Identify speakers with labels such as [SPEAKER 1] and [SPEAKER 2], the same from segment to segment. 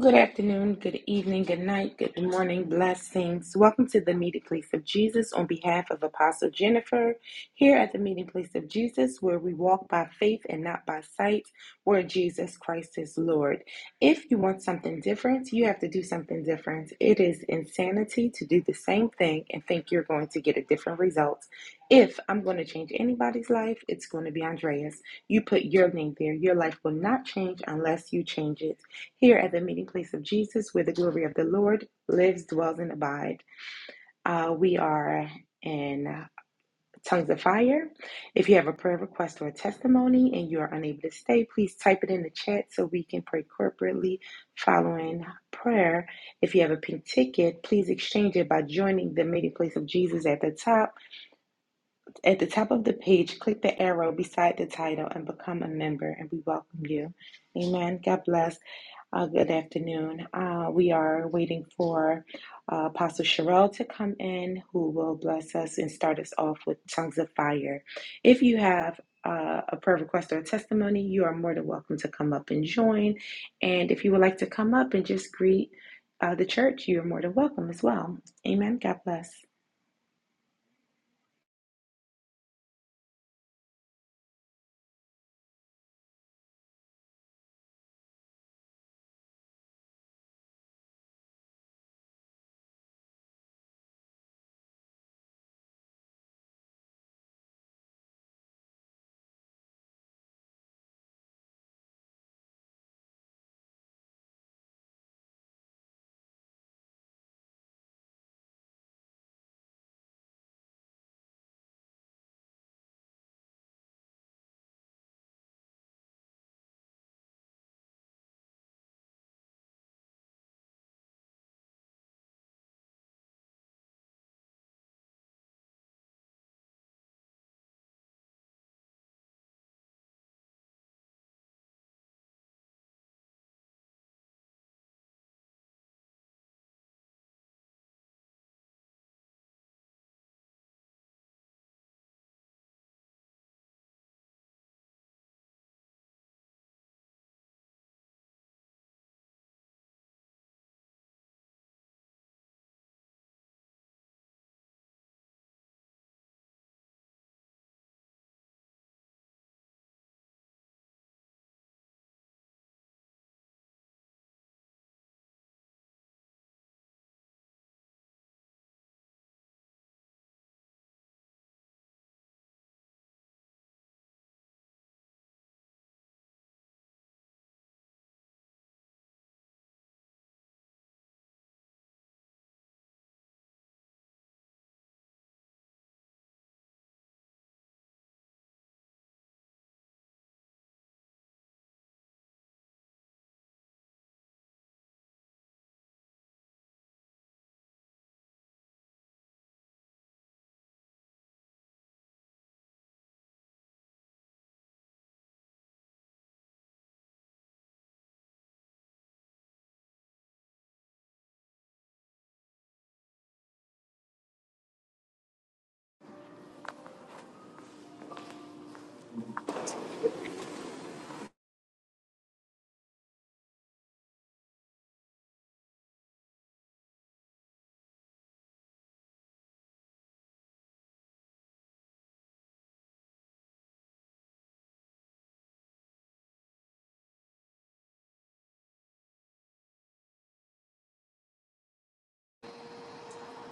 [SPEAKER 1] Good afternoon, good evening, good night, good morning, blessings. Welcome to the meeting place of Jesus on behalf of Apostle Jennifer. Here at the meeting place of Jesus, where we walk by faith and not by sight, where Jesus Christ is Lord. If you want something different, you have to do something different. It is insanity to do the same thing and think you're going to get a different result. If I'm going to change anybody's life, it's going to be Andreas. You put your name there. Your life will not change unless you change it here at the meeting place of Jesus, where the glory of the Lord lives, dwells, and abides. Uh, we are in uh, Tongues of Fire. If you have a prayer request or a testimony and you are unable to stay, please type it in the chat so we can pray corporately following prayer. If you have a pink ticket, please exchange it by joining the meeting place of Jesus at the top. At the top of the page, click the arrow beside the title and become a member, and we welcome you. Amen. God bless. Uh, good afternoon. Uh, we are waiting for uh, Apostle Sherelle to come in, who will bless us and start us off with tongues of fire. If you have uh, a prayer request or a testimony, you are more than welcome to come up and join. And if you would like to come up and just greet uh, the church, you're more than welcome as well. Amen. God bless.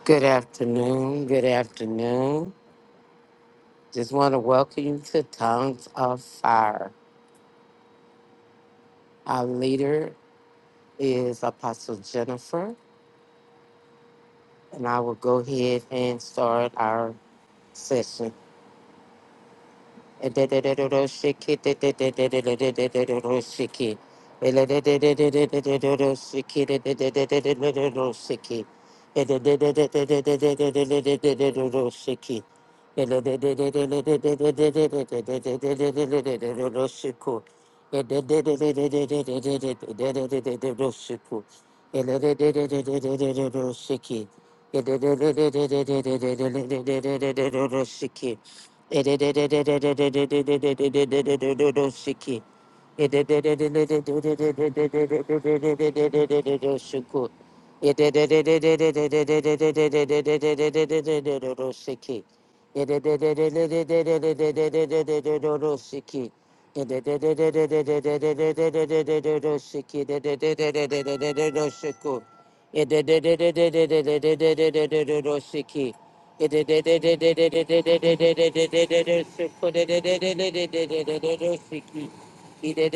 [SPEAKER 2] Good afternoon. Good afternoon. Just want to welcome you to Tongues of Fire. Our leader is Apostle Jennifer, and I will go ahead and start our session. Shiki. Shiki. Shiki. Sicky,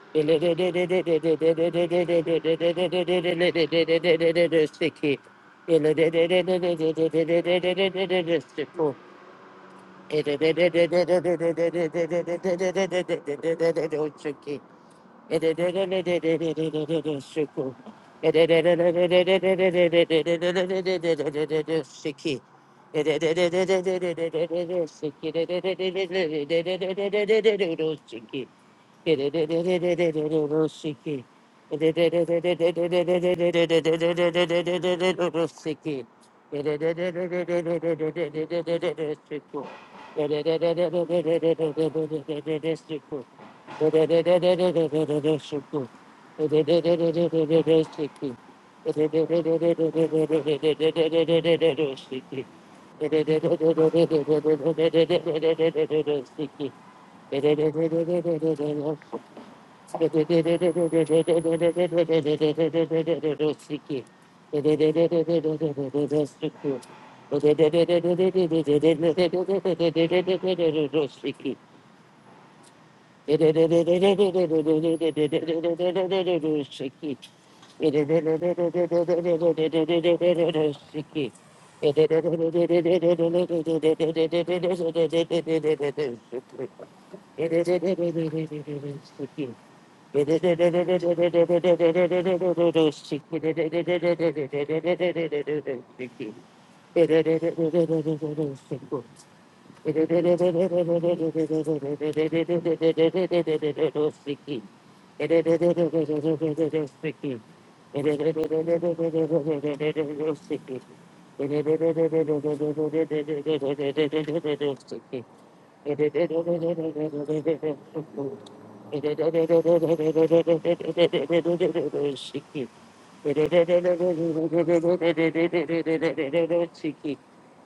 [SPEAKER 2] Sticky, Shiki. Sticky. Sticky. Sticky,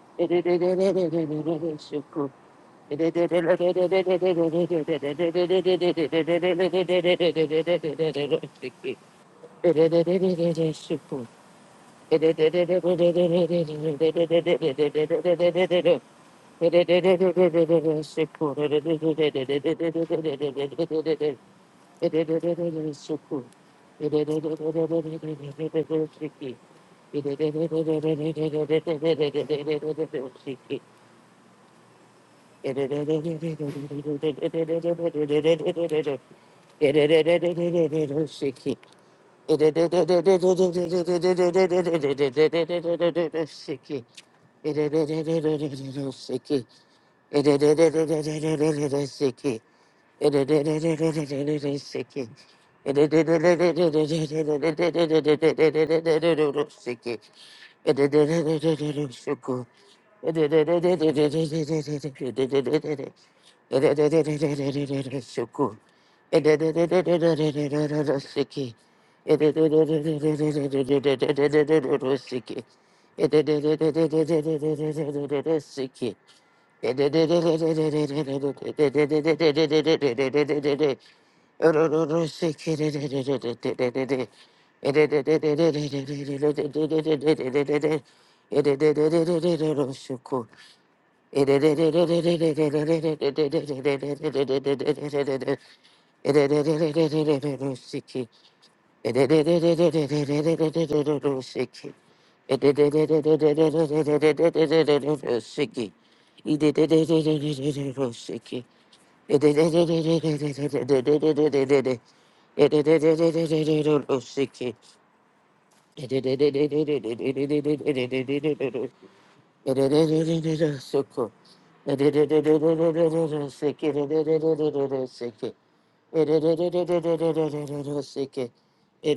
[SPEAKER 2] Shiki. Shiki. Sicky, Sicky, Sicky, Shake it.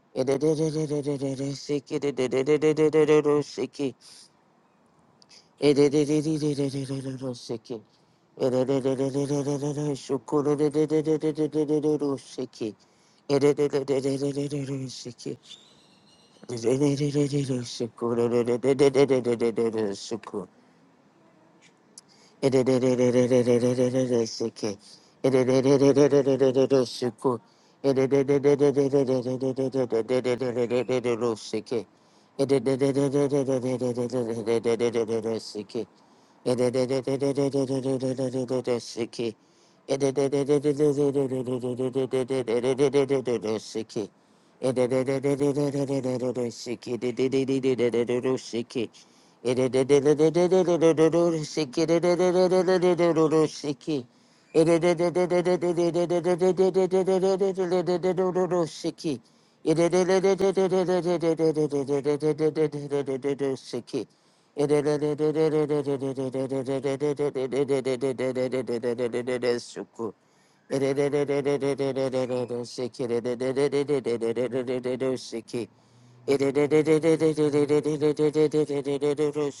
[SPEAKER 2] Shiki, Shiki, Sicky,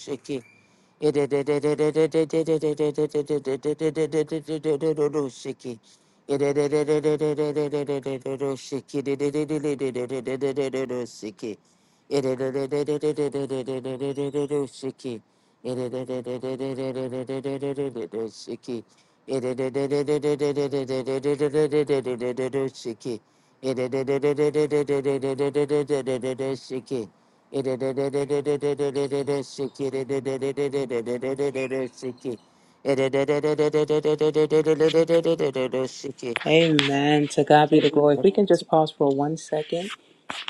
[SPEAKER 2] Shiki. Shiki, I invited
[SPEAKER 3] Amen. To God be the glory. If we can just pause for one second.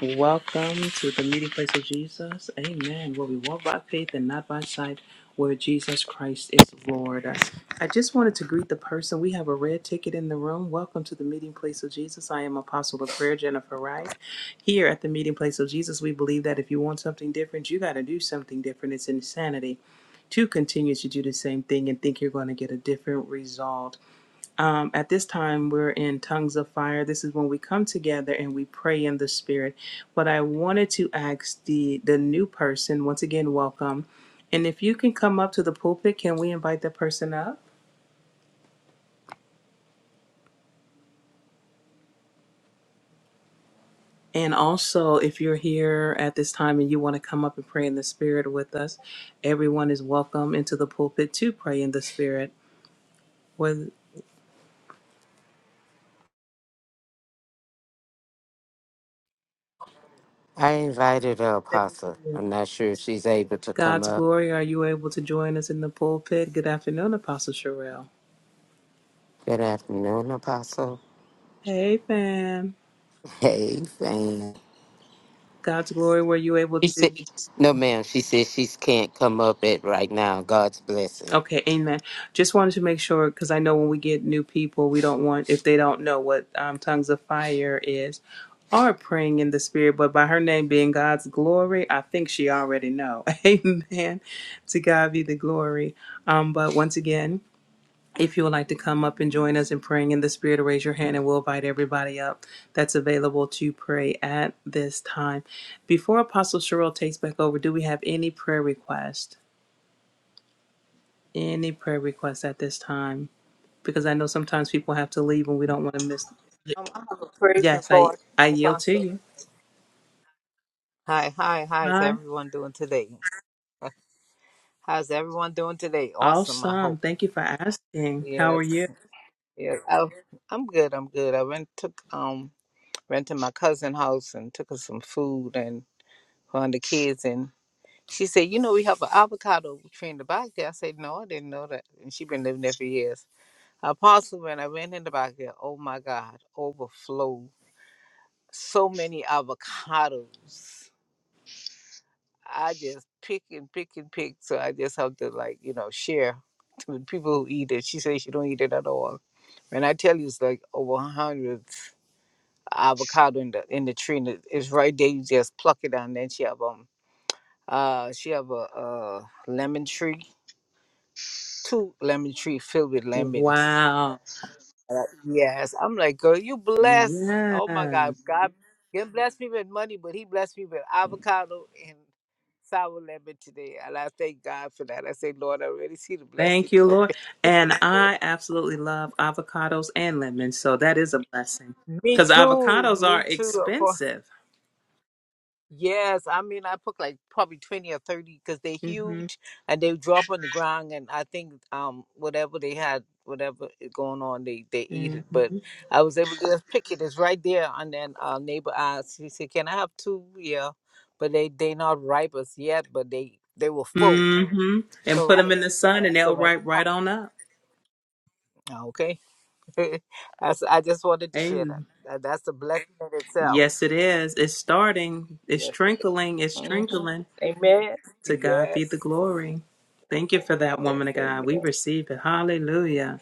[SPEAKER 3] Welcome to the meeting place of Jesus. Amen. Where we walk by faith and not by sight, where Jesus Christ is Lord. I, I just wanted to greet the person. We have a red ticket in the room. Welcome to the meeting place of Jesus. I am Apostle of Prayer, Jennifer Wright. Here at the meeting place of Jesus, we believe that if you want something different, you got to do something different. It's insanity to continue to do the same thing and think you're going to get a different result. Um, at this time, we're in tongues of fire. This is when we come together and we pray in the spirit. But I wanted to ask the the new person once again, welcome. And if you can come up to the pulpit, can we invite that person up? And also, if you're here at this time and you want to come up and pray in the spirit with us, everyone is welcome into the pulpit to pray in the spirit. With
[SPEAKER 2] her,
[SPEAKER 3] thank
[SPEAKER 2] Apostle.
[SPEAKER 3] you.
[SPEAKER 2] I'm not sure if she's able to come
[SPEAKER 3] God's
[SPEAKER 2] up.
[SPEAKER 3] glory, are you able to join us in the pulpit? Good afternoon, Apostle Sherelle.
[SPEAKER 2] Good afternoon, Apostle.
[SPEAKER 3] Hey, fam.
[SPEAKER 2] Hey, fam.
[SPEAKER 3] God's glory, were you able
[SPEAKER 2] She
[SPEAKER 3] to?
[SPEAKER 2] said, no, ma'am. She said she can't come up at right now. God's blessing.
[SPEAKER 3] Okay, amen. Just wanted to make sure because I know when we get new people, we don't want, if they don't know what um, tongues of fire is or praying in the spirit, but by her name being God's glory, I think she already know. Amen. To God be the glory. Um, but once again, if you would like to come up and join us in praying in the spirit, raise your hand and we'll invite everybody up that's available to pray at this time. Before Apostle Cheryl takes back over, do we have any prayer requests? any prayer requests at this time? Because I know sometimes people have to leave and we don't want to miss.
[SPEAKER 4] Um, I have a praise
[SPEAKER 3] Yes, I
[SPEAKER 4] report,
[SPEAKER 3] I yield to
[SPEAKER 4] Apostle.
[SPEAKER 3] you.
[SPEAKER 4] Hi, hi, hi. How's
[SPEAKER 3] Hi.
[SPEAKER 4] everyone doing today? How's everyone doing today? Awesome, I
[SPEAKER 3] Awesome.
[SPEAKER 4] hope.
[SPEAKER 3] Thank you for asking. How
[SPEAKER 4] Yes,
[SPEAKER 3] are you?
[SPEAKER 4] yes. Oh, I'm good. I'm good. I rent took um rented my cousin house and took her some food and her the kids and she said, you know, we have an avocado tree in the back there. I said, no, I didn't know that. And she been living there for years. Apostle, when I went in the back there, oh my God, overflow. So many avocados. I just pick and pick and pick. So I just have to like, you know, share to the people who eat it. She says she don't eat it at all. And I tell you, it's like over a hundred avocado in the in the tree. And it- it's right there. You just pluck it out, and Then she have um uh she have a uh lemon tree, two lemon tree filled with lemons.
[SPEAKER 3] Wow.
[SPEAKER 4] Uh, Yes, I'm like, girl, you blessed. Oh my
[SPEAKER 3] Yeah.
[SPEAKER 4] God, God didn't bless me with money, but He blessed me with avocado and sour lemon today, and I thank God for that. I say, Lord, I already see the blessing
[SPEAKER 3] Thank you, Lord.
[SPEAKER 4] coming.
[SPEAKER 3] And I absolutely love avocados and lemons, so that is a blessing.
[SPEAKER 4] me
[SPEAKER 3] Because
[SPEAKER 4] too,
[SPEAKER 3] avocados are
[SPEAKER 4] me too.
[SPEAKER 3] expensive.
[SPEAKER 4] Yes, I mean I put like probably twenty or thirty because they're
[SPEAKER 3] Mm-hmm.
[SPEAKER 4] huge and they drop on the ground and I think um whatever they had whatever is going on they they eat it. But
[SPEAKER 3] Mm-hmm.
[SPEAKER 4] I was able to just pick it. It's right there and then our neighbor asked. She said, "Can I have two?" Yeah, but they they not ripe as yet, but they they were full
[SPEAKER 3] Mm-hmm. And
[SPEAKER 4] to
[SPEAKER 3] put
[SPEAKER 4] ripe.
[SPEAKER 3] them in the
[SPEAKER 4] So
[SPEAKER 3] sun and
[SPEAKER 4] I said,
[SPEAKER 3] they'll
[SPEAKER 4] when it
[SPEAKER 3] ripe
[SPEAKER 4] come,
[SPEAKER 3] right on up.
[SPEAKER 4] Oh, okay, I s- I just wanted to share that.
[SPEAKER 3] Amen.
[SPEAKER 4] That- That's a blessing in itself.
[SPEAKER 3] Yes, it is. It's starting. It's
[SPEAKER 4] Yes.
[SPEAKER 3] trickling. It's
[SPEAKER 4] Mhm.
[SPEAKER 3] trickling.
[SPEAKER 4] Amen.
[SPEAKER 3] To God be the
[SPEAKER 4] Yes.
[SPEAKER 3] glory. Thank you for that, woman
[SPEAKER 4] Yes,
[SPEAKER 3] of God. We
[SPEAKER 4] amen.
[SPEAKER 3] receive it. Hallelujah.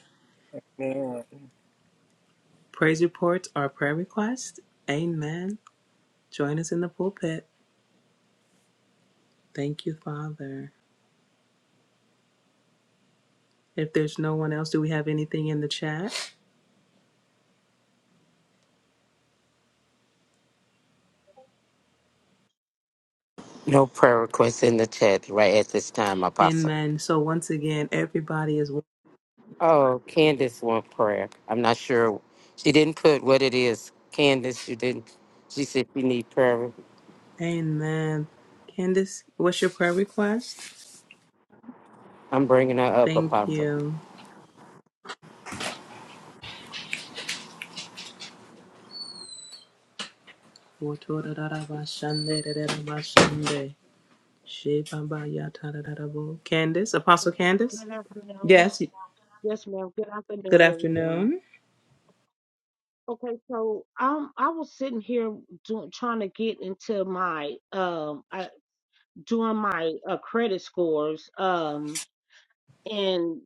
[SPEAKER 4] Amen.
[SPEAKER 3] Praise reports are prayer requests. Amen. Join us in the pulpit. Thank you, Father. If there's no one else, do we have anything in the chat?
[SPEAKER 2] No prayer requests in the chat right at this time, Apostle.
[SPEAKER 3] Amen. So once again, everybody is.
[SPEAKER 2] Oh, Candace want prayer. I'm not sure. She didn't put what it is. Candace, she didn't. She said she need prayer.
[SPEAKER 3] Amen. Candace, what's your prayer request?
[SPEAKER 2] I'm bringing her up,
[SPEAKER 3] Thank
[SPEAKER 2] Apostle.
[SPEAKER 3] you. Shebamba-yata-da-da-da-bo. Candace, Apostle
[SPEAKER 5] Well,
[SPEAKER 3] Candace?
[SPEAKER 5] Good afternoon.
[SPEAKER 3] Yes.
[SPEAKER 5] Yes, ma'am. Good
[SPEAKER 3] Good
[SPEAKER 5] afternoon, everyone.
[SPEAKER 3] afternoon.
[SPEAKER 5] Okay, so um, I was sitting here doing, trying to get into my um, I, doing my uh, credit scores. Um, and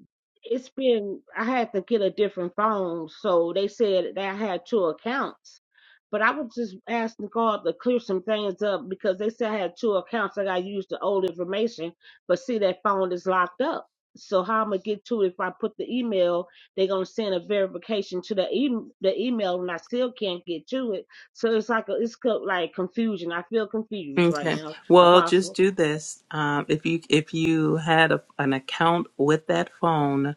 [SPEAKER 5] it's been I had to get a different phone, so they said that I had two accounts. But I was just asking God to clear some things up because they said I had two accounts. I got used the old information, but see that phone is locked up. So how I'm gonna get to it if I put the email? They're gonna send a verification to the e- the email, and I still can't get to it. So it's like a, it's co- like confusion. I feel confused right
[SPEAKER 3] Okay.
[SPEAKER 5] now,
[SPEAKER 3] Well, just
[SPEAKER 5] Apostle.
[SPEAKER 3] do this. Um, if you if you had a, an account with that phone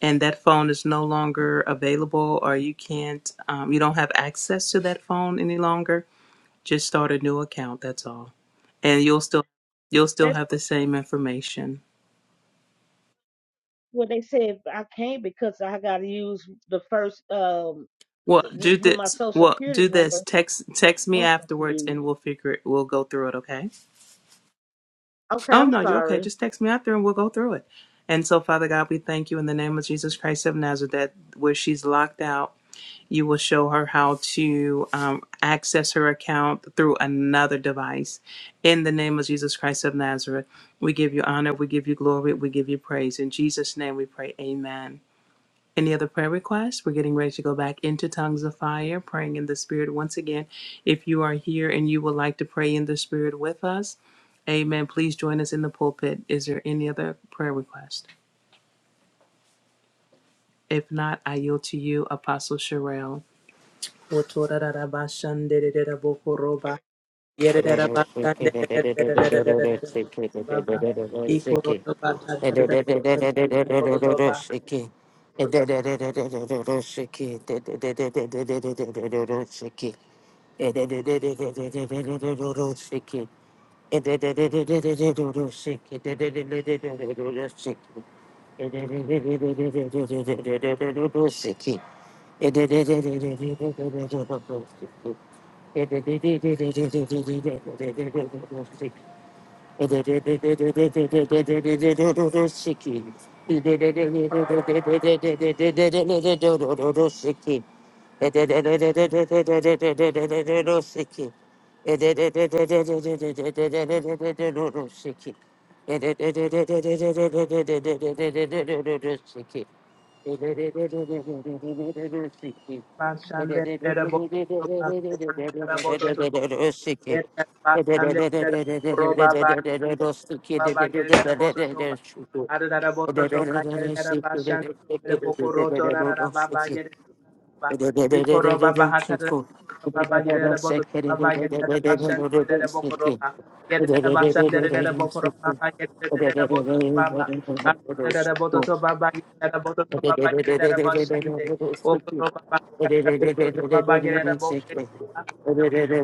[SPEAKER 3] and that phone is no longer available or you can't um, you don't have access to that phone any longer, just start a new account. That's all, and you'll still you'll still have the same information.
[SPEAKER 5] Well, they said I can't because I got to use the first um
[SPEAKER 3] Well,
[SPEAKER 5] th-
[SPEAKER 3] do
[SPEAKER 5] with my
[SPEAKER 3] this.
[SPEAKER 5] social
[SPEAKER 3] Well,
[SPEAKER 5] security
[SPEAKER 3] do this.
[SPEAKER 5] number.
[SPEAKER 3] Text text me
[SPEAKER 5] I'm so
[SPEAKER 3] afterwards,
[SPEAKER 5] confused.
[SPEAKER 3] and we'll figure it. We'll go through it. Okay.
[SPEAKER 5] Okay,
[SPEAKER 3] Oh,
[SPEAKER 5] I'm
[SPEAKER 3] no, you're okay.
[SPEAKER 5] sorry.
[SPEAKER 3] Just text me after and we'll go through it. And so, Father God, we thank you in the name of Jesus Christ of Nazareth that where she's locked out, you will show her how to um, access her account through another device. In the name of Jesus Christ of Nazareth, we give you honor, we give you glory, we give you praise. In Jesus' name we pray, amen. Any other prayer requests? We're getting ready to go back into tongues of fire, praying in the spirit once again. If you are here and you would like to pray in the spirit with us, amen. Please join us in the pulpit. Is there any other prayer request? If not, I yield to you, Apostle Sherelle.
[SPEAKER 2] Shiki. Thank
[SPEAKER 3] Baba
[SPEAKER 2] Thank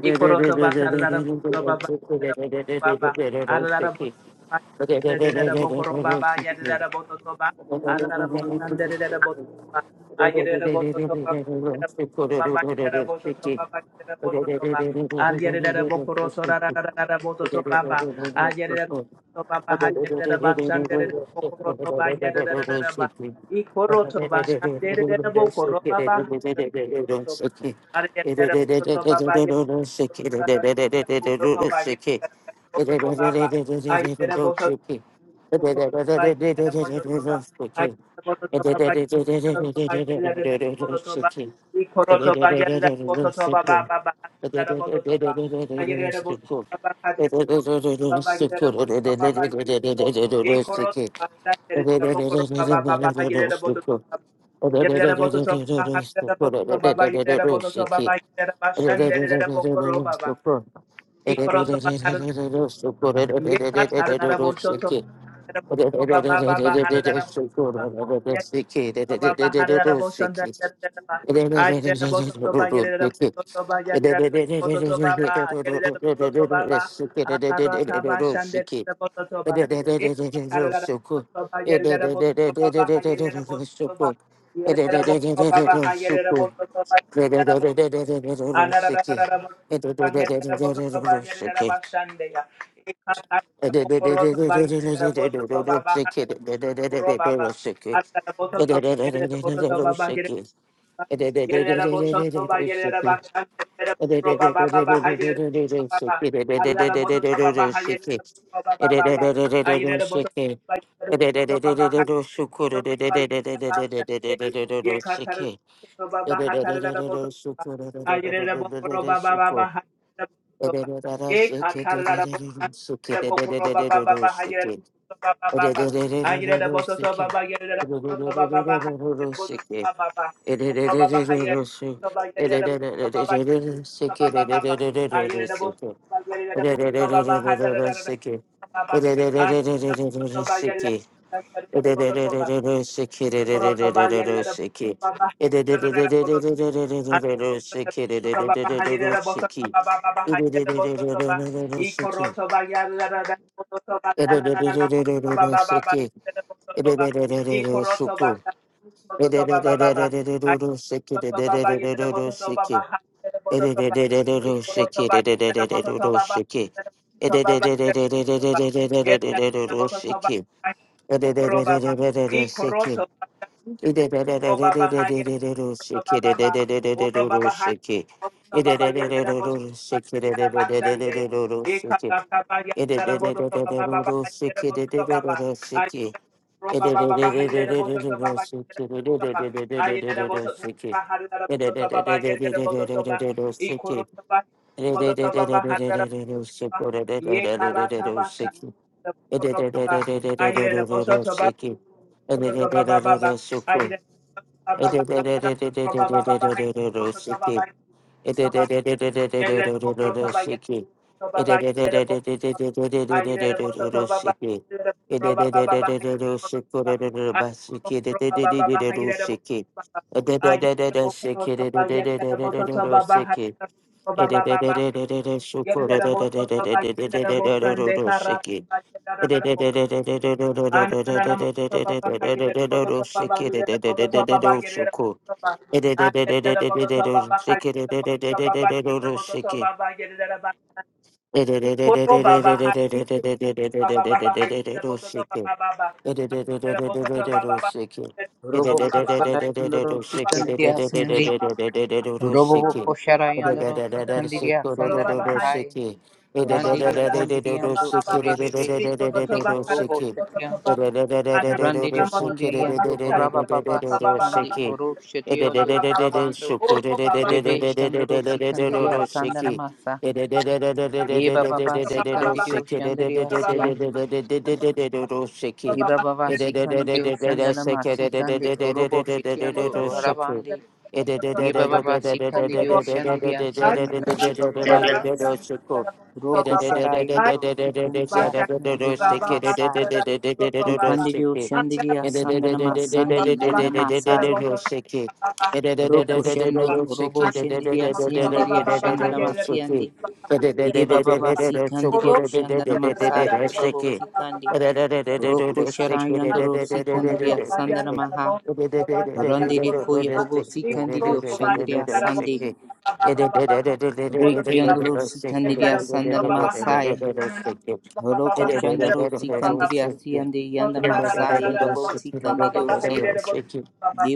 [SPEAKER 3] Ikoroto bakarada baba baba arada baba yadada bokoro baba yadada bototo ba arada bosande yadada bototo ba ayadada bototo ba baba yadada bototo baba yadada bototo ba ayadada bokoro to rada bototo baba ayadada
[SPEAKER 2] you.
[SPEAKER 3] to
[SPEAKER 2] Sick.
[SPEAKER 3] baba yadada basande yadada bokoro to ba yadada ba ikoroto basande yadada bokoro baba toba bototo ba Baba,
[SPEAKER 2] Sick,
[SPEAKER 3] Yekat Hadaraboshoto baba baba Hadarabotoba. Yet
[SPEAKER 2] Shiki,
[SPEAKER 3] baba Yes, Baba,
[SPEAKER 2] Shake
[SPEAKER 3] Ye
[SPEAKER 2] Sicky, Shiki, Shiki, Shiki, Shiki, Shiki,
[SPEAKER 4] Robo Kosharayandro Sikandia Sandi. Robo Kosharayandro Sikandia Sandana Mahai. Randire Kondiriando Rebebe Sikandi Robo Shatian. Randire Kondiriando Raba Baba Sikandi Oro Shationdo Rabando. Rebe Shandro Sikandia Sandana Masa. Eba Baba Sikandirio Shandria Vibaba vasikandi deo shandana
[SPEAKER 2] Shake
[SPEAKER 4] masikandi orobo shitiando harabandi. Vibaba vasikandi deo shandiri asiandi vibaba vasandi. Roko sharayandro sikandi asiandi yana masaya. Ikandi deo shandiri asandana masandi yana masaya. Roko shando orobo shandiri asiandi ashandana masiyandi. Vibaba vasikandi deo shandana masaya vibaba
[SPEAKER 2] it.
[SPEAKER 4] vasikandi.
[SPEAKER 2] Sick,
[SPEAKER 4] Roko sharayandro sikandi asandana maha. Randiri koya bobo si kandiri oshandiri asandi. Reiki andoro si kandiri asandana masaya. Roko shandoro si kandiri asiyandi yanda masaya bobo si kandiri oshi.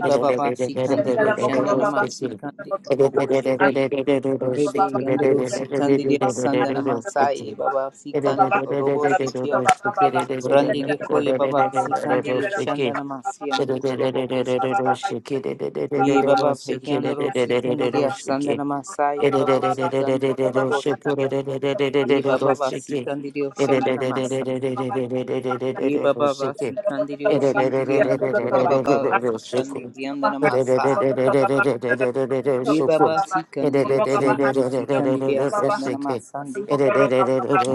[SPEAKER 2] Shiki,
[SPEAKER 4] baba si kandiri oshandana masi kandi robo shiki. Rebe yandoro si kandiri asandana masaya baba si kandi robo shikia. Randiri koya baba si kandiri oshandana masiyandi robo shata. Ye baba pekiandoro sikandiria sandana masa ye baba sikandi robo sikia ye baba ba sikandirio shandana masa ye baba ba sikandirio
[SPEAKER 2] Sick
[SPEAKER 4] shindiriando raba ba sikandiriandana masa ye baba sikandirio shandoro sikandiria sandana masandi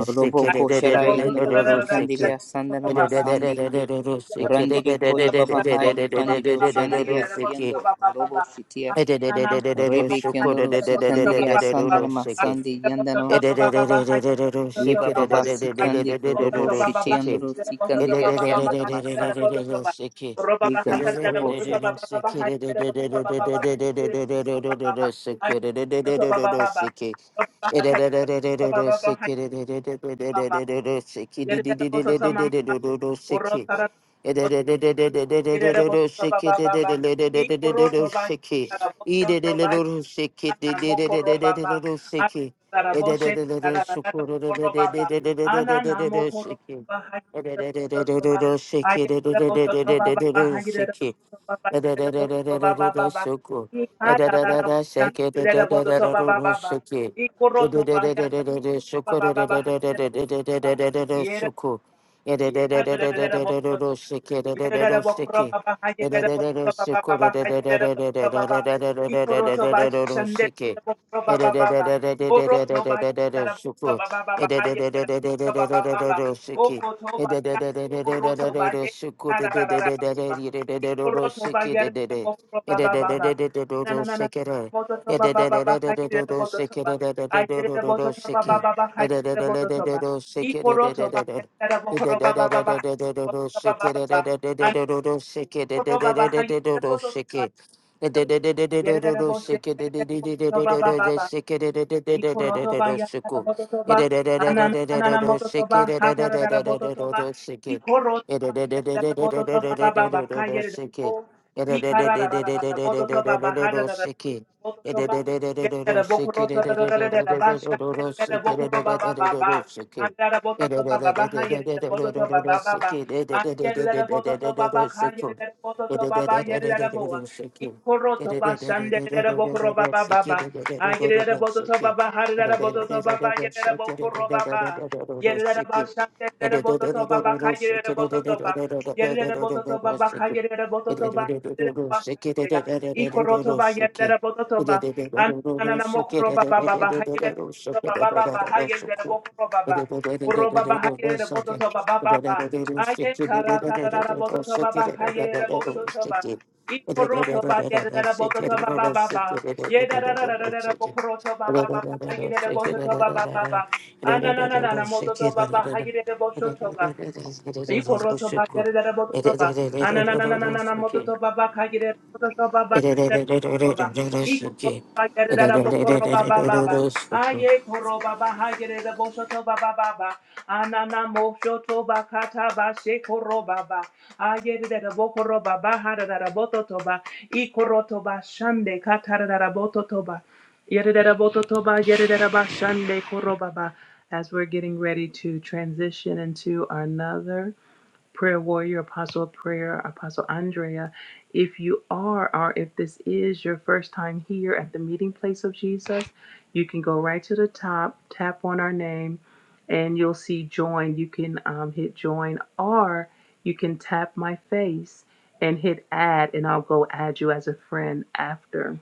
[SPEAKER 4] robo ko sharayandoro sikandiria sandana masandi randirio ko ye baba hai kandirio shandiria siando robo shitia Rebe kendoro sikandiri asandara masandi yandara masa. Eba baba sikandi robo shiti andoro sikandiri asandara
[SPEAKER 2] Sicky,
[SPEAKER 4] masa. Ega robo shiti
[SPEAKER 2] Shiki, Suku, Sick shake it, Shake it, no, That's
[SPEAKER 3] as we're getting ready to transition into another prayer warrior, apostle of prayer, apostle Andrea, if you are or if this is your first time here at the meeting place of Jesus, you can go right to the top, tap on our name, and you'll see join. You can um, hit join or you can tap my face and hit add another after.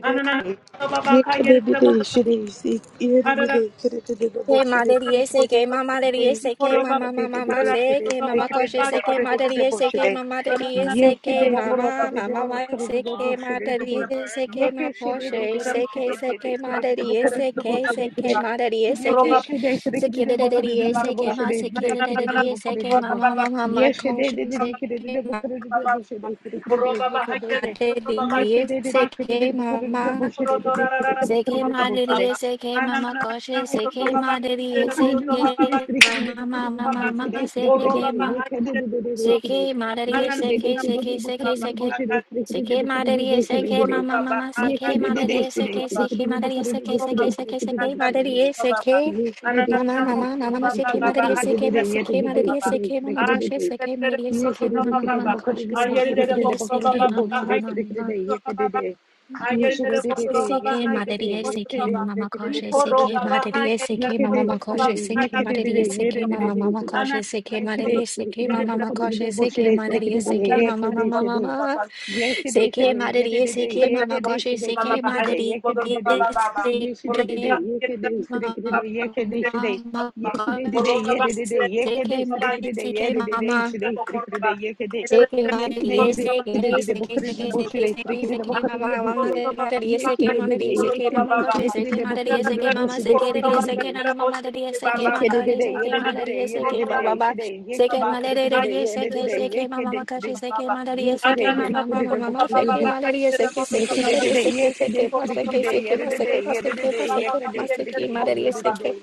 [SPEAKER 1] Yekeşede,
[SPEAKER 6] K Madari K Mama Daddy K Mama Mama Mama se, K Mama Koshi SK Madari K Mama Daddy K Mama Mama mama se, K madariye se K Ma SK Madari SK se, K SK K Madari SK SK Madari SK SK Daddy K Ma SK Daddy K Mama Mama Ma
[SPEAKER 1] Yes, they did. it.
[SPEAKER 6] Koshi
[SPEAKER 1] They did. They
[SPEAKER 6] SK
[SPEAKER 1] could. They did. They could. They did. They could. They could. They could. They could. They could.
[SPEAKER 6] Madari
[SPEAKER 1] Yes, they did. They could. They
[SPEAKER 6] K
[SPEAKER 1] did. They could. They did. They
[SPEAKER 6] Mama
[SPEAKER 1] They could. They could.
[SPEAKER 6] Seke
[SPEAKER 1] They could. They
[SPEAKER 6] madariye, seke mama
[SPEAKER 1] Yes,
[SPEAKER 6] koshe, seke madariye, seke mama mama mama, seke ma, seke madariye, seke seke seke seke, seke madariye, seke mama mama, seke madariye, seke seke madariye, seke seke seke seke madariye, seke mama mama mama mama, seke madariye, seke ma, seke madariye, seke mama koshe, seke madariye, seke mama mama mama koshe, seke madariye, seke mama mama mama. SK Madari SK Mama Makosh SK Madari SK Mama
[SPEAKER 1] Yekede, sire,
[SPEAKER 6] Makosh SK
[SPEAKER 1] yekede, dede,
[SPEAKER 6] Madari SK
[SPEAKER 1] yede, dede,
[SPEAKER 6] Mama
[SPEAKER 1] dede,
[SPEAKER 6] Mama
[SPEAKER 1] sire.
[SPEAKER 6] Kosh SK
[SPEAKER 1] Yeşide,
[SPEAKER 6] Madari
[SPEAKER 1] sire,
[SPEAKER 6] SK
[SPEAKER 1] kide, de,
[SPEAKER 6] Mama
[SPEAKER 1] bu
[SPEAKER 6] mama
[SPEAKER 1] kudu,
[SPEAKER 6] Makosh
[SPEAKER 1] dede,
[SPEAKER 6] SK
[SPEAKER 1] boşide, sire,
[SPEAKER 6] Madari
[SPEAKER 1] kide,
[SPEAKER 6] SK
[SPEAKER 1] dede,
[SPEAKER 6] Mama Mama
[SPEAKER 1] yekede, şide.
[SPEAKER 6] Mama
[SPEAKER 1] Yes, today,
[SPEAKER 6] SK
[SPEAKER 1] today, yeah,
[SPEAKER 6] Madari
[SPEAKER 1] today,
[SPEAKER 6] SK
[SPEAKER 1] yeah,
[SPEAKER 6] Mama
[SPEAKER 1] today,
[SPEAKER 6] Kosh
[SPEAKER 1] today,
[SPEAKER 6] SK
[SPEAKER 1] today,
[SPEAKER 6] Madari
[SPEAKER 1] today, yeah, today, yes,
[SPEAKER 6] SK
[SPEAKER 1] today, today, yeah, today, today,
[SPEAKER 6] Mama
[SPEAKER 1] today, yeah, today, today, yes, today,
[SPEAKER 6] Makosh
[SPEAKER 1] today, yeah, today, yeah, today, today, today,
[SPEAKER 6] SK SK
[SPEAKER 1] yeah,
[SPEAKER 6] Mama
[SPEAKER 1] today, today, today, today, yeah, today,
[SPEAKER 6] Seki
[SPEAKER 1] yes, today,
[SPEAKER 6] madariya
[SPEAKER 1] today, today,
[SPEAKER 6] seki
[SPEAKER 1] today,
[SPEAKER 6] seki
[SPEAKER 1] bukar the
[SPEAKER 6] seki
[SPEAKER 1] bush
[SPEAKER 6] seki
[SPEAKER 1] today, today,
[SPEAKER 6] seki
[SPEAKER 1] today,
[SPEAKER 6] seki
[SPEAKER 1] bukar
[SPEAKER 6] mama
[SPEAKER 1] the bush
[SPEAKER 6] mama
[SPEAKER 1] today,
[SPEAKER 6] madariya
[SPEAKER 1] yes,
[SPEAKER 6] seki
[SPEAKER 1] today, today,
[SPEAKER 6] madariya
[SPEAKER 1] yeah,
[SPEAKER 6] seki mama
[SPEAKER 1] today,
[SPEAKER 6] bashi
[SPEAKER 1] today,
[SPEAKER 6] seki
[SPEAKER 1] today, bukar
[SPEAKER 6] madariya
[SPEAKER 1] the
[SPEAKER 6] seki
[SPEAKER 1] bush
[SPEAKER 6] mama
[SPEAKER 1] today,
[SPEAKER 6] seki
[SPEAKER 1] today,
[SPEAKER 6] madariya seki
[SPEAKER 1] today.
[SPEAKER 6] nana mama madariya seki
[SPEAKER 1] Ye ye ye
[SPEAKER 6] makare
[SPEAKER 1] ye ye
[SPEAKER 6] seki
[SPEAKER 1] de de de de
[SPEAKER 6] madariya
[SPEAKER 1] ye de de
[SPEAKER 6] seki
[SPEAKER 1] de
[SPEAKER 6] baba
[SPEAKER 1] de
[SPEAKER 6] baba
[SPEAKER 1] şide ye
[SPEAKER 6] seki
[SPEAKER 1] kede de de de
[SPEAKER 6] madariya
[SPEAKER 1] ye de de
[SPEAKER 6] seki
[SPEAKER 1] de ye
[SPEAKER 6] seki mama
[SPEAKER 1] kede de de
[SPEAKER 6] makashi seki madariya seki
[SPEAKER 1] Yekedede, yedededede, yedededede, de yekede,
[SPEAKER 6] mama
[SPEAKER 1] sedekede, de yekede, sede,
[SPEAKER 6] mama mama
[SPEAKER 1] de
[SPEAKER 6] seki
[SPEAKER 1] dedekedede,
[SPEAKER 6] madariya seki seki
[SPEAKER 1] Yesterday,
[SPEAKER 6] madariya seki
[SPEAKER 1] yesterday,
[SPEAKER 6] seki
[SPEAKER 1] yesterday,
[SPEAKER 6] ma seki
[SPEAKER 1] yesterday,
[SPEAKER 6] seki ma seki
[SPEAKER 1] yesterday,
[SPEAKER 6] ma seki ma
[SPEAKER 1] yesterday,
[SPEAKER 6] seki ma
[SPEAKER 1] yesterday,
[SPEAKER 6] seki madariya seki
[SPEAKER 1] yesterday.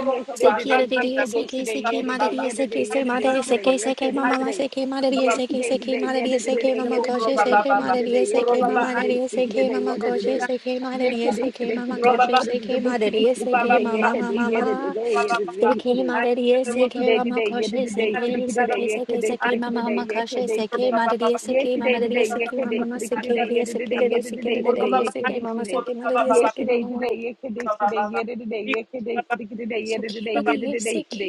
[SPEAKER 1] Yesterday,
[SPEAKER 6] Seki
[SPEAKER 1] today,
[SPEAKER 6] ada diri
[SPEAKER 1] yesterday,
[SPEAKER 6] seki
[SPEAKER 1] today,
[SPEAKER 6] seki mada
[SPEAKER 1] yesterday,
[SPEAKER 6] diri seki
[SPEAKER 1] yesterday,
[SPEAKER 6] se
[SPEAKER 1] yesterday,
[SPEAKER 6] mada
[SPEAKER 1] today,
[SPEAKER 6] seki seki
[SPEAKER 1] yesterday,
[SPEAKER 6] mama mama
[SPEAKER 1] today.
[SPEAKER 6] seki mada diri seki
[SPEAKER 1] Yesterday,
[SPEAKER 6] seki
[SPEAKER 1] today,
[SPEAKER 6] mada diri
[SPEAKER 1] yesterday,
[SPEAKER 6] seki
[SPEAKER 1] today,
[SPEAKER 6] mama
[SPEAKER 1] yesterday,
[SPEAKER 6] koshi
[SPEAKER 1] today,
[SPEAKER 6] seki
[SPEAKER 1] yesterday,
[SPEAKER 6] mada
[SPEAKER 1] today,
[SPEAKER 6] diri seki mama
[SPEAKER 1] yesterday,
[SPEAKER 6] mada
[SPEAKER 1] today,
[SPEAKER 6] diri
[SPEAKER 1] yesterday,
[SPEAKER 6] seki
[SPEAKER 1] today,
[SPEAKER 6] mama koshi
[SPEAKER 1] yesterday. today,
[SPEAKER 6] seki mada diri
[SPEAKER 1] Yesterday,
[SPEAKER 6] seki
[SPEAKER 1] today,
[SPEAKER 6] mama
[SPEAKER 1] today, never
[SPEAKER 6] koshi
[SPEAKER 1] could have been the
[SPEAKER 6] seki
[SPEAKER 1] most
[SPEAKER 6] mada
[SPEAKER 1] today,
[SPEAKER 6] diri
[SPEAKER 1] yesterday,
[SPEAKER 6] seki
[SPEAKER 1] today,
[SPEAKER 6] mama mama
[SPEAKER 1] yesterday, yesterday,
[SPEAKER 6] mama
[SPEAKER 1] today, yesterday,
[SPEAKER 6] seki
[SPEAKER 1] today.
[SPEAKER 6] mada diri
[SPEAKER 1] Yes,
[SPEAKER 6] seki
[SPEAKER 1] today,
[SPEAKER 6] mama
[SPEAKER 1] today, yeah,
[SPEAKER 6] koshi
[SPEAKER 1] today,
[SPEAKER 6] seki
[SPEAKER 1] today, today,
[SPEAKER 6] seki
[SPEAKER 1] yeah,
[SPEAKER 6] seki
[SPEAKER 1] today,
[SPEAKER 6] seki
[SPEAKER 1] today,
[SPEAKER 6] mama
[SPEAKER 1] today,
[SPEAKER 6] mama
[SPEAKER 1] yeah,
[SPEAKER 6] koshi
[SPEAKER 1] today,
[SPEAKER 6] seki
[SPEAKER 1] today.
[SPEAKER 6] mada diri
[SPEAKER 1] Yes,
[SPEAKER 6] seki mama
[SPEAKER 1] today,
[SPEAKER 6] diri
[SPEAKER 1] today, yeah,
[SPEAKER 6] seki mama
[SPEAKER 1] today,
[SPEAKER 6] mama
[SPEAKER 1] today,
[SPEAKER 6] seki
[SPEAKER 1] today, yeah,
[SPEAKER 6] diri seki
[SPEAKER 1] today, yeah,
[SPEAKER 6] diri seki
[SPEAKER 1] today, today,
[SPEAKER 6] diri
[SPEAKER 1] yeah,
[SPEAKER 6] seki
[SPEAKER 1] today,
[SPEAKER 6] mama
[SPEAKER 1] today.
[SPEAKER 6] seki mada diri
[SPEAKER 1] Yes,
[SPEAKER 6] seki
[SPEAKER 1] today,
[SPEAKER 6] mama
[SPEAKER 1] today, yeah, today, today, yeah, today, yeah, today, today, today, yeah, today, yeah,
[SPEAKER 6] Sikiri,
[SPEAKER 1] today,
[SPEAKER 6] siki,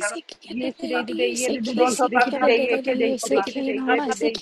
[SPEAKER 1] Yes, today, today,
[SPEAKER 6] sikiri,
[SPEAKER 1] yeah,
[SPEAKER 6] siki,
[SPEAKER 1] today, today, today, yeah, today,
[SPEAKER 6] sikiri,
[SPEAKER 1] today,
[SPEAKER 6] siki,
[SPEAKER 1] today, yeah,
[SPEAKER 6] mama,
[SPEAKER 1] today,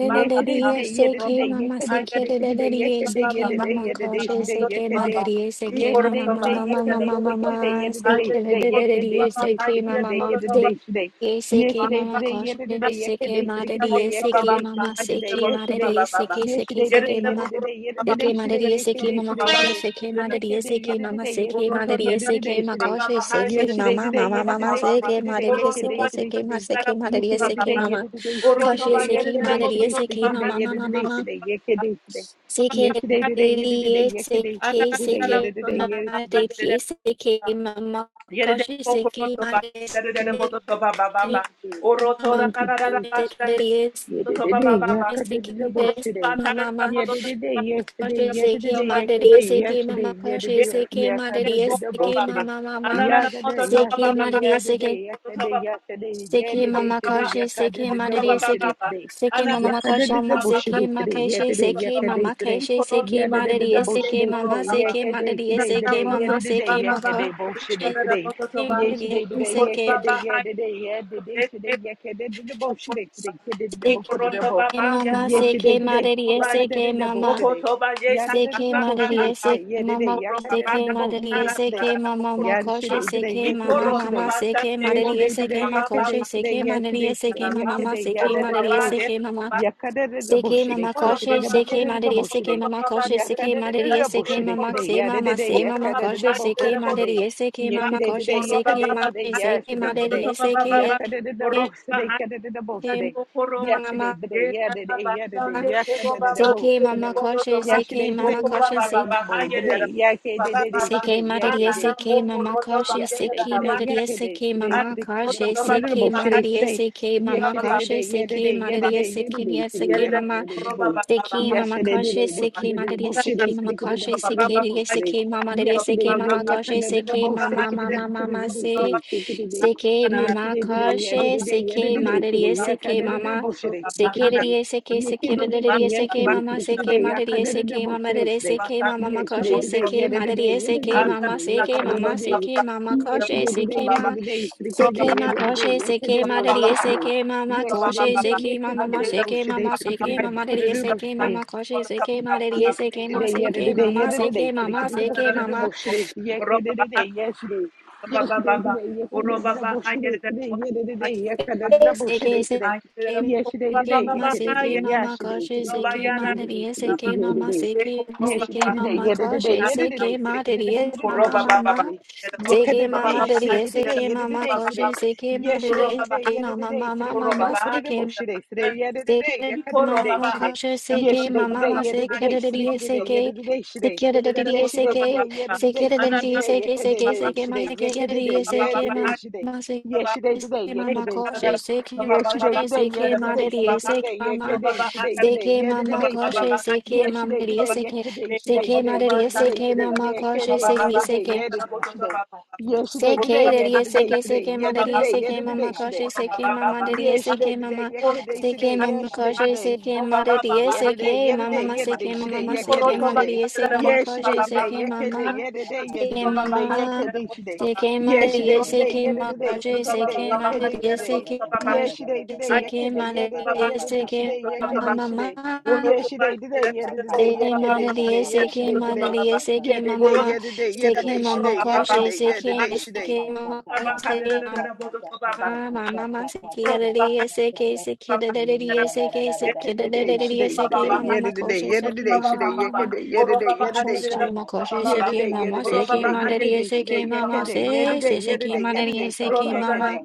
[SPEAKER 1] Yes, today, today, yeah,
[SPEAKER 6] siki,
[SPEAKER 1] today, yeah,
[SPEAKER 6] mama,
[SPEAKER 1] today, today, today, yeah,
[SPEAKER 6] sikiri,
[SPEAKER 1] today, yeah,
[SPEAKER 6] siki, mama,
[SPEAKER 1] yeah,
[SPEAKER 6] koshi,
[SPEAKER 1] yeah,
[SPEAKER 6] siki,
[SPEAKER 1] today.
[SPEAKER 6] madari, siki,
[SPEAKER 1] Yes,
[SPEAKER 6] mama,
[SPEAKER 1] today, today,
[SPEAKER 6] mama,
[SPEAKER 1] yeah,
[SPEAKER 6] mama,
[SPEAKER 1] today,
[SPEAKER 6] mama,
[SPEAKER 1] sticky today, yeah,
[SPEAKER 6] mama,
[SPEAKER 1] today, today, yeah, today,
[SPEAKER 6] sikiri,
[SPEAKER 1] today,
[SPEAKER 6] siki,
[SPEAKER 1] sticky
[SPEAKER 6] mama,
[SPEAKER 1] today,
[SPEAKER 6] mama,
[SPEAKER 1] yeah, today, today. Yes,
[SPEAKER 6] siki,
[SPEAKER 1] today,
[SPEAKER 6] mama,
[SPEAKER 1] today, yeah,
[SPEAKER 6] koshi,
[SPEAKER 1] today, yeah,
[SPEAKER 6] siki,
[SPEAKER 1] today, sticky today,
[SPEAKER 6] madari,
[SPEAKER 1] yeah,
[SPEAKER 6] siki,
[SPEAKER 1] today,
[SPEAKER 6] mama,
[SPEAKER 1] sticky today,
[SPEAKER 6] siki,
[SPEAKER 1] yes, today.
[SPEAKER 6] madari, siki,
[SPEAKER 1] Yes,
[SPEAKER 6] siki,
[SPEAKER 1] today, today,
[SPEAKER 6] siki,
[SPEAKER 1] yeah,
[SPEAKER 6] mama,
[SPEAKER 1] today, yeah, today,
[SPEAKER 6] Seke
[SPEAKER 1] today,
[SPEAKER 6] madariya
[SPEAKER 1] yeah,
[SPEAKER 6] seke
[SPEAKER 1] today,
[SPEAKER 6] mama
[SPEAKER 1] today, today.
[SPEAKER 6] koshe seke
[SPEAKER 1] Yeah,
[SPEAKER 6] madariya
[SPEAKER 1] today, yeah,
[SPEAKER 6] seke mama
[SPEAKER 1] today,
[SPEAKER 6] seke
[SPEAKER 1] yesterday, yeah,
[SPEAKER 6] madariya
[SPEAKER 1] today,
[SPEAKER 6] seke ma
[SPEAKER 1] today.
[SPEAKER 6] koshe
[SPEAKER 1] Yes,
[SPEAKER 6] seke
[SPEAKER 1] today,
[SPEAKER 6] mama
[SPEAKER 1] today,
[SPEAKER 6] mama
[SPEAKER 1] yeah,
[SPEAKER 6] mama
[SPEAKER 1] today, sticky
[SPEAKER 6] seke
[SPEAKER 1] today, yeah,
[SPEAKER 6] madariya
[SPEAKER 1] today,
[SPEAKER 6] seke
[SPEAKER 1] today,
[SPEAKER 6] seke ma
[SPEAKER 1] today.
[SPEAKER 6] seke
[SPEAKER 1] Yes,
[SPEAKER 6] madariya
[SPEAKER 1] today,
[SPEAKER 6] seke
[SPEAKER 1] today, yeah,
[SPEAKER 6] mama
[SPEAKER 1] today, sticky
[SPEAKER 6] koshe
[SPEAKER 1] today, yeah,
[SPEAKER 6] seke
[SPEAKER 1] today,
[SPEAKER 6] madariya
[SPEAKER 1] today, sticky
[SPEAKER 6] seke
[SPEAKER 1] today,
[SPEAKER 6] mama
[SPEAKER 1] yeah,
[SPEAKER 6] mama
[SPEAKER 1] today,
[SPEAKER 6] mama
[SPEAKER 1] today, yeah, today, today.
[SPEAKER 6] seke
[SPEAKER 1] Yesterday, today, year to today,
[SPEAKER 6] madariya
[SPEAKER 1] yesterday,
[SPEAKER 6] seke
[SPEAKER 1] today,
[SPEAKER 6] seke
[SPEAKER 1] yesterday, yesterday.
[SPEAKER 6] madariya seke mama koshe seke madariya
[SPEAKER 1] Thank you,
[SPEAKER 6] seke
[SPEAKER 1] Jesus. Thank you, Jesus.
[SPEAKER 6] mama
[SPEAKER 1] Thank you,
[SPEAKER 6] koshe
[SPEAKER 1] Jesus.
[SPEAKER 6] seke madariya
[SPEAKER 1] Yesterday, yesterday,
[SPEAKER 6] Sikhim,
[SPEAKER 1] yesterday,
[SPEAKER 6] Sikhim, mama,
[SPEAKER 1] yesterday,
[SPEAKER 6] mama.
[SPEAKER 1] yesterday,
[SPEAKER 6] Khosh,
[SPEAKER 1] yesterday,
[SPEAKER 6] Sikhim, Adrees, Sikhim, mama,
[SPEAKER 1] yesterday,
[SPEAKER 6] khosh,
[SPEAKER 1] yesterday,
[SPEAKER 6] Sikhim, Adrees, Sikhim,
[SPEAKER 1] yesterday,
[SPEAKER 6] mama, mama.
[SPEAKER 1] Yagaday,
[SPEAKER 6] Sikhim,
[SPEAKER 1] yesterday,
[SPEAKER 6] Adrees,
[SPEAKER 1] yesterday, yesterday, yesterday, yesterday,
[SPEAKER 6] Sikhim,
[SPEAKER 1] yesterday,
[SPEAKER 6] mama, khosh,
[SPEAKER 1] today,
[SPEAKER 6] Sikhim, Adrees,
[SPEAKER 1] yakadididaboshiday, today.
[SPEAKER 6] Sikhim, mama, mama, khosh, mama,
[SPEAKER 1] Yakadididaboshiday,
[SPEAKER 6] Sikhim,
[SPEAKER 1] today,
[SPEAKER 6] Adrees,
[SPEAKER 1] yesterday,
[SPEAKER 6] Sikhim,
[SPEAKER 1] yesterday,
[SPEAKER 6] mama,
[SPEAKER 1] today.
[SPEAKER 6] khosh, Sikhim,
[SPEAKER 1] Yedididay, today,
[SPEAKER 6] Adrees, Sikhim,
[SPEAKER 1] yesterday,
[SPEAKER 6] mama,
[SPEAKER 1] today,
[SPEAKER 6] Sikhim, Adrees, Sikhim,
[SPEAKER 1] today,
[SPEAKER 6] mama,
[SPEAKER 1] yesterday,
[SPEAKER 6] Sikhim,
[SPEAKER 1] yesterday, boshiday,
[SPEAKER 6] Adrees, Sikhim,
[SPEAKER 1] today, Yay, today, today, yeah, today, yeah, today, yeah, today, today, yeah, today, the bullshit, today, today, kid, the bullshit, the bull.
[SPEAKER 6] mama,
[SPEAKER 1] Yes, today,
[SPEAKER 6] Sikhim,
[SPEAKER 1] today, yeah,
[SPEAKER 6] Adrees,
[SPEAKER 1] today,
[SPEAKER 6] Sikhim,
[SPEAKER 1] the
[SPEAKER 6] mama.
[SPEAKER 1] bullshit, today, yeah, today,
[SPEAKER 6] CK
[SPEAKER 1] the bullshit,
[SPEAKER 6] Madari SK
[SPEAKER 1] today, yeah, today,
[SPEAKER 6] Mama
[SPEAKER 1] yeah, today,
[SPEAKER 6] CK
[SPEAKER 1] the bullshit,
[SPEAKER 6] Madari
[SPEAKER 1] today,
[SPEAKER 6] SK Mama
[SPEAKER 1] yeah,
[SPEAKER 6] Makoshi
[SPEAKER 1] today, today,
[SPEAKER 6] CK
[SPEAKER 1] yeah,
[SPEAKER 6] Mama Mama CK
[SPEAKER 1] today,
[SPEAKER 6] Madari SK
[SPEAKER 1] today, yes, today, today, yeah,
[SPEAKER 6] Makoshi
[SPEAKER 1] today, today,
[SPEAKER 6] CK
[SPEAKER 1] yes,
[SPEAKER 6] Madari
[SPEAKER 1] today, today,
[SPEAKER 6] SK
[SPEAKER 1] yeah,
[SPEAKER 6] Mama Mama
[SPEAKER 1] today, yeah,
[SPEAKER 6] CK
[SPEAKER 1] today, yea, kid, they, yea, the
[SPEAKER 6] Madari
[SPEAKER 1] bull.
[SPEAKER 6] SK Mama
[SPEAKER 1] Yeah, today, the
[SPEAKER 6] CK
[SPEAKER 1] bullshit,
[SPEAKER 6] Mama
[SPEAKER 1] today, today,
[SPEAKER 6] Koshi
[SPEAKER 1] kid, the bullshit,
[SPEAKER 6] CK
[SPEAKER 1] the
[SPEAKER 6] Madari
[SPEAKER 1] bullshit,
[SPEAKER 6] SK Mama Koshi
[SPEAKER 1] yeah,
[SPEAKER 6] CK
[SPEAKER 1] today,
[SPEAKER 6] Madari
[SPEAKER 1] the
[SPEAKER 6] SK
[SPEAKER 1] bullshit,
[SPEAKER 6] Mama
[SPEAKER 1] today,
[SPEAKER 6] Say
[SPEAKER 1] yeah,
[SPEAKER 6] Mama Say
[SPEAKER 1] today, yeah,
[SPEAKER 6] Mama
[SPEAKER 1] today, the
[SPEAKER 6] Koshi CK
[SPEAKER 1] bullshit,
[SPEAKER 6] Madari SK Mama
[SPEAKER 1] Yesterday, today,
[SPEAKER 6] Koshi CK
[SPEAKER 1] yesterday, today,
[SPEAKER 6] Maki CK
[SPEAKER 1] yesterday,
[SPEAKER 6] Madari
[SPEAKER 1] today,
[SPEAKER 6] SK
[SPEAKER 1] yesterday, the most today, yesterday, the most today, yesterday,
[SPEAKER 6] Mama
[SPEAKER 1] today, yesterday, yesterday, yesterday, the most
[SPEAKER 6] CK Mama
[SPEAKER 1] today,
[SPEAKER 6] Koshi CK
[SPEAKER 1] yesterday, today,
[SPEAKER 6] Mama
[SPEAKER 1] yesterday,
[SPEAKER 6] Koshi
[SPEAKER 1] the most today, yesterday, today,
[SPEAKER 6] Seke
[SPEAKER 1] today,
[SPEAKER 6] madariye
[SPEAKER 1] yesterday,
[SPEAKER 6] seke mama kaşe
[SPEAKER 1] yesterday,
[SPEAKER 6] seke
[SPEAKER 1] today,
[SPEAKER 6] madariye
[SPEAKER 1] yesterday,
[SPEAKER 6] seke
[SPEAKER 1] today,
[SPEAKER 6] mama
[SPEAKER 1] today, the
[SPEAKER 6] kaşe
[SPEAKER 1] most today, the
[SPEAKER 6] seke
[SPEAKER 1] most today,
[SPEAKER 6] madariye
[SPEAKER 1] today,
[SPEAKER 6] seke mama
[SPEAKER 1] yesterday,
[SPEAKER 6] kaşe
[SPEAKER 1] today,
[SPEAKER 6] seke
[SPEAKER 1] yesterday,
[SPEAKER 6] madariye
[SPEAKER 1] yesterday,
[SPEAKER 6] seke
[SPEAKER 1] yesterday,
[SPEAKER 6] niye
[SPEAKER 1] today,
[SPEAKER 6] seke
[SPEAKER 1] yesterday,
[SPEAKER 6] mama
[SPEAKER 1] the most
[SPEAKER 6] seke
[SPEAKER 1] Yes,
[SPEAKER 6] mama
[SPEAKER 1] today,
[SPEAKER 6] kaşe
[SPEAKER 1] today, book
[SPEAKER 6] seke
[SPEAKER 1] today,
[SPEAKER 6] madariye
[SPEAKER 1] book today,
[SPEAKER 6] seke mama
[SPEAKER 1] today, today,
[SPEAKER 6] kaşe
[SPEAKER 1] book
[SPEAKER 6] seke
[SPEAKER 1] today, book
[SPEAKER 6] niye
[SPEAKER 1] today.
[SPEAKER 6] seke mama madariye
[SPEAKER 1] Yes, today,
[SPEAKER 6] seke mama
[SPEAKER 1] today, yeah,
[SPEAKER 6] kaşe
[SPEAKER 1] today, today,
[SPEAKER 6] seke
[SPEAKER 1] book today,
[SPEAKER 6] mama
[SPEAKER 1] today,
[SPEAKER 6] mama
[SPEAKER 1] book today,
[SPEAKER 6] mama
[SPEAKER 1] book
[SPEAKER 6] se
[SPEAKER 1] today, today, today.
[SPEAKER 6] seke
[SPEAKER 1] Yes,
[SPEAKER 6] mama
[SPEAKER 1] today, today, yeah,
[SPEAKER 6] kaşe
[SPEAKER 1] today, yeah,
[SPEAKER 6] seke
[SPEAKER 1] today,
[SPEAKER 6] madariye
[SPEAKER 1] today, yeah,
[SPEAKER 6] seke mama
[SPEAKER 1] today, today,
[SPEAKER 6] Sekiriye seke sekiriye
[SPEAKER 1] Yes,
[SPEAKER 6] seke
[SPEAKER 1] today, today,
[SPEAKER 6] mama seke
[SPEAKER 1] today. Yeah, today, today, yeah, today, today, today, yeah,
[SPEAKER 6] mariye
[SPEAKER 1] today, today,
[SPEAKER 6] seke
[SPEAKER 1] book
[SPEAKER 6] mama
[SPEAKER 1] today,
[SPEAKER 6] rere
[SPEAKER 1] today.
[SPEAKER 6] seke mama
[SPEAKER 1] Yes, today,
[SPEAKER 6] makoshe
[SPEAKER 1] today, yeah,
[SPEAKER 6] seke
[SPEAKER 1] today, today,
[SPEAKER 6] mariye seke mama
[SPEAKER 1] yeah,
[SPEAKER 6] seke mama seke mama koshe
[SPEAKER 1] today, today, yeah, today, today. Yes, today, today,
[SPEAKER 6] seke
[SPEAKER 1] yeah, today,
[SPEAKER 6] ma
[SPEAKER 1] today, today, today,
[SPEAKER 6] seke
[SPEAKER 1] yeah,
[SPEAKER 6] ma
[SPEAKER 1] today, today,
[SPEAKER 6] koshe
[SPEAKER 1] yeah, today,
[SPEAKER 6] seke
[SPEAKER 1] today,
[SPEAKER 6] mariye
[SPEAKER 1] yes,
[SPEAKER 6] seke
[SPEAKER 1] today.
[SPEAKER 6] mama
[SPEAKER 1] Yes, she did.
[SPEAKER 6] koshe
[SPEAKER 1] Today, yeah,
[SPEAKER 6] seke
[SPEAKER 1] she
[SPEAKER 6] mama
[SPEAKER 1] did.
[SPEAKER 6] ma
[SPEAKER 1] Today,
[SPEAKER 6] seke
[SPEAKER 1] bullshit. Today,
[SPEAKER 6] mama seke
[SPEAKER 1] today,
[SPEAKER 6] mama
[SPEAKER 1] both.
[SPEAKER 6] rere
[SPEAKER 1] today, both she
[SPEAKER 6] seke
[SPEAKER 1] did.
[SPEAKER 6] mama koshe seke mariye
[SPEAKER 1] Yes, today
[SPEAKER 6] seke ma
[SPEAKER 1] today, yeah, did
[SPEAKER 6] seke
[SPEAKER 1] today, yeah,
[SPEAKER 6] mama
[SPEAKER 1] did today.
[SPEAKER 6] seke
[SPEAKER 1] So they can
[SPEAKER 6] mama
[SPEAKER 1] do the book,
[SPEAKER 6] seke
[SPEAKER 1] do the
[SPEAKER 6] mama
[SPEAKER 1] book, she yeah, can today, yes, today. Yes, today today, yeah, can do the book, she today, yeah, today, yeah, can do the book, she
[SPEAKER 6] Seke seke
[SPEAKER 1] today. Yes, today today,
[SPEAKER 6] seke
[SPEAKER 1] yeah,
[SPEAKER 6] ma
[SPEAKER 1] can
[SPEAKER 6] seke
[SPEAKER 1] today, yeah,
[SPEAKER 6] mama
[SPEAKER 1] today, did.
[SPEAKER 6] koshe
[SPEAKER 1] So they can do the
[SPEAKER 6] seke
[SPEAKER 1] book,
[SPEAKER 6] ma
[SPEAKER 1] do the book,
[SPEAKER 6] dadiye
[SPEAKER 1] she
[SPEAKER 6] seke
[SPEAKER 1] yeah,
[SPEAKER 6] mama
[SPEAKER 1] today.
[SPEAKER 6] seke
[SPEAKER 1] Yes,
[SPEAKER 6] seke
[SPEAKER 1] today
[SPEAKER 6] mama
[SPEAKER 1] today,
[SPEAKER 6] koshe
[SPEAKER 1] yeah, did today, yeah, today.
[SPEAKER 6] seke
[SPEAKER 1] So
[SPEAKER 6] ma
[SPEAKER 1] they can do the book,
[SPEAKER 6] dadiye
[SPEAKER 1] do the book,
[SPEAKER 6] mama
[SPEAKER 1] she
[SPEAKER 6] mama
[SPEAKER 1] today. Yeah, can
[SPEAKER 6] seke mama
[SPEAKER 1] today, so they
[SPEAKER 6] dadiye
[SPEAKER 1] can today,
[SPEAKER 6] seke
[SPEAKER 1] yeah, did
[SPEAKER 6] mama
[SPEAKER 1] today, so
[SPEAKER 6] koshe seke ma
[SPEAKER 1] Yes, she
[SPEAKER 6] dadiye
[SPEAKER 1] today,
[SPEAKER 6] seke
[SPEAKER 1] yeah,
[SPEAKER 6] mama
[SPEAKER 1] today. So they
[SPEAKER 6] mama
[SPEAKER 1] can do the book, do the
[SPEAKER 6] mama
[SPEAKER 1] book, she today, yeah, today, yeah,
[SPEAKER 6] Seke
[SPEAKER 1] can do today,
[SPEAKER 6] mama kosher seke
[SPEAKER 1] Yesterday,
[SPEAKER 6] mama
[SPEAKER 1] today,
[SPEAKER 6] ma
[SPEAKER 1] yeah,
[SPEAKER 6] seke
[SPEAKER 1] today,
[SPEAKER 6] da da da
[SPEAKER 1] sticky today, yeah,
[SPEAKER 6] seke
[SPEAKER 1] today, today.
[SPEAKER 6] seke da da da
[SPEAKER 1] Yesterday,
[SPEAKER 6] seke
[SPEAKER 1] today, yeah,
[SPEAKER 6] seke
[SPEAKER 1] today,
[SPEAKER 6] da da
[SPEAKER 1] sticky
[SPEAKER 6] da
[SPEAKER 1] today, yeah,
[SPEAKER 6] seke
[SPEAKER 1] today,
[SPEAKER 6] seke seke ma
[SPEAKER 1] today, yeah,
[SPEAKER 6] seke da da
[SPEAKER 1] today, yeah,
[SPEAKER 6] seke
[SPEAKER 1] today, today.
[SPEAKER 6] mama seke
[SPEAKER 1] Yesterday, today,
[SPEAKER 6] seke
[SPEAKER 1] yeah,
[SPEAKER 6] mama
[SPEAKER 1] today,
[SPEAKER 6] kosher
[SPEAKER 1] today.
[SPEAKER 6] seke
[SPEAKER 1] Yesterday,
[SPEAKER 6] kosher
[SPEAKER 1] today, yeah,
[SPEAKER 6] seke ma
[SPEAKER 1] today,
[SPEAKER 6] da da
[SPEAKER 1] sticky
[SPEAKER 6] seke
[SPEAKER 1] today, yeah,
[SPEAKER 6] mama
[SPEAKER 1] today, today, today,
[SPEAKER 6] seke
[SPEAKER 1] yeah,
[SPEAKER 6] mama
[SPEAKER 1] today, today.
[SPEAKER 6] kosher seke mama
[SPEAKER 1] Yesterday,
[SPEAKER 6] da da
[SPEAKER 1] today, yeah,
[SPEAKER 6] seke
[SPEAKER 1] today, today,
[SPEAKER 6] seke
[SPEAKER 1] today,
[SPEAKER 6] ma da
[SPEAKER 1] yeah,
[SPEAKER 6] da
[SPEAKER 1] today,
[SPEAKER 6] seke
[SPEAKER 1] today,
[SPEAKER 6] mama
[SPEAKER 1] yeah,
[SPEAKER 6] kosher
[SPEAKER 1] today, yeah, today,
[SPEAKER 6] seke
[SPEAKER 1] yeah, today, today. Yesterday,
[SPEAKER 6] CK,
[SPEAKER 1] today, yeah,
[SPEAKER 6] daddy, SK,
[SPEAKER 1] today, today,
[SPEAKER 6] CK,
[SPEAKER 1] yeah,
[SPEAKER 6] my daddy,
[SPEAKER 1] today, yeah,
[SPEAKER 6] SK,
[SPEAKER 1] today,
[SPEAKER 6] mama,
[SPEAKER 1] today.
[SPEAKER 6] cautious, CK, mama, daddy,
[SPEAKER 1] Yesterday,
[SPEAKER 6] SK,
[SPEAKER 1] today,
[SPEAKER 6] mama,
[SPEAKER 1] yeah, today, today,
[SPEAKER 6] CK, mama,
[SPEAKER 1] yesterday,
[SPEAKER 6] cautious,
[SPEAKER 1] today.
[SPEAKER 6] CK, ma daddy,
[SPEAKER 1] Yeah
[SPEAKER 6] SK,
[SPEAKER 1] today, yeah
[SPEAKER 6] mama,
[SPEAKER 1] today,
[SPEAKER 6] mama,
[SPEAKER 1] yeah today,
[SPEAKER 6] CK, mama,
[SPEAKER 1] today,
[SPEAKER 6] mama,
[SPEAKER 1] yeah
[SPEAKER 6] CK,
[SPEAKER 1] today,
[SPEAKER 6] my
[SPEAKER 1] today,
[SPEAKER 6] daddy, SK, mama,
[SPEAKER 1] yeah today,
[SPEAKER 6] cautious,
[SPEAKER 1] today,
[SPEAKER 6] CK,
[SPEAKER 1] yeah today,
[SPEAKER 6] mama,
[SPEAKER 1] yeah today, yeah
[SPEAKER 6] CK,
[SPEAKER 1] today, today, yeah
[SPEAKER 6] mama,
[SPEAKER 1] today, today,
[SPEAKER 6] CK, my
[SPEAKER 1] yeah
[SPEAKER 6] daddy,
[SPEAKER 1] today,
[SPEAKER 6] SK,
[SPEAKER 1] today, yeah
[SPEAKER 6] mama,
[SPEAKER 1] today, stick
[SPEAKER 6] cautious,
[SPEAKER 1] it
[SPEAKER 6] CK,
[SPEAKER 1] today,
[SPEAKER 6] my
[SPEAKER 1] yeah today,
[SPEAKER 6] daddy,
[SPEAKER 1] today,
[SPEAKER 6] SK,
[SPEAKER 1] yeah
[SPEAKER 6] cautious,
[SPEAKER 1] today, today,
[SPEAKER 6] CK, my
[SPEAKER 1] yeah today,
[SPEAKER 6] daddy,
[SPEAKER 1] yeah
[SPEAKER 6] SK,
[SPEAKER 1] today, yeah
[SPEAKER 6] mama,
[SPEAKER 1] today, today,
[SPEAKER 6] mama.
[SPEAKER 1] yeah today, today, yeah today, today, yeah today, yeah
[SPEAKER 6] Seke
[SPEAKER 1] today,
[SPEAKER 6] madariye,
[SPEAKER 1] today, yeah
[SPEAKER 6] seke
[SPEAKER 1] today, today,
[SPEAKER 6] madariye,
[SPEAKER 1] yeah today, yeah
[SPEAKER 6] seke mama
[SPEAKER 1] today,
[SPEAKER 6] ma,
[SPEAKER 1] yeah today,
[SPEAKER 6] seke mama
[SPEAKER 1] today, yeah
[SPEAKER 6] koshe,
[SPEAKER 1] today, yeah
[SPEAKER 6] seke
[SPEAKER 1] today, today.
[SPEAKER 6] seke mama koshe, mama mama ma, seke yadariye, seke seke dadariye, seke seke
[SPEAKER 1] Yekaday,
[SPEAKER 6] dadariye,
[SPEAKER 1] shaday,
[SPEAKER 6] seke
[SPEAKER 1] today,
[SPEAKER 6] mama ma
[SPEAKER 1] yediday,
[SPEAKER 6] koshe, seke
[SPEAKER 1] yediday,
[SPEAKER 6] mama
[SPEAKER 1] shaday,
[SPEAKER 6] mama ma.
[SPEAKER 1] yekaday, yediday,
[SPEAKER 6] I
[SPEAKER 1] yediday,
[SPEAKER 6] trust you,
[SPEAKER 1] shaday,
[SPEAKER 6] ma koshe, seke
[SPEAKER 1] yediday,
[SPEAKER 6] mama,
[SPEAKER 1] yediday,
[SPEAKER 6] seke
[SPEAKER 1] shaday,
[SPEAKER 6] madariye,
[SPEAKER 1] yekaday, shaday,
[SPEAKER 6] seke mama,
[SPEAKER 1] yekaday,
[SPEAKER 6] se
[SPEAKER 1] yediday,
[SPEAKER 6] se seke
[SPEAKER 1] yediday,
[SPEAKER 6] madariye,
[SPEAKER 1] yediday, shaday,
[SPEAKER 6] seke mama.
[SPEAKER 1] yekaday,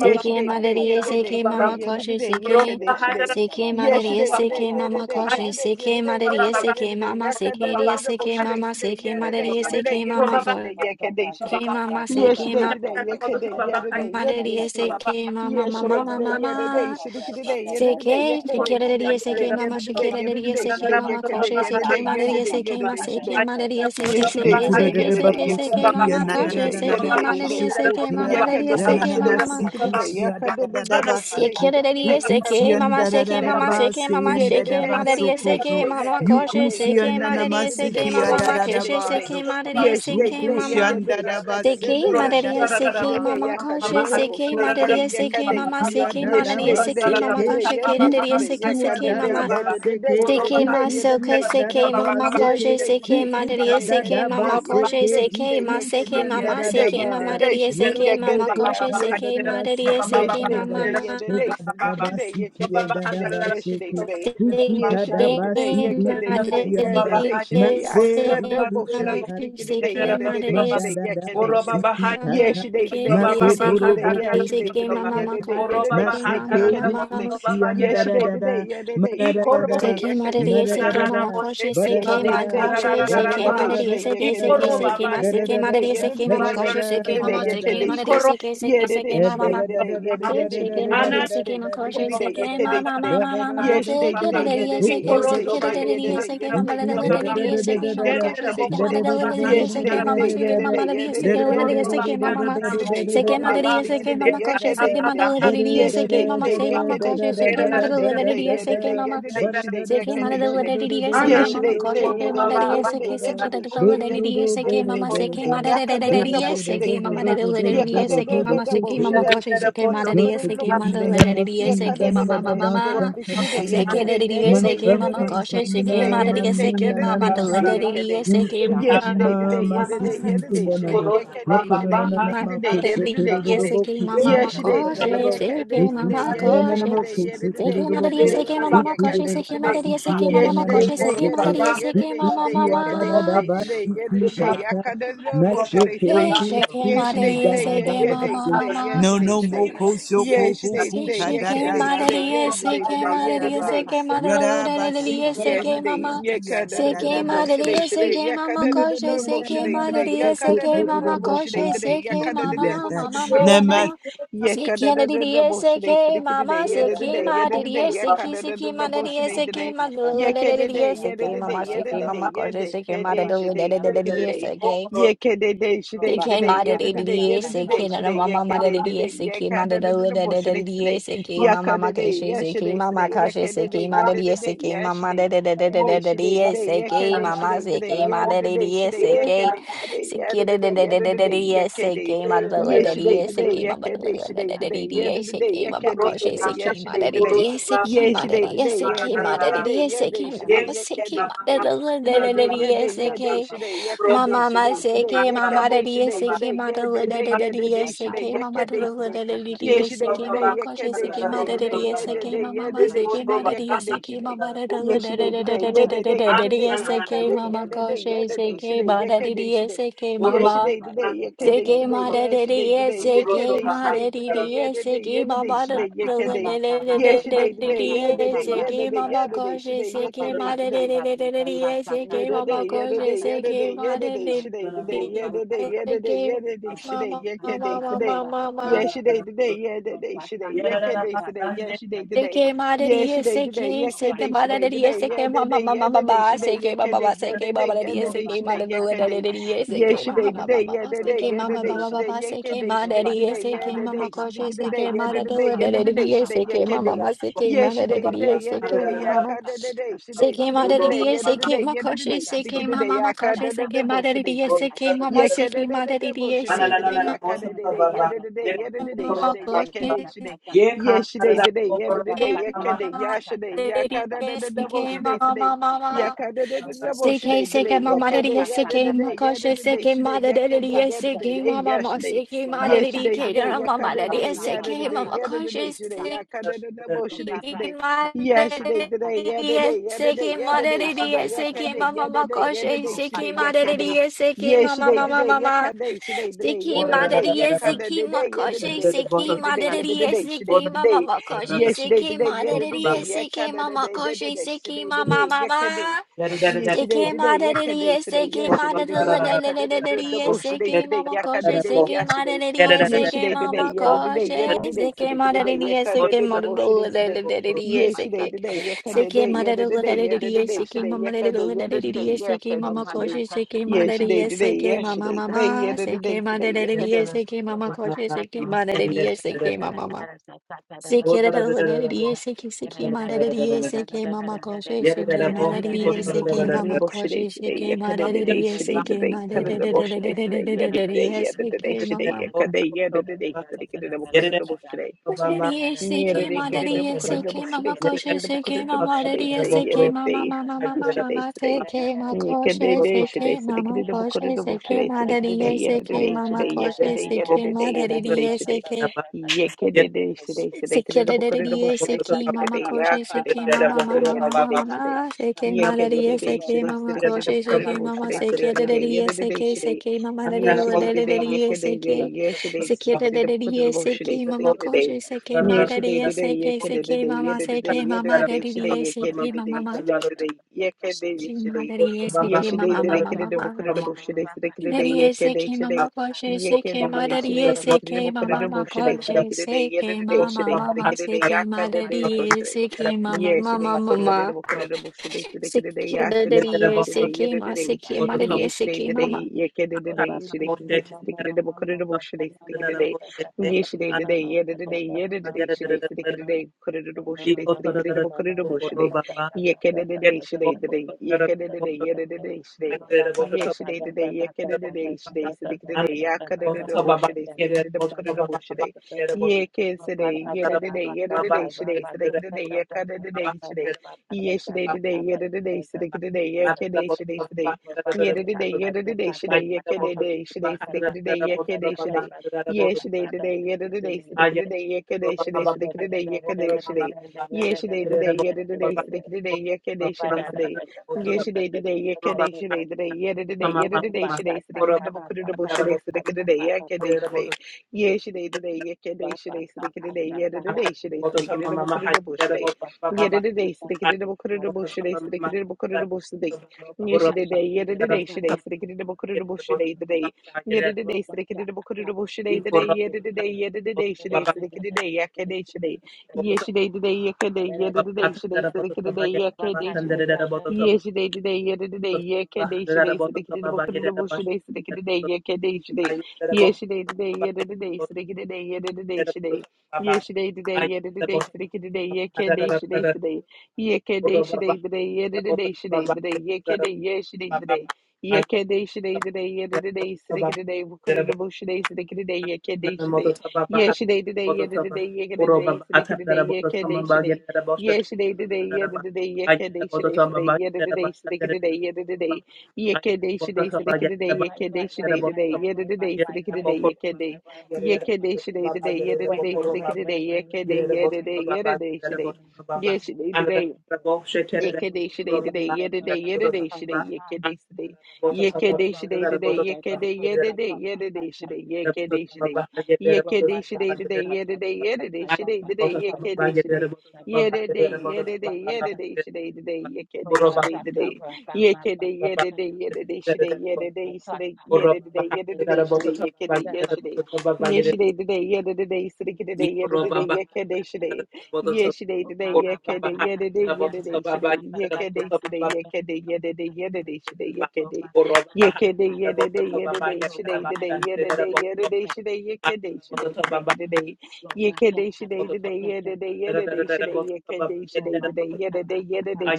[SPEAKER 6] CK
[SPEAKER 1] today,
[SPEAKER 6] Madaria,
[SPEAKER 1] yekaday,
[SPEAKER 6] CK
[SPEAKER 1] today,
[SPEAKER 6] Mama Koshe,
[SPEAKER 1] yediday,
[SPEAKER 6] CK.
[SPEAKER 1] yekaday, shaday,
[SPEAKER 6] CK Madaria,
[SPEAKER 1] yesterday, today,
[SPEAKER 6] CK Mama
[SPEAKER 1] yediday,
[SPEAKER 6] Koshe,
[SPEAKER 1] yediday,
[SPEAKER 6] CK
[SPEAKER 1] yediday,
[SPEAKER 6] Madaria,
[SPEAKER 1] yediday,
[SPEAKER 6] CK
[SPEAKER 1] yediday,
[SPEAKER 6] Mama, CK Dia,
[SPEAKER 1] yakadadadada,
[SPEAKER 6] CK
[SPEAKER 1] boshaday,
[SPEAKER 6] Mama,
[SPEAKER 1] shaday,
[SPEAKER 6] CK
[SPEAKER 1] yediday,
[SPEAKER 6] Madaria,
[SPEAKER 1] yediday,
[SPEAKER 6] CK Mama
[SPEAKER 1] yediday,
[SPEAKER 6] Koshe,
[SPEAKER 1] shaday, yekaday, shaday,
[SPEAKER 6] CK Mama, CK
[SPEAKER 1] yesterday,
[SPEAKER 6] Mama.
[SPEAKER 1] today, yekaday, yediday, yediday,
[SPEAKER 6] Madaria,
[SPEAKER 1] shaday.
[SPEAKER 6] CK
[SPEAKER 1] Yeah,
[SPEAKER 6] Mama, Mama,
[SPEAKER 1] today,
[SPEAKER 6] Mama,
[SPEAKER 1] today, yeah, today,
[SPEAKER 6] Mama.
[SPEAKER 1] today, today, yeah, today, yeah,
[SPEAKER 6] CK,
[SPEAKER 1] today,
[SPEAKER 6] Shakira Daria,
[SPEAKER 1] today, today,
[SPEAKER 6] CK
[SPEAKER 1] yeah,
[SPEAKER 6] Mama,
[SPEAKER 1] today,
[SPEAKER 6] Shakira
[SPEAKER 1] yeah,
[SPEAKER 6] Daria,
[SPEAKER 1] today,
[SPEAKER 6] CK
[SPEAKER 1] today, yeah,
[SPEAKER 6] Mama Koshe, CK
[SPEAKER 1] today, yeah,
[SPEAKER 6] Madaria,
[SPEAKER 1] today, yeah,
[SPEAKER 6] CK Ma, CK
[SPEAKER 1] today,
[SPEAKER 6] Madaria,
[SPEAKER 1] yeah,
[SPEAKER 6] CK,
[SPEAKER 1] today,
[SPEAKER 6] CK,
[SPEAKER 1] today,
[SPEAKER 6] CK,
[SPEAKER 1] yeah, today,
[SPEAKER 6] CK,
[SPEAKER 1] today,
[SPEAKER 6] CK
[SPEAKER 7] Ukudadadabakotikia
[SPEAKER 6] Mama
[SPEAKER 7] na-
[SPEAKER 1] yeah,
[SPEAKER 7] na- na-
[SPEAKER 6] Koshe,
[SPEAKER 1] today,
[SPEAKER 7] na- na-
[SPEAKER 1] yeah, today, yeah,
[SPEAKER 6] CK Madaria,
[SPEAKER 1] today,
[SPEAKER 6] CK
[SPEAKER 7] makoshukutia
[SPEAKER 1] yeah,
[SPEAKER 6] Mama,
[SPEAKER 1] today, today, yeah,
[SPEAKER 7] da-
[SPEAKER 6] Daria,
[SPEAKER 7] na- na-
[SPEAKER 1] today,
[SPEAKER 7] na-
[SPEAKER 6] CK
[SPEAKER 1] today,
[SPEAKER 6] Mama.
[SPEAKER 1] today, today, yeah,
[SPEAKER 7] masikutia da- da-
[SPEAKER 1] today,
[SPEAKER 7] da- da-
[SPEAKER 1] double today,
[SPEAKER 6] Shake it,
[SPEAKER 7] basoko.
[SPEAKER 1] today,
[SPEAKER 6] daddy,
[SPEAKER 1] today,
[SPEAKER 6] shake
[SPEAKER 1] yeah,
[SPEAKER 6] it,
[SPEAKER 1] today,
[SPEAKER 7] Ukushien
[SPEAKER 6] mama,
[SPEAKER 7] da-
[SPEAKER 1] double
[SPEAKER 7] da-
[SPEAKER 6] shake
[SPEAKER 7] da-
[SPEAKER 6] it,
[SPEAKER 1] today,
[SPEAKER 7] da-
[SPEAKER 6] mama,
[SPEAKER 1] today,
[SPEAKER 6] shake it, mama,
[SPEAKER 1] yeah,
[SPEAKER 7] basien da-
[SPEAKER 6] shake
[SPEAKER 7] da-
[SPEAKER 6] it,
[SPEAKER 1] today,
[SPEAKER 6] my
[SPEAKER 1] yeah,
[SPEAKER 6] daddy,
[SPEAKER 1] today,
[SPEAKER 6] shake it,
[SPEAKER 7] basokoto.
[SPEAKER 1] today, yeah,
[SPEAKER 6] mama,
[SPEAKER 1] today,
[SPEAKER 6] cautious,
[SPEAKER 1] today, yeah,
[SPEAKER 6] shake
[SPEAKER 7] Yukushien
[SPEAKER 6] it,
[SPEAKER 7] na-
[SPEAKER 6] my
[SPEAKER 7] na-
[SPEAKER 1] today, yeah,
[SPEAKER 6] daddy, shake
[SPEAKER 1] today,
[SPEAKER 6] it,
[SPEAKER 7] masikia
[SPEAKER 1] today,
[SPEAKER 6] mama,
[SPEAKER 7] da-
[SPEAKER 1] yeah,
[SPEAKER 6] my
[SPEAKER 7] da- da-
[SPEAKER 1] today,
[SPEAKER 6] cautious,
[SPEAKER 1] today,
[SPEAKER 6] shake it, my
[SPEAKER 7] basoko.
[SPEAKER 6] daddy,
[SPEAKER 1] Yes,
[SPEAKER 6] shake
[SPEAKER 1] today,
[SPEAKER 6] it,
[SPEAKER 1] today, yeah,
[SPEAKER 6] mama,
[SPEAKER 7] Rukushien da-
[SPEAKER 1] today, yeah,
[SPEAKER 7] da-
[SPEAKER 1] kada,
[SPEAKER 6] shake
[SPEAKER 1] da, da,
[SPEAKER 6] it, my
[SPEAKER 1] bo,
[SPEAKER 7] basikia da-
[SPEAKER 6] daddy,
[SPEAKER 1] today,
[SPEAKER 7] da- da-
[SPEAKER 6] shake
[SPEAKER 1] sticky,
[SPEAKER 6] it,
[SPEAKER 7] ba.
[SPEAKER 1] today,
[SPEAKER 6] mama,
[SPEAKER 1] yeah, kada, da,
[SPEAKER 6] cautious,
[SPEAKER 1] da, bo,
[SPEAKER 6] shake it, my
[SPEAKER 1] today, today,
[SPEAKER 6] daddy,
[SPEAKER 7] Rorokoshi
[SPEAKER 1] yeah,
[SPEAKER 6] shake it,
[SPEAKER 1] kada,
[SPEAKER 6] mama,
[SPEAKER 7] hukutia
[SPEAKER 6] shake it,
[SPEAKER 7] da-
[SPEAKER 6] my
[SPEAKER 1] yes,
[SPEAKER 7] da-
[SPEAKER 6] daddy,
[SPEAKER 1] today,
[SPEAKER 6] shake
[SPEAKER 1] today,
[SPEAKER 6] it,
[SPEAKER 1] yeah,
[SPEAKER 6] mama,
[SPEAKER 7] baseke
[SPEAKER 6] cautious,
[SPEAKER 1] today, yeah,
[SPEAKER 6] shake it,
[SPEAKER 7] who
[SPEAKER 1] today,
[SPEAKER 6] daddy,
[SPEAKER 1] today,
[SPEAKER 7] push
[SPEAKER 6] shake
[SPEAKER 1] yeah,
[SPEAKER 6] it,
[SPEAKER 7] you a
[SPEAKER 6] shake
[SPEAKER 1] kada,
[SPEAKER 6] it,
[SPEAKER 7] dada
[SPEAKER 1] day,
[SPEAKER 6] mama.
[SPEAKER 1] yeah, today,
[SPEAKER 7] baseke,
[SPEAKER 1] yeah,
[SPEAKER 6] Shake it,
[SPEAKER 7] who
[SPEAKER 1] today,
[SPEAKER 6] my
[SPEAKER 1] yeah,
[SPEAKER 7] push
[SPEAKER 6] silk,
[SPEAKER 7] you
[SPEAKER 1] today,
[SPEAKER 7] a
[SPEAKER 6] shake
[SPEAKER 1] today,
[SPEAKER 7] dada
[SPEAKER 6] it, mama,
[SPEAKER 1] yes,
[SPEAKER 7] baseke,
[SPEAKER 6] cautious,
[SPEAKER 1] today,
[SPEAKER 6] shake
[SPEAKER 7] who
[SPEAKER 6] it,
[SPEAKER 1] today,
[SPEAKER 6] my
[SPEAKER 7] kuta
[SPEAKER 6] daddy,
[SPEAKER 1] Yakade, yeah,
[SPEAKER 6] shake
[SPEAKER 7] dada
[SPEAKER 6] it,
[SPEAKER 1] kada,
[SPEAKER 6] mama,
[SPEAKER 1] yeah,
[SPEAKER 6] cautious,
[SPEAKER 7] baseke,
[SPEAKER 1] today, yeah, today,
[SPEAKER 6] shake
[SPEAKER 7] who
[SPEAKER 6] it,
[SPEAKER 1] today,
[SPEAKER 6] my
[SPEAKER 1] yeah,
[SPEAKER 6] shake
[SPEAKER 1] kada,
[SPEAKER 7] kushi
[SPEAKER 6] it,
[SPEAKER 7] and
[SPEAKER 6] mama,
[SPEAKER 7] dada
[SPEAKER 6] shake it,
[SPEAKER 1] yeah,
[SPEAKER 6] mama,
[SPEAKER 7] daba,
[SPEAKER 1] today,
[SPEAKER 6] daddy, shake
[SPEAKER 1] yeah,
[SPEAKER 6] it,
[SPEAKER 7] Yorobo
[SPEAKER 6] mama, cautious,
[SPEAKER 7] koshi and
[SPEAKER 6] shake it,
[SPEAKER 7] dada
[SPEAKER 6] my daddy,
[SPEAKER 7] basiki a
[SPEAKER 6] shake it,
[SPEAKER 1] today,
[SPEAKER 7] dada ba,
[SPEAKER 1] today, yeah, kada, yeah, today, today, yes, today, today, yeah,
[SPEAKER 6] mama.
[SPEAKER 1] today,
[SPEAKER 7] Oga dada
[SPEAKER 1] sticky, today, yeah,
[SPEAKER 7] basiki
[SPEAKER 1] kada,
[SPEAKER 7] a dada
[SPEAKER 1] today, yes, today,
[SPEAKER 7] baseke,
[SPEAKER 1] today.
[SPEAKER 7] who kuta dada
[SPEAKER 6] Seçe
[SPEAKER 1] Yesterday, today, Yeah,
[SPEAKER 7] basi, who
[SPEAKER 1] yesterday,
[SPEAKER 6] madariye
[SPEAKER 1] today,
[SPEAKER 7] kushi and da,
[SPEAKER 1] yesterday, today, I
[SPEAKER 7] Mase
[SPEAKER 1] cut
[SPEAKER 7] who
[SPEAKER 1] the
[SPEAKER 6] seçe
[SPEAKER 1] bullshit
[SPEAKER 7] kuta
[SPEAKER 1] today,
[SPEAKER 6] mama
[SPEAKER 7] dada
[SPEAKER 1] sneaking today, Yeah,
[SPEAKER 6] seçe
[SPEAKER 7] basa,
[SPEAKER 1] yesterday,
[SPEAKER 6] madariye seçe
[SPEAKER 1] today,
[SPEAKER 7] Madada dada basiki tata,
[SPEAKER 1] yesterday, today,
[SPEAKER 6] madariye
[SPEAKER 1] yesterday,
[SPEAKER 7] Makotoro
[SPEAKER 6] seçe
[SPEAKER 1] today,
[SPEAKER 7] boko
[SPEAKER 1] yesterday,
[SPEAKER 6] seçe
[SPEAKER 1] today,
[SPEAKER 6] mama mama
[SPEAKER 1] yesterday, today,
[SPEAKER 6] koşe seçe
[SPEAKER 1] yesterday, yesterday, today,
[SPEAKER 6] mama
[SPEAKER 7] Maseke
[SPEAKER 1] yesterday,
[SPEAKER 6] mama
[SPEAKER 7] guku
[SPEAKER 1] today,
[SPEAKER 6] mama
[SPEAKER 1] Yeah,
[SPEAKER 7] sianda da
[SPEAKER 1] shaday
[SPEAKER 7] da da, da,
[SPEAKER 1] today, yesterday,
[SPEAKER 7] mara da da
[SPEAKER 1] sneaking today,
[SPEAKER 7] da,
[SPEAKER 6] seçe
[SPEAKER 1] yesterday,
[SPEAKER 6] madariye
[SPEAKER 7] mara da
[SPEAKER 1] today.
[SPEAKER 6] seçe
[SPEAKER 7] da
[SPEAKER 6] mama
[SPEAKER 7] da,
[SPEAKER 6] koşe
[SPEAKER 7] bara da
[SPEAKER 6] seçe
[SPEAKER 7] da
[SPEAKER 1] Yesterday,
[SPEAKER 6] mama
[SPEAKER 1] today,
[SPEAKER 7] da,
[SPEAKER 6] koşe
[SPEAKER 1] yesterday,
[SPEAKER 7] bara
[SPEAKER 6] seçe
[SPEAKER 7] da da
[SPEAKER 1] yesterday,
[SPEAKER 7] da
[SPEAKER 6] madariye
[SPEAKER 7] da
[SPEAKER 1] yesterday,
[SPEAKER 7] da
[SPEAKER 6] seçe seçe
[SPEAKER 7] da
[SPEAKER 1] yesterday, yesterday,
[SPEAKER 6] seçe
[SPEAKER 1] today,
[SPEAKER 6] mama seçe
[SPEAKER 7] da da, da da da da da
[SPEAKER 1] yesterday,
[SPEAKER 6] madariye seçe mama
[SPEAKER 7] da
[SPEAKER 1] yesterday,
[SPEAKER 6] koşe
[SPEAKER 7] da da
[SPEAKER 6] seçe
[SPEAKER 7] da
[SPEAKER 6] mama
[SPEAKER 7] da
[SPEAKER 6] seçe
[SPEAKER 7] da.
[SPEAKER 1] yesterday,
[SPEAKER 6] madariye seçe seçe
[SPEAKER 1] yesterday,
[SPEAKER 7] But
[SPEAKER 6] seçe mama mama
[SPEAKER 1] yesterday, yesterday, today, yesterday, today,
[SPEAKER 6] Seke madariya mama, makoshe
[SPEAKER 1] yesterday,
[SPEAKER 6] seke ma ma
[SPEAKER 1] yesterday,
[SPEAKER 6] ma ma ma
[SPEAKER 1] yesterday, yesterday, yesterday,
[SPEAKER 6] ma
[SPEAKER 1] yesterday,
[SPEAKER 6] seke
[SPEAKER 1] today,
[SPEAKER 6] dadariya
[SPEAKER 1] yesterday,
[SPEAKER 6] seke seke
[SPEAKER 1] today,
[SPEAKER 6] dadariya seke ma madariya
[SPEAKER 1] yesterday, yesterday,
[SPEAKER 6] dadariya seke daddy,
[SPEAKER 1] yesterday,
[SPEAKER 6] makoshe seke
[SPEAKER 1] yesterday,
[SPEAKER 6] madariya dadariya seke
[SPEAKER 1] yesterday,
[SPEAKER 6] mama,
[SPEAKER 1] today,
[SPEAKER 6] daddy, seke ma
[SPEAKER 1] yesterday,
[SPEAKER 6] madariya seke
[SPEAKER 1] today, yesterday, yesterday, yesterday, yesterday, today, yesterday, today, yesterday, yesterday, yesterday, yesterday, today. yeah today, yeah today, yeah today, she
[SPEAKER 6] dadariya
[SPEAKER 1] day,
[SPEAKER 6] mama, ma ma ma
[SPEAKER 1] stick it today, yeah
[SPEAKER 6] seke
[SPEAKER 1] today,
[SPEAKER 6] madariya
[SPEAKER 1] stick it
[SPEAKER 6] seke ma
[SPEAKER 1] today, yeah
[SPEAKER 6] makoshe
[SPEAKER 1] can day
[SPEAKER 6] seke
[SPEAKER 1] today,
[SPEAKER 6] madariya dadariya
[SPEAKER 1] yeah she
[SPEAKER 6] seke
[SPEAKER 1] day
[SPEAKER 6] ma ma
[SPEAKER 1] today,
[SPEAKER 6] seke
[SPEAKER 1] yeah
[SPEAKER 6] ma
[SPEAKER 1] can day
[SPEAKER 6] makoshe
[SPEAKER 1] today,
[SPEAKER 6] seke
[SPEAKER 1] yeah she day
[SPEAKER 6] madariya
[SPEAKER 1] today,
[SPEAKER 6] dadariya
[SPEAKER 1] yeah
[SPEAKER 6] seke
[SPEAKER 1] today,
[SPEAKER 6] ma
[SPEAKER 1] yeah
[SPEAKER 6] ma
[SPEAKER 1] today, she day, yeah
[SPEAKER 6] Seke
[SPEAKER 1] can
[SPEAKER 6] mana
[SPEAKER 1] day,
[SPEAKER 6] da
[SPEAKER 1] she
[SPEAKER 6] la
[SPEAKER 1] day.
[SPEAKER 6] da di
[SPEAKER 1] Yeah,
[SPEAKER 6] seke
[SPEAKER 1] she
[SPEAKER 6] mama
[SPEAKER 1] day today,
[SPEAKER 6] koshe
[SPEAKER 1] yeah
[SPEAKER 6] ke mana da
[SPEAKER 1] today, yeah
[SPEAKER 6] seke
[SPEAKER 1] today, yeah
[SPEAKER 6] seke da
[SPEAKER 1] today, she
[SPEAKER 6] da la
[SPEAKER 1] day,
[SPEAKER 6] da
[SPEAKER 1] yeah
[SPEAKER 6] di
[SPEAKER 1] today, yeah
[SPEAKER 6] seke mama
[SPEAKER 1] today, yeah
[SPEAKER 6] seke
[SPEAKER 1] today,
[SPEAKER 6] mana
[SPEAKER 1] yeah
[SPEAKER 6] da da da
[SPEAKER 1] kada
[SPEAKER 7] do
[SPEAKER 6] da
[SPEAKER 1] da da
[SPEAKER 6] di
[SPEAKER 1] bo
[SPEAKER 7] do
[SPEAKER 1] she day
[SPEAKER 6] seke mama
[SPEAKER 1] today,
[SPEAKER 6] da da
[SPEAKER 7] do
[SPEAKER 6] la da
[SPEAKER 1] yeah kada
[SPEAKER 6] seke
[SPEAKER 1] da
[SPEAKER 7] do
[SPEAKER 1] da
[SPEAKER 6] mama
[SPEAKER 1] da bo
[SPEAKER 6] seke
[SPEAKER 1] she
[SPEAKER 6] mama
[SPEAKER 1] day
[SPEAKER 6] koshe
[SPEAKER 1] today,
[SPEAKER 6] seke
[SPEAKER 1] kada da bo
[SPEAKER 6] mana da
[SPEAKER 1] kada da da
[SPEAKER 6] seke
[SPEAKER 1] bo
[SPEAKER 6] mana
[SPEAKER 1] she
[SPEAKER 6] da la
[SPEAKER 1] day,
[SPEAKER 6] da di
[SPEAKER 1] yeah kada
[SPEAKER 6] seke
[SPEAKER 1] da
[SPEAKER 6] mama
[SPEAKER 1] da
[SPEAKER 6] mama
[SPEAKER 1] da she day
[SPEAKER 6] mama
[SPEAKER 1] today, kada day, yeah
[SPEAKER 6] seke
[SPEAKER 1] kada
[SPEAKER 6] da di di
[SPEAKER 1] yeah today,
[SPEAKER 6] seke
[SPEAKER 1] yeah
[SPEAKER 6] mama
[SPEAKER 1] today, she
[SPEAKER 6] koshe
[SPEAKER 1] day kada
[SPEAKER 6] seke
[SPEAKER 1] day, yeah
[SPEAKER 6] mana da
[SPEAKER 1] today, yeah
[SPEAKER 6] seke mama
[SPEAKER 1] today,
[SPEAKER 6] da
[SPEAKER 1] she
[SPEAKER 6] la
[SPEAKER 1] day,
[SPEAKER 6] da
[SPEAKER 1] yeah
[SPEAKER 6] di
[SPEAKER 1] kada,
[SPEAKER 6] seke
[SPEAKER 1] yeah she day today, yeah today,
[SPEAKER 6] mama
[SPEAKER 1] yeah today, she day, yeah kada she day today, kada day, yeah today,
[SPEAKER 6] Maderia
[SPEAKER 1] she day,
[SPEAKER 6] seke mama
[SPEAKER 1] yeah she day today,
[SPEAKER 6] makoshe
[SPEAKER 1] yeah kada
[SPEAKER 6] seke
[SPEAKER 1] day today,
[SPEAKER 6] mama
[SPEAKER 1] yeah she day
[SPEAKER 6] koshe
[SPEAKER 1] today, yeah today,
[SPEAKER 6] seke
[SPEAKER 1] yeah
[SPEAKER 6] maderia
[SPEAKER 1] today, she
[SPEAKER 6] seke
[SPEAKER 1] day,
[SPEAKER 6] mama
[SPEAKER 1] yeah
[SPEAKER 6] makoshe
[SPEAKER 1] kada she
[SPEAKER 6] seke
[SPEAKER 1] day.
[SPEAKER 6] maderia seke
[SPEAKER 1] Yeah,
[SPEAKER 6] mama
[SPEAKER 1] she day
[SPEAKER 6] makoshe
[SPEAKER 1] today,
[SPEAKER 6] seke
[SPEAKER 1] yeah
[SPEAKER 7] do.
[SPEAKER 6] maderia
[SPEAKER 1] today, yeah
[SPEAKER 6] seke
[SPEAKER 1] today, she
[SPEAKER 6] mama
[SPEAKER 1] day, yeah
[SPEAKER 7] Kuchua da
[SPEAKER 1] today,
[SPEAKER 7] da
[SPEAKER 1] she
[SPEAKER 7] da
[SPEAKER 6] mama
[SPEAKER 1] day
[SPEAKER 7] ba
[SPEAKER 1] today, yeah today, yeah
[SPEAKER 7] hata
[SPEAKER 1] today, she day
[SPEAKER 7] maseke
[SPEAKER 1] today,
[SPEAKER 6] re seke
[SPEAKER 1] yeah she
[SPEAKER 7] hukuti
[SPEAKER 1] day
[SPEAKER 6] maderia
[SPEAKER 7] da
[SPEAKER 1] today,
[SPEAKER 7] da
[SPEAKER 1] yeah
[SPEAKER 7] da
[SPEAKER 6] seke
[SPEAKER 7] ba
[SPEAKER 1] today,
[SPEAKER 6] mama
[SPEAKER 1] today,
[SPEAKER 6] mama
[SPEAKER 1] yeah she
[SPEAKER 7] no
[SPEAKER 1] day
[SPEAKER 7] no
[SPEAKER 1] today,
[SPEAKER 7] moko
[SPEAKER 1] yeah
[SPEAKER 7] shoko
[SPEAKER 1] she day
[SPEAKER 6] Se
[SPEAKER 1] today,
[SPEAKER 7] hukuta
[SPEAKER 6] se
[SPEAKER 1] yeah
[SPEAKER 7] da
[SPEAKER 6] que
[SPEAKER 7] da
[SPEAKER 1] today,
[SPEAKER 7] da
[SPEAKER 1] today,
[SPEAKER 7] ba
[SPEAKER 1] yeah
[SPEAKER 7] si
[SPEAKER 6] madre,
[SPEAKER 1] she
[SPEAKER 6] se
[SPEAKER 1] day
[SPEAKER 7] da
[SPEAKER 6] que
[SPEAKER 7] da
[SPEAKER 1] today,
[SPEAKER 7] da
[SPEAKER 1] yeah
[SPEAKER 7] da
[SPEAKER 6] madre,
[SPEAKER 7] ba
[SPEAKER 6] se
[SPEAKER 1] today.
[SPEAKER 6] que madre,
[SPEAKER 7] rada ba
[SPEAKER 6] se
[SPEAKER 1] Yes,
[SPEAKER 6] que
[SPEAKER 1] today.
[SPEAKER 6] mamá,
[SPEAKER 7] hukuti ya
[SPEAKER 1] Yaka da
[SPEAKER 7] da
[SPEAKER 1] da
[SPEAKER 6] se
[SPEAKER 7] da
[SPEAKER 1] da da
[SPEAKER 7] da
[SPEAKER 6] que
[SPEAKER 7] ba
[SPEAKER 1] bullshit Today,
[SPEAKER 6] madre, se
[SPEAKER 1] today.
[SPEAKER 7] eh.
[SPEAKER 6] que
[SPEAKER 1] Yaka
[SPEAKER 6] mamá
[SPEAKER 1] da da da
[SPEAKER 6] coche,
[SPEAKER 1] da
[SPEAKER 6] se
[SPEAKER 1] bullshit
[SPEAKER 6] que
[SPEAKER 1] Today, today.
[SPEAKER 6] madre,
[SPEAKER 1] Yaka
[SPEAKER 6] se
[SPEAKER 1] da da
[SPEAKER 6] que
[SPEAKER 1] da da
[SPEAKER 6] mamá
[SPEAKER 1] bullshit Today,
[SPEAKER 6] coche,
[SPEAKER 1] today.
[SPEAKER 6] se que
[SPEAKER 1] Yaka da
[SPEAKER 6] mamá, mamá,
[SPEAKER 1] da da bullshit da da
[SPEAKER 6] mamá,
[SPEAKER 1] bullshit day.
[SPEAKER 6] mamá. Se
[SPEAKER 1] Yaka da
[SPEAKER 6] que
[SPEAKER 1] da da da
[SPEAKER 6] madre, se
[SPEAKER 1] bullshit day
[SPEAKER 6] que
[SPEAKER 1] today. Today.
[SPEAKER 6] mamá,
[SPEAKER 1] Yeah
[SPEAKER 6] se
[SPEAKER 1] da da da.
[SPEAKER 6] que
[SPEAKER 1] Yeah da da da.
[SPEAKER 6] madre, se
[SPEAKER 1] Yaka
[SPEAKER 6] que
[SPEAKER 1] da
[SPEAKER 6] se
[SPEAKER 1] da da
[SPEAKER 6] que
[SPEAKER 1] da bullshit
[SPEAKER 6] madre,
[SPEAKER 1] Today,
[SPEAKER 6] se que
[SPEAKER 1] today. Yaka da da.
[SPEAKER 6] madre, se
[SPEAKER 1] Yeah da
[SPEAKER 6] que
[SPEAKER 1] da da.
[SPEAKER 6] mamá,
[SPEAKER 1] Yeah
[SPEAKER 6] se
[SPEAKER 1] da
[SPEAKER 6] que
[SPEAKER 1] da da.
[SPEAKER 6] mamá
[SPEAKER 1] Yeah da da da.
[SPEAKER 6] coche, se que madre,
[SPEAKER 1] Today. Today. Today.
[SPEAKER 6] se que
[SPEAKER 1] Yaka da da today.
[SPEAKER 6] CK
[SPEAKER 1] Today.
[SPEAKER 6] Mada
[SPEAKER 1] Yeah da
[SPEAKER 6] de
[SPEAKER 1] da da. Yeah da
[SPEAKER 6] DDS,
[SPEAKER 1] da da.
[SPEAKER 6] CK Nana
[SPEAKER 1] Today.
[SPEAKER 6] Mama
[SPEAKER 1] Yaka
[SPEAKER 6] Mada
[SPEAKER 1] da
[SPEAKER 6] de
[SPEAKER 1] da da.
[SPEAKER 6] DDS, CK
[SPEAKER 1] Yaka da
[SPEAKER 6] Mada de
[SPEAKER 1] da da da
[SPEAKER 6] Lida de
[SPEAKER 1] bullshit Today, today.
[SPEAKER 6] DDS, CK
[SPEAKER 1] Yaka
[SPEAKER 6] Mama
[SPEAKER 1] da da.
[SPEAKER 6] Makashi,
[SPEAKER 1] Yeah
[SPEAKER 6] CK
[SPEAKER 1] today.
[SPEAKER 6] Mama
[SPEAKER 1] Today.
[SPEAKER 6] Kashi,
[SPEAKER 1] Yaka da da.
[SPEAKER 6] CK
[SPEAKER 1] Yeah
[SPEAKER 6] Mada de
[SPEAKER 1] da da
[SPEAKER 6] DDS,
[SPEAKER 1] da.
[SPEAKER 6] CK
[SPEAKER 1] Yeah
[SPEAKER 6] Mama de de de de de
[SPEAKER 1] yeah,
[SPEAKER 6] de de
[SPEAKER 1] today,
[SPEAKER 6] DDS,
[SPEAKER 1] today, yeah,
[SPEAKER 6] CK
[SPEAKER 1] today,
[SPEAKER 6] Mama,
[SPEAKER 1] today, today,
[SPEAKER 6] CK
[SPEAKER 1] yeah,
[SPEAKER 6] Mada de
[SPEAKER 1] today,
[SPEAKER 6] DDS,
[SPEAKER 1] today, yeah,
[SPEAKER 6] CK
[SPEAKER 1] today, today, yeah,
[SPEAKER 6] CK de de
[SPEAKER 1] today,
[SPEAKER 6] de
[SPEAKER 1] yeah,
[SPEAKER 6] de de de
[SPEAKER 1] today, yeah,
[SPEAKER 6] DDS,
[SPEAKER 1] today,
[SPEAKER 6] CK Mada de
[SPEAKER 1] yeah,
[SPEAKER 6] Lida de
[SPEAKER 1] today,
[SPEAKER 6] DDS,
[SPEAKER 1] today,
[SPEAKER 6] CK
[SPEAKER 1] yeah,
[SPEAKER 6] Mama de
[SPEAKER 1] today,
[SPEAKER 6] Lida
[SPEAKER 1] today,
[SPEAKER 6] de de
[SPEAKER 1] today, yeah,
[SPEAKER 6] DDS,
[SPEAKER 1] today,
[SPEAKER 6] CK
[SPEAKER 1] yeah,
[SPEAKER 6] Mama
[SPEAKER 1] today,
[SPEAKER 6] Kashi,
[SPEAKER 1] today, yeah, today,
[SPEAKER 6] CK Mada de
[SPEAKER 1] today,
[SPEAKER 6] DDS, CK
[SPEAKER 1] yeah,
[SPEAKER 6] Mada
[SPEAKER 1] today,
[SPEAKER 6] de DDS,
[SPEAKER 1] today, yeah,
[SPEAKER 6] CK
[SPEAKER 1] day,
[SPEAKER 6] Mada
[SPEAKER 1] yeah,
[SPEAKER 6] de
[SPEAKER 1] day,
[SPEAKER 6] DDS,
[SPEAKER 1] yeah,
[SPEAKER 6] CK
[SPEAKER 1] day,
[SPEAKER 6] Mama,
[SPEAKER 1] today, yeah,
[SPEAKER 6] CK
[SPEAKER 1] today,
[SPEAKER 6] Mada de
[SPEAKER 1] today, yeah,
[SPEAKER 6] Lida de
[SPEAKER 1] day, yeah,
[SPEAKER 6] DDS,
[SPEAKER 1] day, yeah,
[SPEAKER 6] CK
[SPEAKER 1] day, today, yeah, today,
[SPEAKER 6] Mama ma
[SPEAKER 1] today, today,
[SPEAKER 6] seke
[SPEAKER 1] yeah,
[SPEAKER 6] mama da
[SPEAKER 1] today,
[SPEAKER 6] di
[SPEAKER 1] today,
[SPEAKER 6] seke
[SPEAKER 1] today,
[SPEAKER 6] ma
[SPEAKER 1] yeah,
[SPEAKER 6] da
[SPEAKER 1] day,
[SPEAKER 6] la da
[SPEAKER 1] day,
[SPEAKER 6] da da
[SPEAKER 1] yeah,
[SPEAKER 6] di
[SPEAKER 1] day, she day,
[SPEAKER 6] seke
[SPEAKER 1] today,
[SPEAKER 6] mama
[SPEAKER 1] yeah,
[SPEAKER 6] da
[SPEAKER 1] today,
[SPEAKER 6] la la
[SPEAKER 1] today.
[SPEAKER 6] da da di
[SPEAKER 1] Yeah,
[SPEAKER 6] di
[SPEAKER 1] today,
[SPEAKER 6] seke
[SPEAKER 1] today,
[SPEAKER 6] mama
[SPEAKER 1] yeah,
[SPEAKER 6] koshe
[SPEAKER 1] today,
[SPEAKER 6] seke ma
[SPEAKER 1] today,
[SPEAKER 6] da da di
[SPEAKER 1] today, yeah,
[SPEAKER 6] seke
[SPEAKER 1] today,
[SPEAKER 6] mama
[SPEAKER 1] yeah,
[SPEAKER 6] ma
[SPEAKER 1] today,
[SPEAKER 6] seke ma
[SPEAKER 1] today,
[SPEAKER 6] da
[SPEAKER 1] yeah,
[SPEAKER 6] di
[SPEAKER 1] today,
[SPEAKER 6] seke
[SPEAKER 1] today
[SPEAKER 6] mama da da la da da
[SPEAKER 1] yesterday,
[SPEAKER 6] da da
[SPEAKER 1] today,
[SPEAKER 6] da da da
[SPEAKER 1] yesterday,
[SPEAKER 6] da da di
[SPEAKER 1] yesterday,
[SPEAKER 6] seke
[SPEAKER 1] yesterday,
[SPEAKER 6] mama koshe seke
[SPEAKER 1] yesterday,
[SPEAKER 6] ma da di
[SPEAKER 1] yesterday,
[SPEAKER 6] di
[SPEAKER 1] today,
[SPEAKER 6] seke mama
[SPEAKER 1] yesterday, today, yesterday,
[SPEAKER 6] Seki
[SPEAKER 1] today,
[SPEAKER 6] mada de de
[SPEAKER 1] yesterday,
[SPEAKER 6] ye,
[SPEAKER 1] today,
[SPEAKER 6] seki
[SPEAKER 1] yesterday,
[SPEAKER 6] mada
[SPEAKER 1] today, yesterday, today,
[SPEAKER 6] de de
[SPEAKER 1] today,
[SPEAKER 6] ye,
[SPEAKER 1] yesterday, yesterday,
[SPEAKER 6] seki
[SPEAKER 1] today,
[SPEAKER 6] mama da
[SPEAKER 1] yesterday,
[SPEAKER 6] da da de de de de de
[SPEAKER 1] yesterday,
[SPEAKER 6] de de
[SPEAKER 1] today,
[SPEAKER 6] ye,
[SPEAKER 1] yesterday,
[SPEAKER 6] seki
[SPEAKER 1] yesterday,
[SPEAKER 6] mama
[SPEAKER 1] yesterday,
[SPEAKER 6] koshi,
[SPEAKER 1] today,
[SPEAKER 6] seki
[SPEAKER 1] yesterday,
[SPEAKER 6] mada
[SPEAKER 1] today,
[SPEAKER 6] de de de de de de ye,
[SPEAKER 1] yeah
[SPEAKER 6] seki mama
[SPEAKER 1] today, yeah
[SPEAKER 6] koshi,
[SPEAKER 1] today, yeah
[SPEAKER 6] seki
[SPEAKER 1] today, yeah
[SPEAKER 6] mada de
[SPEAKER 1] today,
[SPEAKER 6] de
[SPEAKER 1] today, today,
[SPEAKER 6] de
[SPEAKER 1] yeah
[SPEAKER 6] ye,
[SPEAKER 1] today, yeah today,
[SPEAKER 6] seki
[SPEAKER 1] yeah today, today,
[SPEAKER 6] mama
[SPEAKER 1] yeah
[SPEAKER 6] mama
[SPEAKER 1] today, today,
[SPEAKER 6] mama mama.
[SPEAKER 1] yeah today, today, yeah today, today, yeah today, today, yeah today, today,
[SPEAKER 6] Seke
[SPEAKER 1] yeah
[SPEAKER 6] madariye
[SPEAKER 1] today, today,
[SPEAKER 6] seke
[SPEAKER 1] yeah
[SPEAKER 6] seke
[SPEAKER 1] today, today,
[SPEAKER 6] madariye
[SPEAKER 1] today, yeah
[SPEAKER 6] seke mama
[SPEAKER 1] today, yeah
[SPEAKER 6] mama mama
[SPEAKER 1] today, today, yeah
[SPEAKER 6] seke mama mama
[SPEAKER 1] today, yeah
[SPEAKER 6] seke mama
[SPEAKER 1] today, yeah
[SPEAKER 6] madariye
[SPEAKER 1] today,
[SPEAKER 6] seke
[SPEAKER 1] today, yeah today,
[SPEAKER 6] madariye
[SPEAKER 1] yeah
[SPEAKER 6] seke mama mama
[SPEAKER 1] today, today, yeah
[SPEAKER 6] mama
[SPEAKER 1] today,
[SPEAKER 6] seke
[SPEAKER 1] yeah
[SPEAKER 6] mama
[SPEAKER 1] today,
[SPEAKER 6] mama
[SPEAKER 1] today,
[SPEAKER 6] mama
[SPEAKER 1] yeah
[SPEAKER 6] seke
[SPEAKER 1] today, today,
[SPEAKER 6] madariye
[SPEAKER 1] today, yeah
[SPEAKER 6] seke mama
[SPEAKER 1] today, today,
[SPEAKER 6] koshi
[SPEAKER 1] today,
[SPEAKER 6] seke
[SPEAKER 1] yeah today, yeah today,
[SPEAKER 6] madariye
[SPEAKER 1] today, yeah
[SPEAKER 6] seke mama
[SPEAKER 1] today.
[SPEAKER 6] mama seke
[SPEAKER 1] Yeah, today,
[SPEAKER 6] madariye
[SPEAKER 1] today, yeah,
[SPEAKER 6] seke
[SPEAKER 1] today, yeah,
[SPEAKER 6] mama
[SPEAKER 1] ka
[SPEAKER 6] mama
[SPEAKER 1] today, da day, today,
[SPEAKER 6] seke
[SPEAKER 1] today, today,
[SPEAKER 6] madariye
[SPEAKER 1] yeah,
[SPEAKER 6] seke mama
[SPEAKER 1] today,
[SPEAKER 6] koshi seke
[SPEAKER 1] da
[SPEAKER 6] mama
[SPEAKER 1] day, yeah,
[SPEAKER 6] mama
[SPEAKER 1] today, da
[SPEAKER 6] seke
[SPEAKER 1] day, today,
[SPEAKER 6] madariye
[SPEAKER 1] today,
[SPEAKER 6] seke mama
[SPEAKER 1] yeah, ka today, da da bo, today, today, yeah, ka today,
[SPEAKER 6] seke
[SPEAKER 1] da da da bo,
[SPEAKER 6] madariye
[SPEAKER 1] today,
[SPEAKER 6] seke
[SPEAKER 1] today, yeah, ka today, da day, yeah, today, da day,
[SPEAKER 6] mama
[SPEAKER 1] yeah, today, da day, today, yeah, ka today, today, yeah,
[SPEAKER 6] Mama,
[SPEAKER 1] today, today, yeah, today, da day, yeah, ka today, yeah, today, yeah, ka da da da da bo, today, today, yeah,
[SPEAKER 6] Mama,
[SPEAKER 1] ka today, da da da bo, today, today, yeah, ka today, yeah, today, da day, yeah, today, da day, today, yeah, ka today, yeah, today, da day, yeah, today. Yes, today, today, yakada day, yada today, yada today, today, yakada the double today, today, yes, today, today, yada day, yada day, yada day, today, yakada, yada day, yada day, today, yakada, yes, today,
[SPEAKER 6] mama,
[SPEAKER 1] today,
[SPEAKER 6] Mama,
[SPEAKER 1] yakada, today, today,
[SPEAKER 6] Siki
[SPEAKER 1] yada today,
[SPEAKER 6] madariye
[SPEAKER 1] yakada
[SPEAKER 6] siki
[SPEAKER 1] today, yada
[SPEAKER 6] makoshi
[SPEAKER 1] today,
[SPEAKER 6] siki
[SPEAKER 1] speaking today, yada
[SPEAKER 6] madariye
[SPEAKER 1] today, today,
[SPEAKER 6] siki mama
[SPEAKER 1] today,
[SPEAKER 6] makoshi
[SPEAKER 1] yes, today,
[SPEAKER 6] siki
[SPEAKER 1] today, yada
[SPEAKER 6] madariye
[SPEAKER 1] today,
[SPEAKER 6] siki
[SPEAKER 1] yakada
[SPEAKER 6] mama
[SPEAKER 1] today, today,
[SPEAKER 6] koshi siki
[SPEAKER 1] today,
[SPEAKER 6] mama
[SPEAKER 1] today,
[SPEAKER 6] mama.
[SPEAKER 1] yakada.
[SPEAKER 6] They
[SPEAKER 1] Yesterday,
[SPEAKER 6] came
[SPEAKER 1] today,
[SPEAKER 6] out of the
[SPEAKER 1] yesterday,
[SPEAKER 6] yes, they
[SPEAKER 1] today,
[SPEAKER 6] came out
[SPEAKER 1] yesterday,
[SPEAKER 6] of
[SPEAKER 1] today, yakada,
[SPEAKER 6] the
[SPEAKER 1] the
[SPEAKER 6] yes,
[SPEAKER 1] motion,
[SPEAKER 6] they
[SPEAKER 1] day,
[SPEAKER 6] came
[SPEAKER 1] today,
[SPEAKER 6] mama
[SPEAKER 1] yakada,
[SPEAKER 6] cautious, they came out
[SPEAKER 1] yesterday,
[SPEAKER 6] of the yes, they came
[SPEAKER 1] Yesterday,
[SPEAKER 6] mama
[SPEAKER 1] today, today, yeah, today, yeah,
[SPEAKER 6] cautious,
[SPEAKER 1] today,
[SPEAKER 6] they
[SPEAKER 1] today,
[SPEAKER 6] came out of the
[SPEAKER 1] today, yeah,
[SPEAKER 6] yes, they
[SPEAKER 1] today,
[SPEAKER 6] came
[SPEAKER 1] the
[SPEAKER 6] out of
[SPEAKER 1] motion day,
[SPEAKER 6] the
[SPEAKER 1] today,
[SPEAKER 6] yes, they
[SPEAKER 1] yesterday,
[SPEAKER 6] came
[SPEAKER 1] today, yeah,
[SPEAKER 6] they
[SPEAKER 1] today,
[SPEAKER 6] came out
[SPEAKER 1] yeah,
[SPEAKER 6] of
[SPEAKER 1] today, yeah,
[SPEAKER 6] the yes,
[SPEAKER 1] today,
[SPEAKER 6] they came
[SPEAKER 1] today,
[SPEAKER 6] mama
[SPEAKER 1] yeah,
[SPEAKER 6] out of
[SPEAKER 1] today,
[SPEAKER 6] the
[SPEAKER 1] yeah, today,
[SPEAKER 6] yes, they
[SPEAKER 1] yeah,
[SPEAKER 6] came
[SPEAKER 1] cut the
[SPEAKER 6] mama
[SPEAKER 1] today,
[SPEAKER 6] cautious, they came out
[SPEAKER 1] Yes,
[SPEAKER 6] of the
[SPEAKER 1] today, yesterday,
[SPEAKER 6] yes, they
[SPEAKER 1] today,
[SPEAKER 6] came mama
[SPEAKER 1] yesterday, today, yeah,
[SPEAKER 6] mama, they
[SPEAKER 1] today,
[SPEAKER 6] came out of
[SPEAKER 1] today, yeah,
[SPEAKER 6] the
[SPEAKER 1] today,
[SPEAKER 6] yes, they came mama cautious, they came out of the yes, they came mama mama. Seki madariye seki mama koshe seki
[SPEAKER 1] yeah, today, today,
[SPEAKER 6] madariye
[SPEAKER 1] the motion
[SPEAKER 6] seki
[SPEAKER 1] the
[SPEAKER 6] mama
[SPEAKER 1] motion day,
[SPEAKER 6] koshe
[SPEAKER 1] today, yeah,
[SPEAKER 6] seki
[SPEAKER 1] today, today,
[SPEAKER 6] madariye
[SPEAKER 1] today,
[SPEAKER 6] seki madariye seki
[SPEAKER 1] today,
[SPEAKER 6] mama
[SPEAKER 1] today, the motion day, cut the devotion today, yeah, today, yeah, today, today, yeah, today, yeah, today, today, cut the motion day.
[SPEAKER 6] madariye
[SPEAKER 1] Yeah,
[SPEAKER 6] seki
[SPEAKER 1] yesterday, today,
[SPEAKER 6] madariye
[SPEAKER 1] yesterday,
[SPEAKER 6] seki
[SPEAKER 1] yesterday,
[SPEAKER 6] mama
[SPEAKER 1] today,
[SPEAKER 6] koshe seki mama madariye
[SPEAKER 1] today,
[SPEAKER 6] seki mama mama mama mama seki mama
[SPEAKER 1] today,
[SPEAKER 6] koshe seki mama koshe seki madariye seki mama koshe seki madariye seki Seke da da da da seke mama koshe seke mama mama mama mama seke ma da da seke mama koshe seke mama seke da da da seke seke mama da da da da da seke
[SPEAKER 1] today,
[SPEAKER 6] seke da da da
[SPEAKER 1] today,
[SPEAKER 6] seke mama
[SPEAKER 1] today,
[SPEAKER 6] koshe seke ma
[SPEAKER 1] yeah,
[SPEAKER 6] da
[SPEAKER 1] today,
[SPEAKER 6] da
[SPEAKER 1] today, yeah,
[SPEAKER 6] seke
[SPEAKER 1] today,
[SPEAKER 6] seke
[SPEAKER 1] today, yeah,
[SPEAKER 6] mama
[SPEAKER 1] today,
[SPEAKER 6] seke
[SPEAKER 1] yeah,
[SPEAKER 6] mama da
[SPEAKER 1] today,
[SPEAKER 6] da
[SPEAKER 1] today,
[SPEAKER 6] da
[SPEAKER 1] yeah, today,
[SPEAKER 6] seke mama
[SPEAKER 1] today,
[SPEAKER 6] ma
[SPEAKER 1] today, today, yeah, today,
[SPEAKER 6] seke ma
[SPEAKER 1] today,
[SPEAKER 6] da da
[SPEAKER 1] yeah,
[SPEAKER 6] seke
[SPEAKER 1] today,
[SPEAKER 6] mama
[SPEAKER 1] today, today,
[SPEAKER 6] mama mama
[SPEAKER 1] today, today,
[SPEAKER 6] Daddy
[SPEAKER 1] yeah,
[SPEAKER 6] yeah, say
[SPEAKER 1] today,
[SPEAKER 6] K mama
[SPEAKER 1] today,
[SPEAKER 6] koshe
[SPEAKER 1] yeah,
[SPEAKER 6] say K ma daddy
[SPEAKER 1] today, today, today,
[SPEAKER 6] yeah,
[SPEAKER 1] today,
[SPEAKER 6] say K mama mama koshe
[SPEAKER 1] today,
[SPEAKER 6] say
[SPEAKER 1] yeah,
[SPEAKER 6] K mama
[SPEAKER 1] today, today, today,
[SPEAKER 6] mama
[SPEAKER 1] today,
[SPEAKER 6] say
[SPEAKER 1] yeah,
[SPEAKER 6] K ma
[SPEAKER 1] today,
[SPEAKER 6] daddy
[SPEAKER 1] today,
[SPEAKER 6] yeah, say K mama
[SPEAKER 1] yeah,
[SPEAKER 6] mama
[SPEAKER 1] today, today, today, today,
[SPEAKER 6] mama say
[SPEAKER 1] today,
[SPEAKER 6] K
[SPEAKER 1] yeah,
[SPEAKER 6] daddy
[SPEAKER 1] today, today,
[SPEAKER 6] yeah, say
[SPEAKER 1] today, yeah, today, yeah,
[SPEAKER 6] K ma say
[SPEAKER 1] today, today,
[SPEAKER 6] K ma daddy
[SPEAKER 1] yeah,
[SPEAKER 6] yeah, say
[SPEAKER 1] today,
[SPEAKER 6] K mama
[SPEAKER 1] today, today, today, today, today, Yesterday, today, yeah, today, yeah, today, today, today, today, could it do bullshit, today, today, could it could it bullshit, today, yeah, can it today, today, today, yeah, can it today, yeah, today, today, yesterday, today, yeah, can it today, today, today, today, yeah, could it do bullshit, today, today, could it could it bullshit, today, yeah, can today, yeah, today, yeah, today, today, today, today, yeah, can it today, today, yesterday, today, yeah, today, today, today, yeah, can it today, today, yeah, today, yeah, today, today, yeah, can it today, today, today, yeah, can it today. Yes, today today, yeah today, today today, yeah today, today today today, yeah today, today Yeah, today today, yeah today, today today, yeah today, today today Yeah, today today, yeah today, today today, yeah today, yeah today, today today today, double could double today today today, yeah today, today Yeah, today today, yeah today, today today today, yeah today, today today today, double could double today Yeah today, today today, double could double today today today, double could double today Yeah, Sinead today, yeah today, today today today double could double today today. Yedididay, sidikididibu, kudidibu, shiday, diday, yedididay, yedididay, shiday, sidikididay, yakaday, shiday. Yeshiday, diday, yakaday, yedididay, shiday, sidikididay, yakaday, shiday. Yeshiday, diday, yedididay, yakaday, shiday, sidikididibu, kudidibu, shiday, sidikididay, yakaday, shiday. Yeshiday, diday, yedididay, sidikididay, yedididay, shiday. Yeshiday, diday, yedididay, sidikididay, yakaday, shiday, siday. Yakaday, shiday, diday, yedididay, shiday, diday, yakaday, yeshiday, diday. Yekede shide today, yede today, sidiki today, wukuri de bushide, sidiki today, yekede shide, yeshide today, yede today, yekede today, sidiki today, yekede shide, yeshide today, yede today, yekede shide, today, yede today, sidiki today, yede today, yekede shide, sidiki today, yekede shide today, yede today, sidiki today, yekede, yekede shide today, yede today, sidiki today, yekede, yede today, yede today shide, yeshide today, Yekede shide today, yedede, yedede shide, yekede shide, yekede shide today, yekede, yedede, yedede shide, yekede shide, yekede shide today, yedede, yedede shide today, yekede shide, yedede, yedede, yedede shide today, yekede shide today, yekede, yedede, yedede shide, yedede shide, yedede, yedede shide, yekede, yeshide, yeshide today, yedede, shide, yedede, yedede, yekede shide. Yesterday, today, yesterday, yesterday, yesterday, today, yesterday, today, yesterday, yesterday, yesterday, today, yesterday, yesterday, yesterday, yesterday, today, today, yesterday, yesterday, today, yesterday, today, yeah, today, today, yesterday, today, yeah, today, yesterday, yesterday, today, yesterday, today,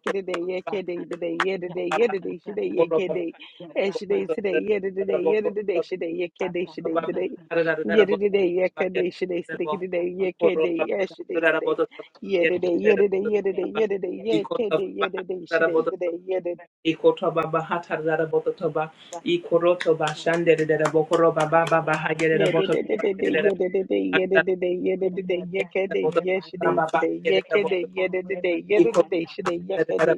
[SPEAKER 1] today, yesterday, yesterday, today, yesterday, today, yeah, today, today, yesterday, today, yesterday, yesterday, today, yesterday, yesterday, today, yesterday, yesterday, today, yesterday, today, yeah, today. today, yeah, today, yeah, today, today, yeah, today, today, today, yeah, today, yeah, today, today, yeah, today, today, today. Yeah today, yeah today, today, today, today, yeah today, yeah today, today, yeah today, yeah today, yeah today, yeah today, yeah today, yeah today, today, yeah today, yeah, yedididi, yedididi, yedididi, yekede, yeshide, today, yekede, yedididi, yedididi, shide, yekede,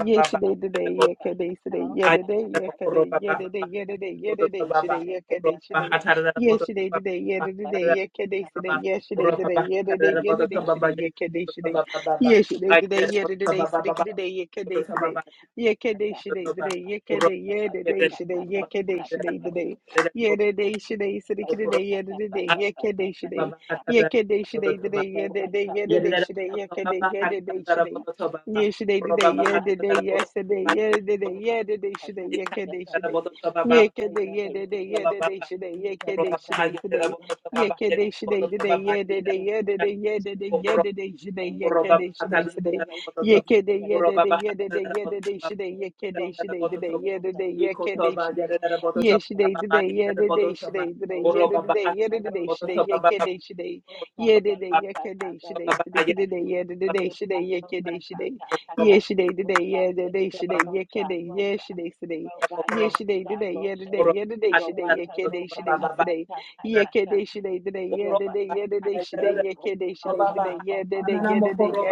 [SPEAKER 1] yeshide, today, yekede, today, yedide, yekede, yedide, yedide, yedide, shide, yekede, shide, yeshide, today, yedididi, yekede, today, yeshide, today, yedide, yedide, shide, yekede, shide, yeshide, today, yedididi, sidikidide, yekede, today, yekede, shide, today, yekede, yedide, shide, yekede, shide, today. Yedede şide isidi kidede yedede de yekede şide yekede şide dede yedede yedede şide yekede yedede şide yeşide dede yedede yesede yedede yedede şide yekede şide yekede yedede yedede şide yekede şide iside yekede şide dede yedede yedede yedede yedede şide yekede şide iside yekede yedede yedede yedede şide yekede şide dede yedede yekede şide yeah, today, today, yeah, today, today, today, yeah, today, yeah, today, today, yeah, today, today, yeah, today, yeah, today, today, today, today, yeah, today, today, yeah, today, today, yeah, today, today, yeah, today, today, yeah, today, yeah, today, today, yeah, today, today, yeah, today, yeah, today, today, yeah, today, today, today, yeah, today, today, today, yeah, today, yeah, today, today, yeah, today, today, today, yeah, today, yeah, today, yeah, today,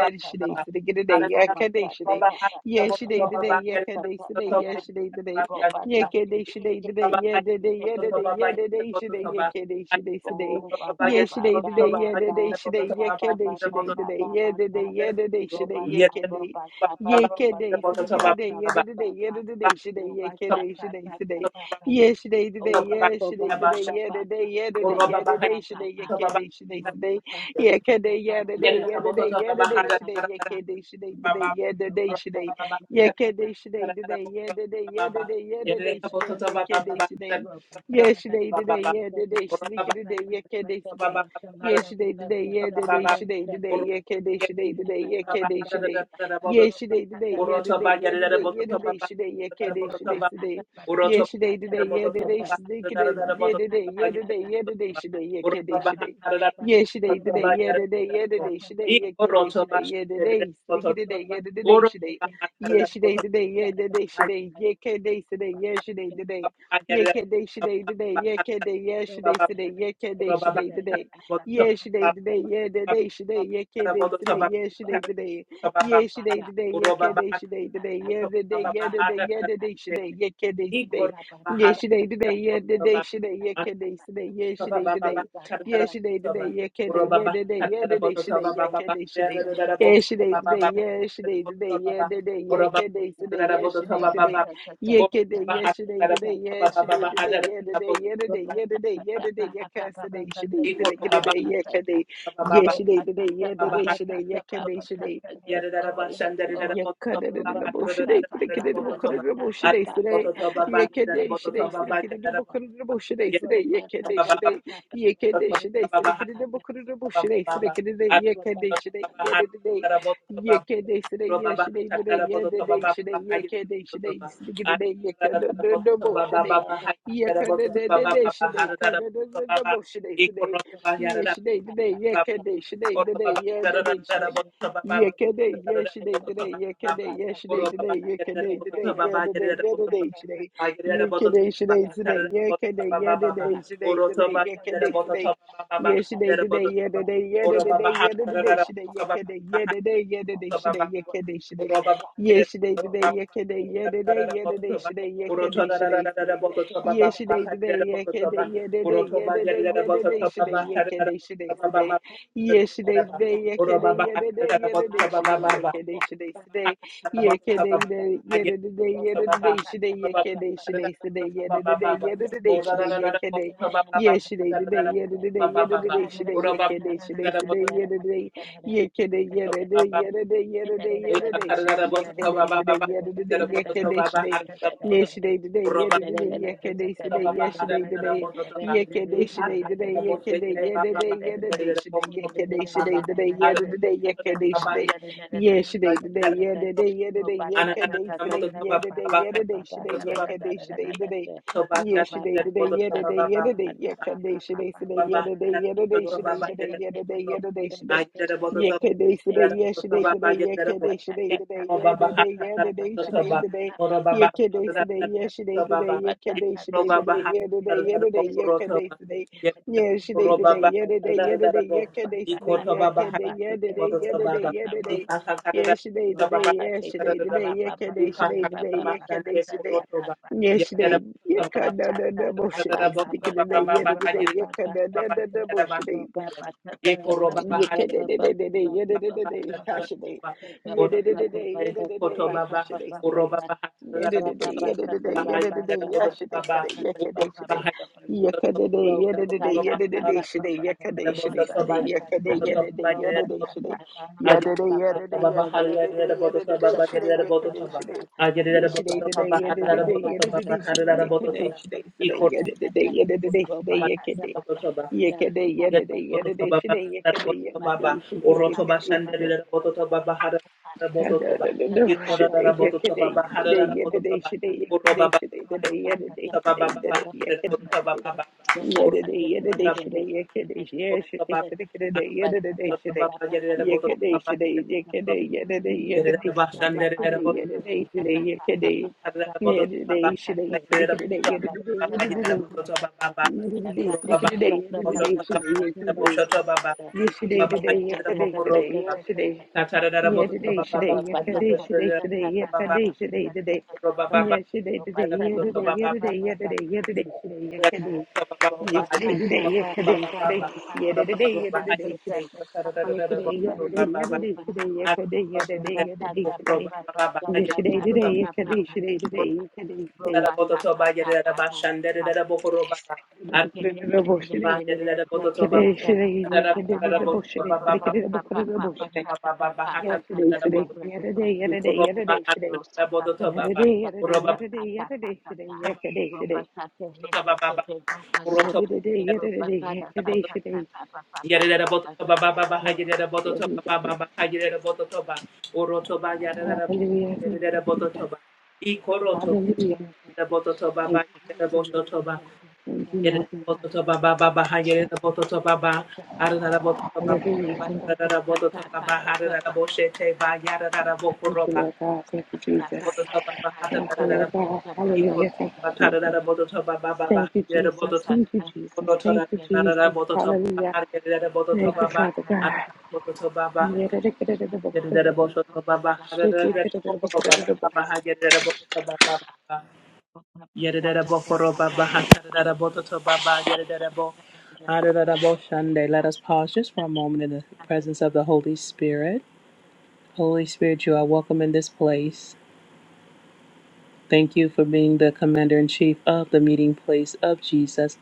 [SPEAKER 1] today, today, yeah, today, today, yeah, today, today, yeah, today, today, yeah, today, today, Yekede şidey didey yedede yedede yedede şidey yekede şidey sidey. Yeşidey didey yedede şidey yekede şidey didey yedede yedede şidey yekede. Yekede sidikididey yedede yedede şidey yekede şidey sidey. Yeşidey didey yeşidey didey yedede yedede yedede şidey yekede şidey sidey. Yekede yedede yedede yedede şidey yekede şidey didey yedede şidey. Yekede today, today, yeah today, yeah today, yeah today, today, yekede today, yeah today, today, yeah today, sneaky today, yekede today, yeah today, today, yeah today, today, today, yekede today, today, yekede today, yeah today, today, yeah today, yeah today, yeah today, today, yekede today, today, yeah today, today, yeah today, sneaky today, yeah today, yeah today, yeah today, today, yekede today, yeah today, today, yeah today, yeah today, today, yekede today, yeah today, sneaky today, yeah today, today. Yes, today, today, yeah, today, today, yeah, can day today, yeah, today, today, yeah, can day today, today, yeah, can day, yeah, today, today, yeah, can day today, today, yeah, today, today, yeah, today, today, yeah, can day today, yeah, today, today, yeah, today, today, yeah, can day today, today, yeah, today, yeah, today, yeah, today, today, yeah, can day today, yeah, today, today, yeah, today, today, yeah, can day today, yeah, today, today, yeah, today, today, yeah, can day, yeah, today, yeah, today, today, yeah, can day today. Yeah, today, today, yeah, today, today, yeah, today, yeah, today, today, yeah, today, today, yeah, today, yeah, today, today, yeah, today, today, yeah, today, yeah, today, yeah, today, yeah, today, yeah, today, today, today, today, yeah, today, yeah, today, today, yeah, today, today, yeah, today, today, yeah, today, today. Yakadeshiday, yeah, today, today, yeah, today, today, yeah, today, today. Yeah, today, yeah, today, today, yeah, today, yeah, today, today, yeah, today, today, yeah, today, yeah, today, today, yeah, today, today, today, yeah, today, yeah, today, today, today, yeah, today, today. Yeah, today, today, yeah, today, yeah, today, yeah, today, today, yeah, today, yeah, today, yeah, today, today, yeah, today, today, yeah, today, today, yeah, today, yeah, today, yeah, today, today, yeah, today, today, today, yeah, today, today, yeah, today, yeah, today, yeah, today, yeah, today, today, yeah, today, today, today. Yes, they they yesterday, yesterday, yesterday, today, yesterday, today, today, yesterday, yesterday, yesterday, today, yesterday, today, today, yesterday, yesterday, today, yesterday, yesterday, today, yesterday, yesterday, today, yesterday, today, today, yesterday, yesterday, yesterday, yesterday, yesterday, yesterday, today, yesterday, today, yesterday, yesterday, today, yesterday, today, yesterday, yesterday, today, yesterday, today. yes they the day Yekede shide today, yekede yedede yedede shide, yekede shide today, yedede yekede shide, yeshide today, yedede yedede yekede shide, yedede yedede shide, yekede shide today, yeshide today, yedede yedede yekede shide today, yedede yedede shide today, yedede yedede shide, yekede shide, yeshide today, yekede shide today, yedede yedede shide today. Yesterday, today, yesterday, today, yesterday, today, today, yeah, today, yeah, today, yesterday, today, yesterday, today, yeah, today, yeah, today, yesterday, today, yesterday, yeah, today, yeah, today, yeah, today, yesterday, today, yesterday, today, yesterday, today, today, yesterday, today. Yesterday, yeah, da da da bullshit. They sticking in there, yeah, da da da, yeah, da bullshit. Yikidididididi, yididididi, hashidi. Yididididi, yidididi, hashidi sidi. Yidididi, yidididi, yidididi, yashidi sidi, yikidi shidi. Yikididi, yidididi, yidididi, shidi, yikidi shidi sidi, yikidi, yididi, yididi, shidi. Yididi, yididi, yikididi, yidididi, shidi, yikidi shidi. Yesterday, today, yidididi, yidididi, shidi, yikidi shidi sidi, yidididi, yidididi, shidi, yikidi. Yekede yedede yedede şide yekede yedede şide yekede şide. Kadadadada şide yekede yedede yedede şide yekede şide yedede yedede şide yedede yekede şide. Yedede yedede şide yekede şide şide şide kede yedede şide. Yekede şide yekede yedede yedede şide kede yedede şide yekede yedede şide şide kede yedede yedede yedede şide yedede şide yekede Yesterday, today, yesterday, today, yesterday. Yeah, today, today, yesterday, today, today, yesterday, today, today. Yeah, today, today, yeah, today, yeah, today, yeah, today, yeah, today, today, yesterday. Yesterday, today, yesterday, today, yeah, today, yeah, today, today. Yesterday, yeah, today, yeah, today, today, yesterday, yeah, today, yeah, today, today. Yesterday, today, yesterday, today, today, yesterday, today. Yesterday, today, yesterday, yesterday, today, today, yesterday, today. Yesterday, today, yesterday, yesterday, yesterday, today, yesterday, yesterday, yesterday, yesterday, today, yesterday, today, yesterday, yesterday, yesterday, today. Hallelujah, thank you, Jesus. Hallelujah, thank you, Jesus. Hallelujah, thank you, Jesus. Thank you, Lord God. Hallelujah, thank thank you, Lord God. Thank you, Jesus. Thank you, Lord God. Hallelujah, thank you, Jesus. Thank you, Jesus. Thank you, Jesus. Thank you, Jesus. Hallelujah. Thank you, Father God. Shitty
[SPEAKER 3] Adorable-shande. Let us pause just for a moment in the presence of the Holy Spirit. Holy Spirit, you are welcome in this place. Thank you for being the commander in chief of the meeting place of Jesus.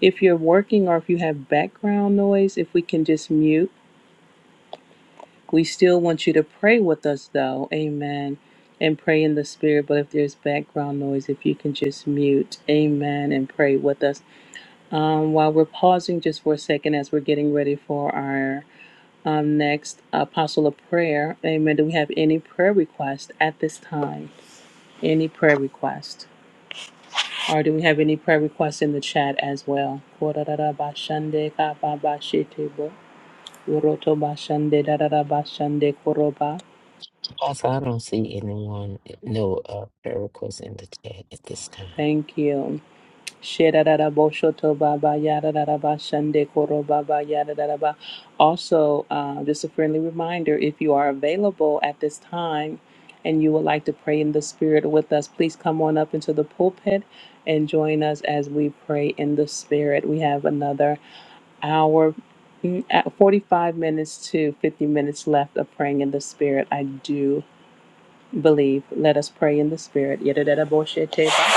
[SPEAKER 3] If you're working or if you have background noise, if we can just mute, we still want you to pray with us though. Amen. And pray in the spirit. But if there's background noise, if you can just mute, amen, and pray with us. Um, while we're pausing just for a second as we're getting ready for our um, next apostle of prayer, amen. Do we have any prayer requests at this time? Any prayer request? Or do we have any prayer requests in the chat as well? Thank you. Shedadada Boshoto Baba Yadadada Shande Koro Baba Yadadada Also, uh, just a friendly reminder if you are available at this time and you would like to pray in the Spirit with us, please come on up into the pulpit and join us as we pray in the Spirit. We have another hour, mm, at 45 minutes to 50 minutes left of praying in the Spirit. I do believe. Let us pray in the Spirit. Yadadada Boshete Baba.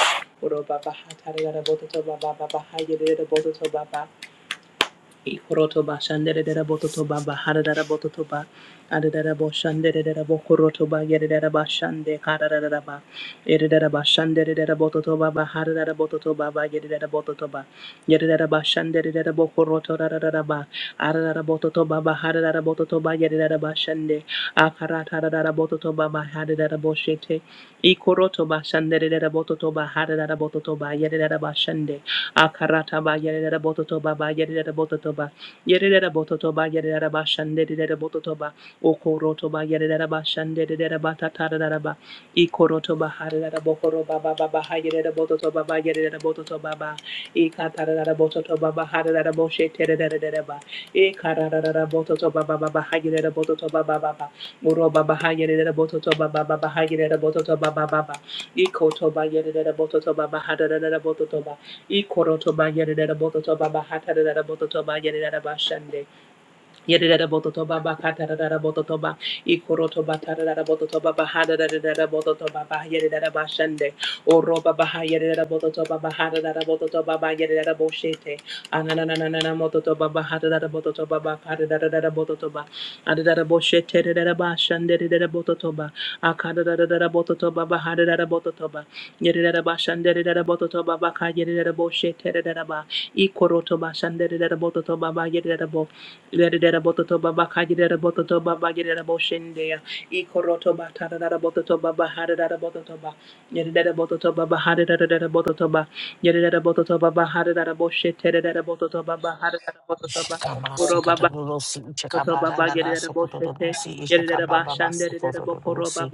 [SPEAKER 8] Shikabase kadadorosi uchekabara nana sokododorosi ishekababa basokododorosi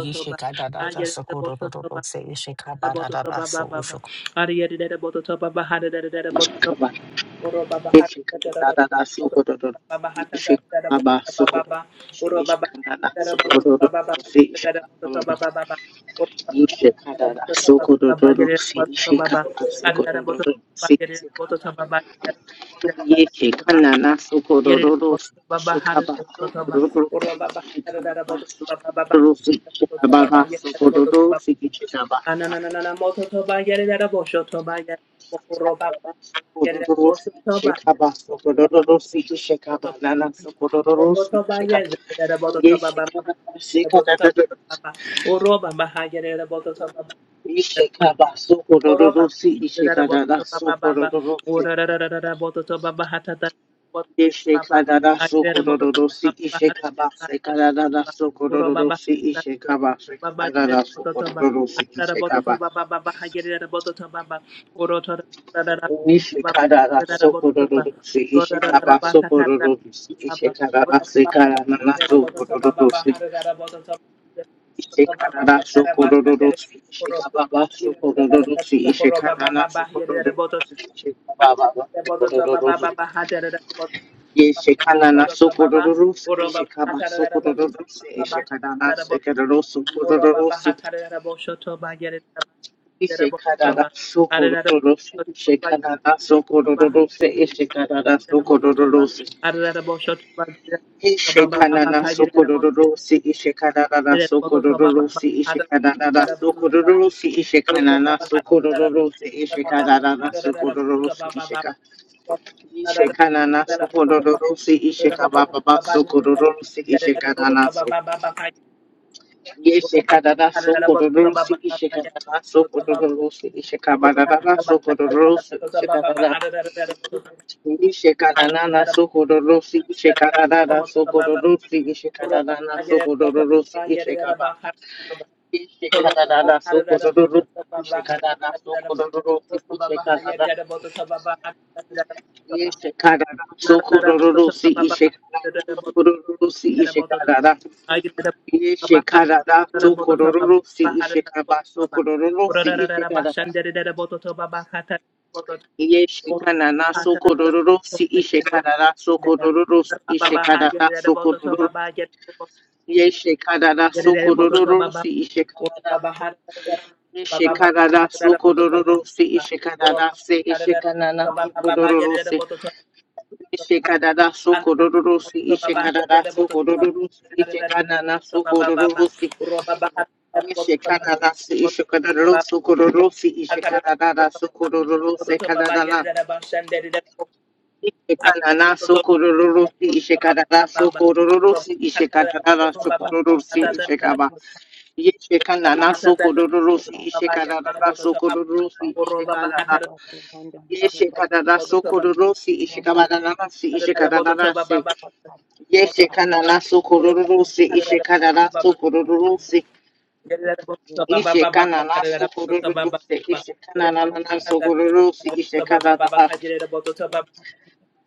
[SPEAKER 8] yishekadadata sokododorosi ishekabara dada so ushok. Yeke kana naso kororo shikaba so kororo shikaba baso kororo shikaba baso kororo shikaba kororo shikaba so kororo shikaba nana so kororo shikaba ye shikaba shikaba shikaba so kororo shikaba naso Ishe karara sokororo si ishe kabase karara sokororo si ishe kabase karara sokororo si ishe kaba ishe karara sokororo si ishe kaba sokororo si ishe karara se karara sokororo si ishe karara sokororo si ishe kaba sokororo si ishe karara sokororo si ishe kaba sokororo si Yeshekana sokorororose, Yeshekaba sokorororose, Yeshekana sekeroroso korororose, Yeshekana sokorororose, Yeshekana sokorororose, Yeshekana sokorororose, Yeshekana sokorororose, Yeshekana sokorororose, Yeshekana sokorororose, Yeshekana sokorororose, Yeshekana sokorororose, Yeshekana Ishekanana sokorororose, ishekababa sokorororose, ishekanana Yes, Canada, so Codoros, Ishikana, so Codoros, Ishikabana, so Codoros, Ishikana, Ishikana, so Codoros, Ishikana, so Codoros, Ishikana, so Codoros, Ishikaba, Ishikana, so Codoros, Ishikana, so Codoros, Ishikana, Ishikana, so Codoros, Ishikana, so Codoros, Ishikana, Ishe karara so kororo si ishe kaba so kororo si ishe karara. Yeshe kanana so kororo si ishe karara so kororo si ishe karara so kororo. Yeshe karara so kororo si ishe karara. Yeshe karara so kororo si ishe karara se ishe kanana so kororo si ishe karara so kororo si ishe karara so kororo si ishe kanana so kororo Ishe kanada se ishe kanada sokororo si ishe kanada sokororo se kanada ishe kanada sokororo si ishe kanada sokororo si ishe kanada sokororo si ishe kaba ishe kanada sokororo si ishe kanada sokororo si ishe kanada ishe kanada sokororo si ishe kanada si ishe kanada si ishe kanada sokororo si ishe kanada sokororo Ishekana na sokororose, Ishekana na na na sokororose, Ishekana da ha,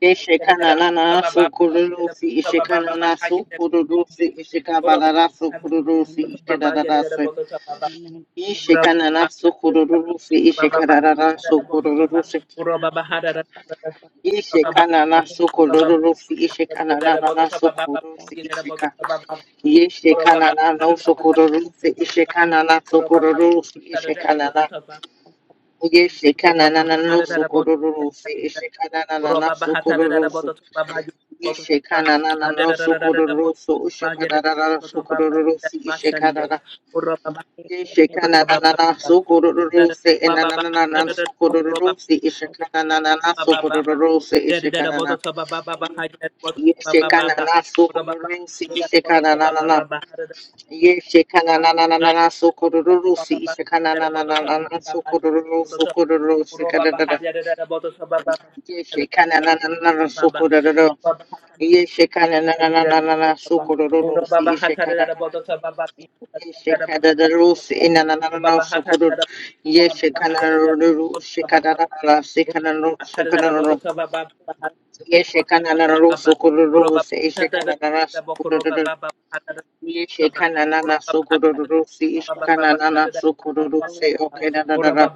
[SPEAKER 8] Ishekana na na na sokororose, Ishekana na sokororose, Ishekaba na na sokororose, Ishekana da da se, Ishekana na sokororose, Ishekana na na sokororose, Ishekana na sokororose, Ishekana na na na sokororose, Isheka, Yeshekana na na sokororose, Ishekana na sokororose, Ishekana Yeshekananana sokororoso, Yeshekananana sokororoso, Yeshekananana sokororoso, Ushakananana sokororoso, Yeshekanana, Yeshekananana sokororoso, Enananana sokororoso, Yeshekananana sokororoso, Yeshekanana, Yeshekanana sokororoso, Yeshekananana, Yeshekananana sokororoso, Yeshekananana sokororoso, sokororoso, Ye shekana na na na Yeshekananana sukuroro. Ye shekana na na na na na na sukuroro. Yeshekanana. Yeshekadadarusi inanana sukuroro. Yeshekanaruru shikadadana na na Yeshekananana sukuroro. Yeshekananana sukuroro. Ye shekana na na sukuroro. Si shekana na na sukuroro. Si okay na na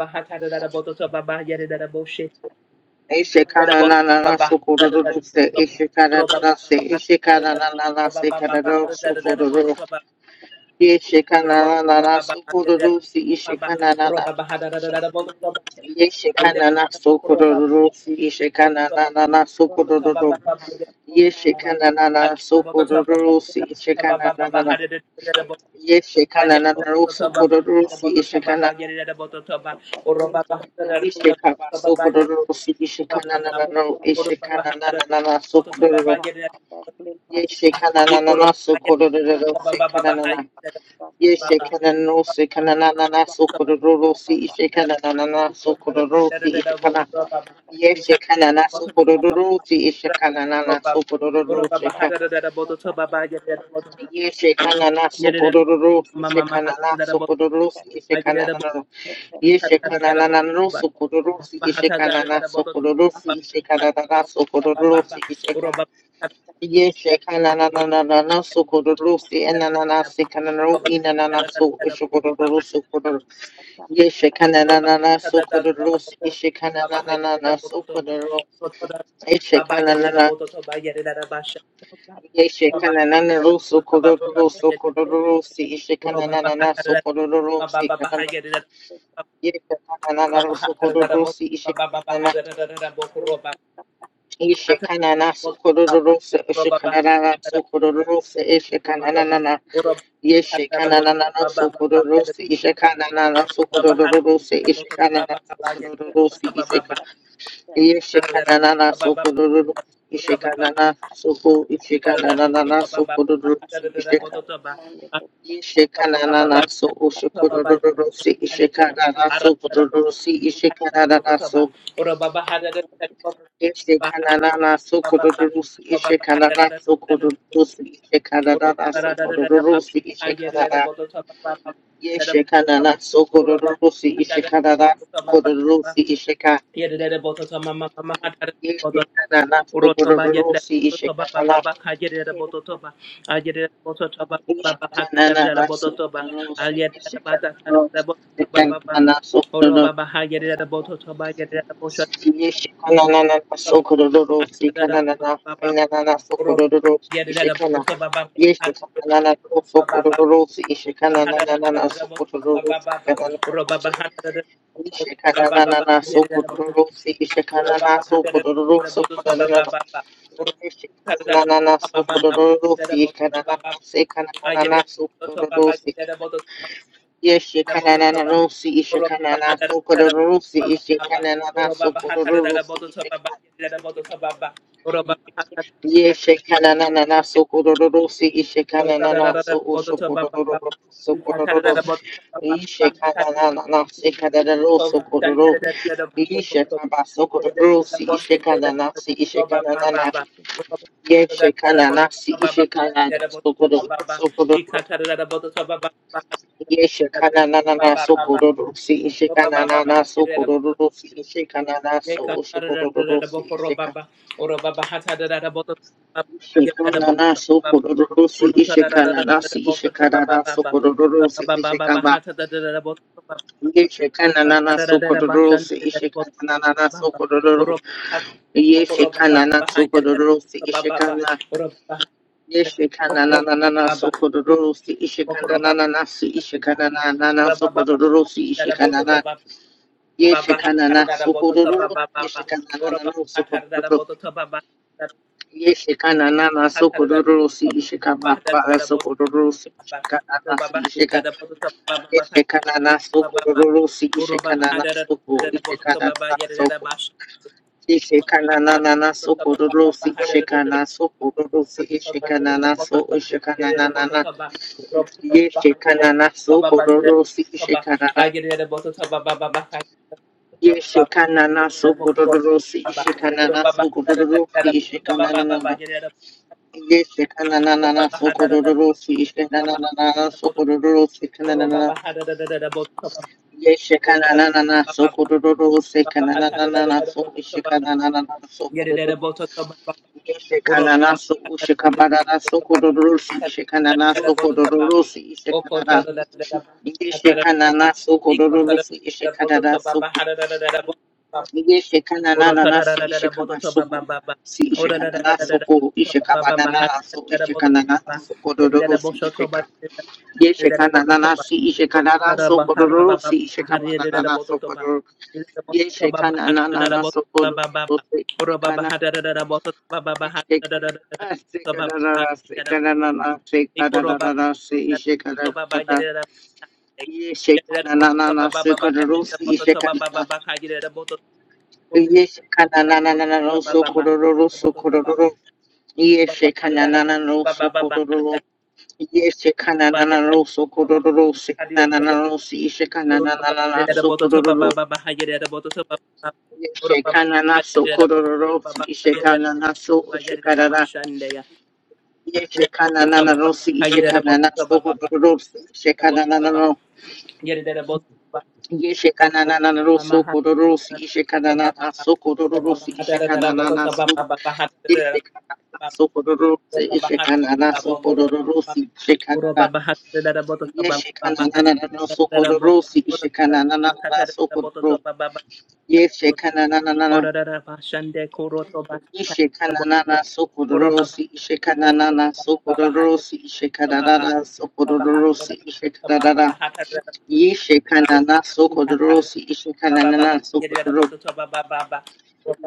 [SPEAKER 8] Ishikanana Sukururu se Ishikanana se Ishikanana se Kadaro Sukururu Yeshikanana Sukururu si Ishikanana Yeshikanana Sukururu si Ishikanana Sukururu Yeshikanana Sukururu si Ishikanana Yeshikanana Sukururu si Ishikanana Yeshikaba Sukururu si Ishikanana Ishikanana Sukururu Yeshe kananana sokororo se kananana. Yeshe kananano se kananana sokororo se ishe kananana sokororo se ishe kana. Yeshe kanana sokororo se ishe kananana sokororo se ka. Yeshe kanana sokororo se ishe kanana sokororo se ishe kananana. Yeshe kananana no sokororo se ishe kanana sokororo se ishe kananana sokororo se ishe ka. Yeshe kananana sukurusi enanana sikanano inanana su ishukururu sukuru. Yeshe kananana sukurusi ishe kananana sukuru. Ishe kananana Yeshe kananana rusu kururu sukururusi ishe kananana sukururusi kanana. Yeshe kananana rusu kururusi ishe kanana. Ishe kanana sukururusi ishe kananana sukururusi ishe kananana Yeshekanana sokororosi ishekanana sokorororosi ishekanana sokorororosi isheka yeshekanana sokorororo ishekanana soko ishekanana sokorororosi isheka yeshekanana so oshokorororosi ishekanana sokorororosi ishekanana so ishekanana sokorororosi ishekanana sokorororosi ishekanana sokorororosi ishekanana Yeshekanana Sokororosi Ishekanana Kororosi Isheka Yeshekanana Sokororosi Ishekanana Ishekanana Sokororosi Ishekanana Ishekanana Sokororosi Yeshekanana Sokororosi Kanana Inanana Sokororosi Ishekana Yeshekanana Sokororosi Ishekanana Sokororosi Kanana Ishekanana sokururu si ishekanana sokururu sokururu ishekanana sokururu si ishekanana sekanana sokururu si yeshekanana si ishekanana sokururu si ishekanana sokururu si yeshekanana sokururu si ishekanana so sokururu sokururu ishekanana sekanana sokururu Ishakabasokororosi ishekadanasi ishekadanana yeshekadanasi ishekadanasokororosokoro yeshekadanana sokororosi ishekananana sokorororosi ishekananaso osokorororosi isheka shekanana sokorororosi ishekananasi ishekanana sokorororosi ishekaba yeshekananana sokorororosi ishekananana sokorororo yeshekanana sokorobrosi Ishekana. Ishikananana sokodorosi, ishikananana si, ishikananana sokodorosi, ishikanana, yeshikanana sokodoro, yeshikananana sokodoro, yeshikananana sokodorosi, ishikama para sokodorosi, ishikanana si, ishika, yeshikanana sokodorosi, ishikanana soko, ishikanana soko. Ishikananana sokodorosi, ishikana sokodorosi, ishikanana so, ishikananana Ye shekanana so kororo si shekanana. Ye shekanana so kororo si shekanana so kororo si shekanana. Ye shekanana so kororo si shekanana so kororo si kanana. Ye shekanana so kororo si kanana so shekanana so kororo. Ye shekanana so shekabara so kororo si shekanana so kororo si shekanana. Ye shekanana so kororo si shekanana so Yeshekananana si ishekaba soko. Si ishekanana soko. Ishekabanana so ishekanana soko dororo si isheka. Yeshekananana si ishekanana soko dororo si ishekabanana soko dororo. Yeshekananana soko dororo si ishekana. Yeshekanana si kanana si kanana si kanana si ishekanana. Yeshekananana si dororo si ishekana. Yes, kanananananano sokororo sokororo. Yes, kananananano sokororo. Yes, kananananano sokororo. Kananananano si kananananana sokororo. Yes, kanana sokororo si kanana so shikarara. Yes, kananananano si sokororo si kananananano. Yes, sokororo si sokororo si Yes,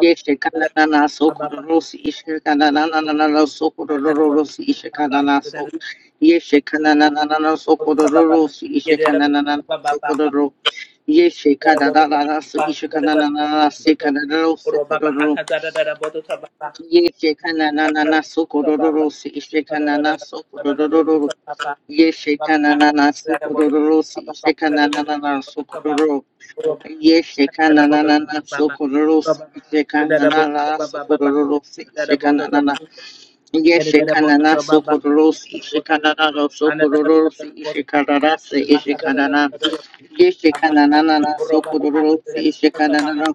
[SPEAKER 8] Yeshe kanana sokororosi ishe kanana sokororosi ishe kanana so Yeshe kanana sokororosi ishe kanana sokororo Yeshe kanana nanana so ishe kanana nanana se kanana sokororo Yeshe kanana sokororosi ishe kanana sokororo Yeshe kanana sokororosi ishe kanana sokororo Yeshekana na na na sokororosi. Shekana na na sokororosi. Shekana na na. Yeshekana na sokororosi. Shekana na na sokororosi. Shekana na se. Shekana na. Yeshekana na na na sokororosi. Shekana na na.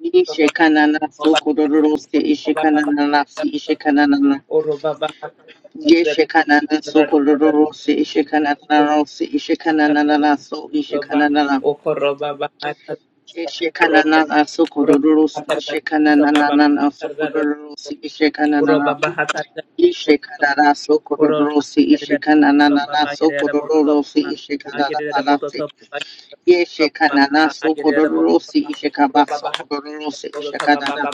[SPEAKER 8] Yeshekana na sokororosi. Shekana na na si. Shekana na na. Yeshekana na sokororosi. Shekana na na si. Shekana na na na so. Shekana na na. Ishekanana sokodoro ishekanana sokodoro ishekanana ishekanana sokodoro ishekanana sokodoro ishekanana yeshekanana sokodoro ishekaba sokodoro ishekanana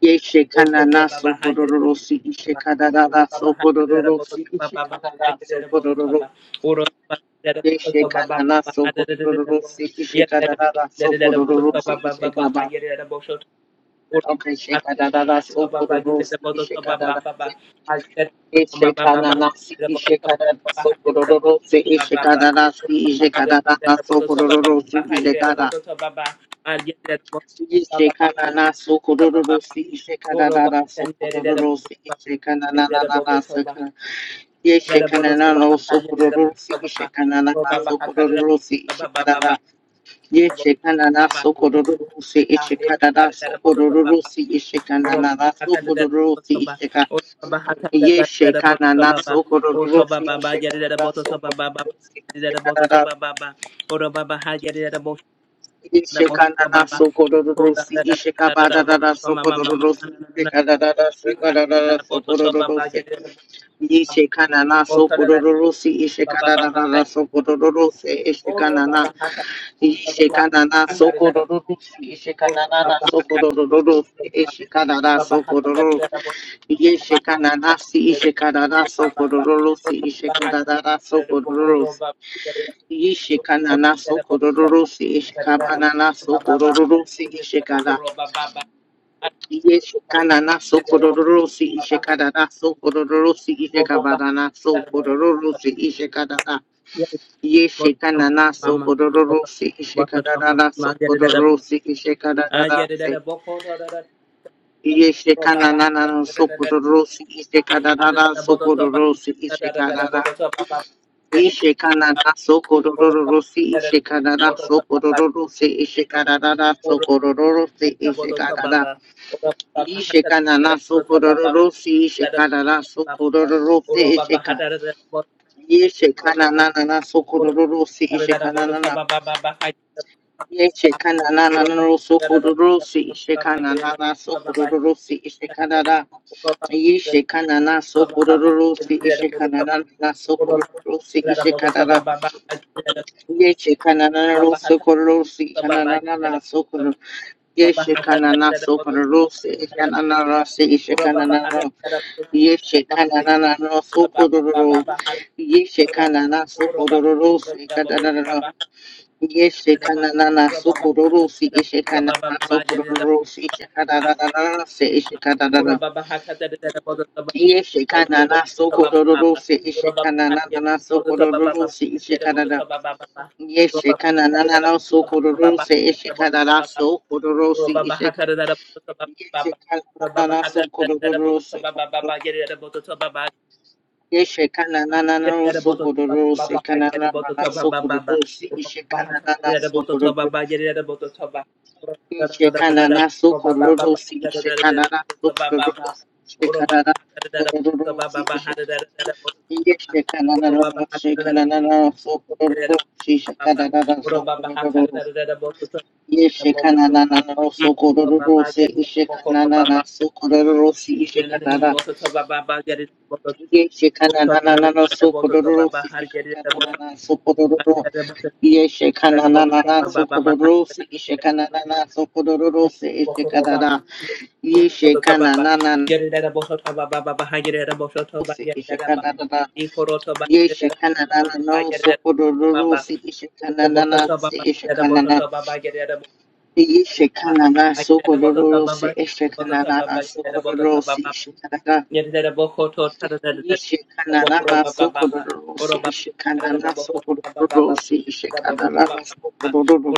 [SPEAKER 8] yeshekanana sokodoro ishekanana sokodoro ishekanana sokodoro yeshekanana sokodoro ishekanana sokodoro ishekaba Okay, sheka da da da so for the rose, sheka da da si, sheka na na si, sheka da da so for the rose, sheka da da si, sheka da da da so for the rose, sheka da. Sheka na na so for the rose, sheka da da da so for the rose, sheka na na na na na sheka. Ye sheka na na no so for the rose, sheka na na na so for the rose, sheka da da. Ye sheka na na so for the rose, sheka da da so for the rose, sheka na na na so for the rose, sheka. Ye shekana na sokoro rusi shekana na sokoro rusi shekana na ye shekana na sokoro rusi shekabada na na sokoro rusi shekana na na shekana na na sokoro rusi ye shekana na sokoro rusi shekana na na na sokoro rusi shekana na ye shekana na sokoro rusi shekana na na sokoro rusi shekana na sokoro Yeshe kananasi ishe kananaso kororosi ishe kananaso kororosi. Yeshe kananaso kororosi ishe kananaso kororosi ishe kana. Yeshe kananaso kororosi ishe kananaso kororosi ishe kananaso kororosi ishe kanana. Yeshe kananaso kororosi ishe kananaso kororosi ishe kananase. Yeshe kananana ishe kananana Yeshekanana sokororo si ishekanana sokororo si ishekanana sokororo si ishekanana Yeshekanana sokororo si ishekanana sokororo si isheka Yeshekanana sokororo si ishekanana Yeshekanana sokororo si ishekanana sokororo si ishekanana Yeshekanana sokororo si ishekanana sokororo si ishekanana Yeche kanana roso kororosi kanana na sokoro yeche kanana sokororosi kanana rasi yeche kanana ro yeche kanana na ro sokororo yeche kanana sokororosi kanana ro yeche kanana na sokororosi yeche kanana sokororosi yeche kanana na rasi yeche kanana ro yeche kanana sokororosi yeche kanana na sokororosi yeche kanana Yeshikana nanana so kororose ishikana na so kororose ishika yeshikana nanana so kororose yeshikana nanana so kororose kana nanana so kororose ishikana nanana so kororose yeshikana na so kororose ishikana na so kororose ishikana na kororose ishikana yeshikana nanana so kana nanana so kororose ishikana nanana so Yeshekanana sokororose ishekanana sokororose ishekanana yeshekanana sokororose ishekanana sokororo yeshekanana sokororose ishekanana sokororose ishekanana yeshekanana sokororose ishekanana yeshekanana sokororose ishekanana ishekanana Yishikanaga Sokororosi Ishikanana Sokororosi Ishikanaga Yishikanana Sokororosi Ishikanana Sokororosi Ishikanana Sokororo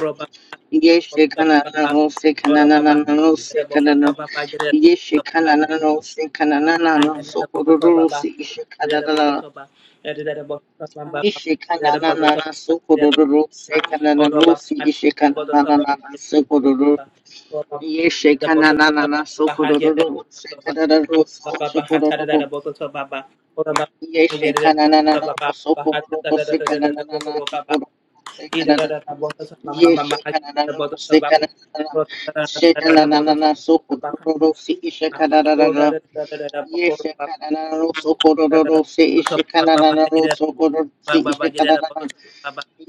[SPEAKER 8] Yishikanana Sikanana Sikanana Yishikanana Sikanana Sokororosi Ishikanana Yishikanana Sokororo Sikanana Rosi Ishikanana Yeshe kananana sokororo sekararo sokororo Yeshe kananana sokororo sekananana sokororo sekarara Yeshe kananana sekananana sekananana sokororo seishe kararara Yeshe kananana sokororo seishe kananana sokororo seishe kararara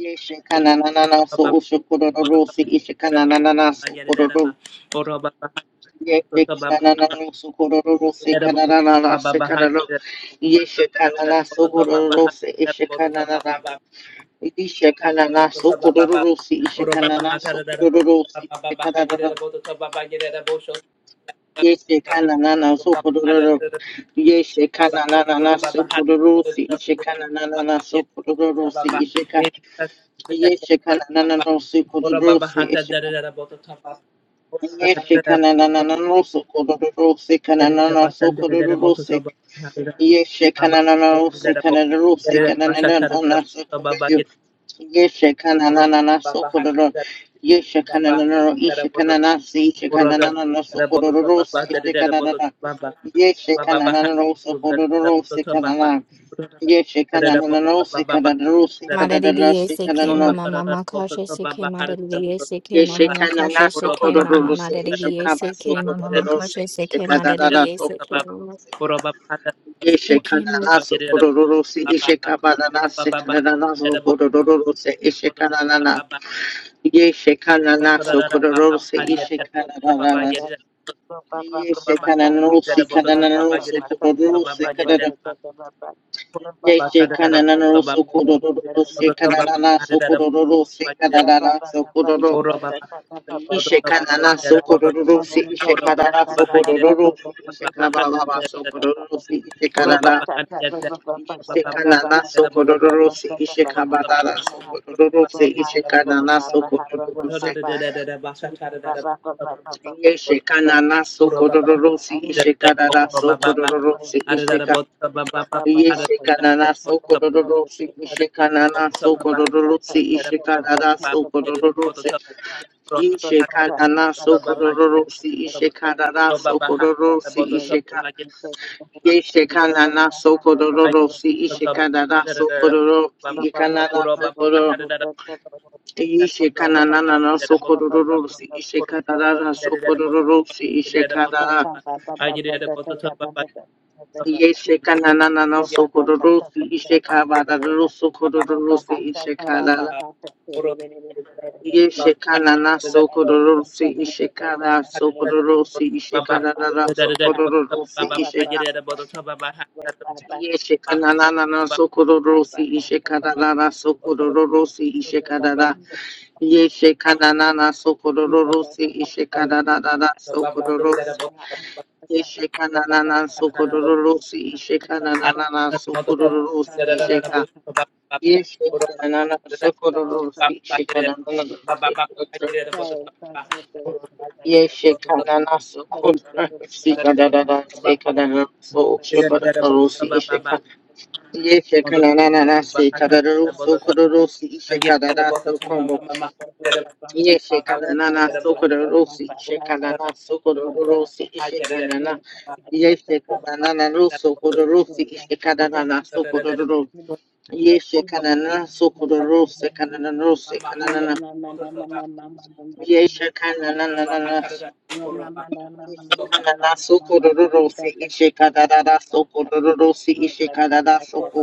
[SPEAKER 8] Yeshe kananana sokororo seishe kananana sokororo Ye Yekanana Sokororo Sekanana Sekanano Yeshakanana Sokororo Se Ishakanana Ishakanana Sokororo Se Ishakanana Sokororo Se Ishakanana na. ye she kanana na Sokororo Yeshakanana Sokororo Se Ishakanana Sokororo Se Ishaka na Sokororo Se Ishaka na Sokororo Se Kanana na Sokororo se Yeshekanana Sekanana Sekanana Sokoyo Yeshekanana Sokodoro Yeshekanana Ishekanana Sekanana Sokodoro Sekanana Yeshekanana Sokodoro Sekanana Yeshekanana Sekanana
[SPEAKER 6] ma
[SPEAKER 8] Sekanana
[SPEAKER 6] daddy say K
[SPEAKER 8] Sekanana
[SPEAKER 6] mama mama koshe say K ma daddy say K mama mama
[SPEAKER 8] Yeshekanana
[SPEAKER 6] koshe say K
[SPEAKER 8] Sokodoro
[SPEAKER 6] mama ma daddy
[SPEAKER 8] Sekaba
[SPEAKER 6] say K mama mama
[SPEAKER 8] Sokodoro
[SPEAKER 6] koshe say K ma
[SPEAKER 8] Sekanana
[SPEAKER 6] daddy say K
[SPEAKER 8] Sokodoro
[SPEAKER 6] mama say
[SPEAKER 8] Ishe
[SPEAKER 6] K mama
[SPEAKER 8] kananaso korororosi ishe kabananase kananaso korororose ishe kananana yeshe kananaso korororose ishe kananana yeshe kananosi kananaso korororose kanana yeshe kananaso korororose kananaso korororose kananaso kororo ishe kananaso korororose ishe kananaso korororose ishe kabababa so korororose ishe kanana Ishekanana sokororose, ishekabadara sokororose, ishekanana sokororose, yeshekanana sokororose, ishekadara sokororose, isheka, yeshekanana sokororose, ishekanana sokororose, ishekadara sokororose, ishekanana sokororose, ishekadara sokororose, isheka, yeshekanana sokororose, ishekadara sokororose, ikanana sokororose, Ishe kananana sokororosi, ishe kana na sokororosi, ishe kanana. Yeshe kananana sokororosi, ishe kabararo sokororosi, ishe kanana. Yeshe kanana sokororosi, ishe kana sokororosi, ishe kana na sokororosi, ishe ka. Yeshe kananana sokororosi, ishe kananana sokororosi, ishe kanana. Yeshe kananana sokororosi, ishe kananana sokororosi, yeshe kananana sokororosi, ishe kananana sokororosi, ishe ka, yeshe kananana sokororosi, ishe kananana sokororosi, yeshe kananana sokororosi, kananana se kananana so, ishe kananorosi, ishe ka, yeshe kananana se kananorosi, sokororosi, ishe kananana sokororosi Ye shekanana sokororosi, shekanana sokororosi, shekanana. Ye shekanana ro sokororosi, shekanana sokororo. Ye shekanana sokororosi, kanana ro shekanana. Ye shekanana so. Ye shekanana sokororosi, shekanana sokororosi, shekanana sokororo.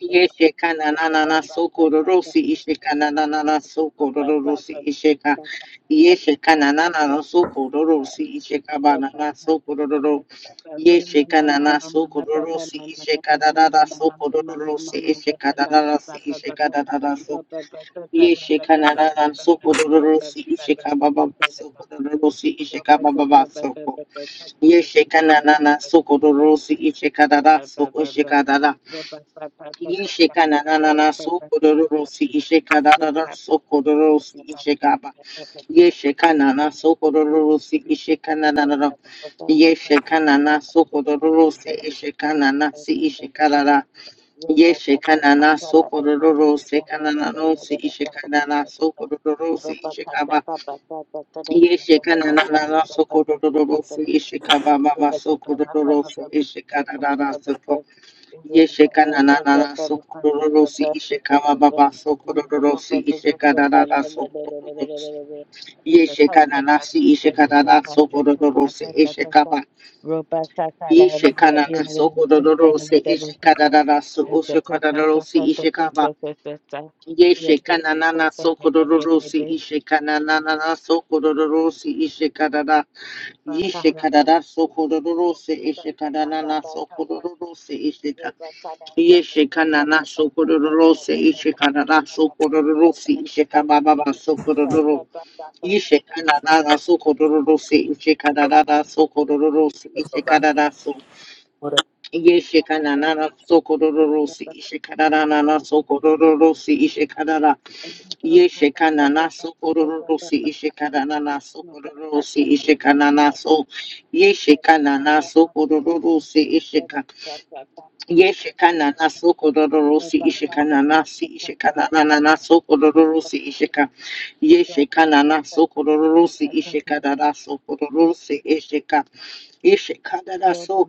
[SPEAKER 8] Yeshe kananana sokororosi ishe kananana sokororosi ishe ka yeshe kananana sokororosi ishe kabanana sokororo yeshe kanana sokororosi ishe kananana sokororosi ishe kananana ishe kananana so yeshe kananana sokororosi ishe kababa sokororosi ishe kababa soko yeshe kananana sokororosi ishe kananana so ishe kadada Isheka na na na na so kororo si isheka da da da so kororo si isheka ba yesheka na na so kororo si isheka na na na na yesheka na na so kororo si isheka na na si isheka da da yesheka na na so kororo si kana na no si isheka na na so kororo si isheka ba yesheka na na na na so kororo si isheka ba ba ba so kororo si isheka da da da so Yesheka na na na na sokororosi isheka baba ba ba sokororosi isheka na na na sokororosi yesheka na na si isheka na na sokororosi isheka ba yesheka na na sokororosi isheka na na na so isheka na na rosi isheka ba yesheka na na na sokororosi isheka na na na na sokororosi isheka na na yesheka na na sokororosi isheka na na na sokororosi isheka Yeshekanana sokororose, Yeshekanana sokororose, Yeshekanana sokororo, Yeshekanana sokororose, Yeshekanana sokororose, Yeshekanana so, Yeshekanana sokororose, Yeshekanana sokororose, Yeshekanana, Yeshekanana sokororose, Yeshekanana sokororose, Yeshekanana so, Yeshekanana sokororose, Ishek. Yeshikana na soko dororosi ishikana nasi ishikana na na na soko dororosi ishika yeshikana na soko dororosi ishikana na soko dororosi ishika ishikana na so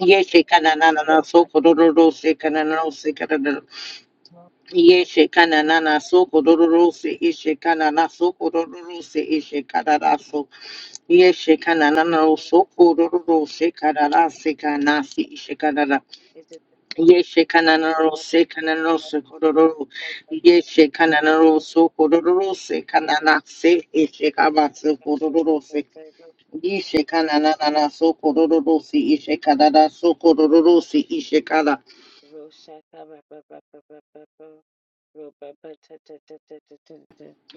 [SPEAKER 8] yeshikana na na na soko dororosi kana na rosi kana na yeshikana na na soko dororosi ishikana na soko dororosi ishikana na so yeshikana na na soko dororosi kana na sikana si ishikana Yeshe kananaro se kananaro se kororo. Yeshe kananaro so kororo se kanana se ishe kabatsu kororo se. Yeshe kananana so kororo se ishe kanana so kororo se ishe kana.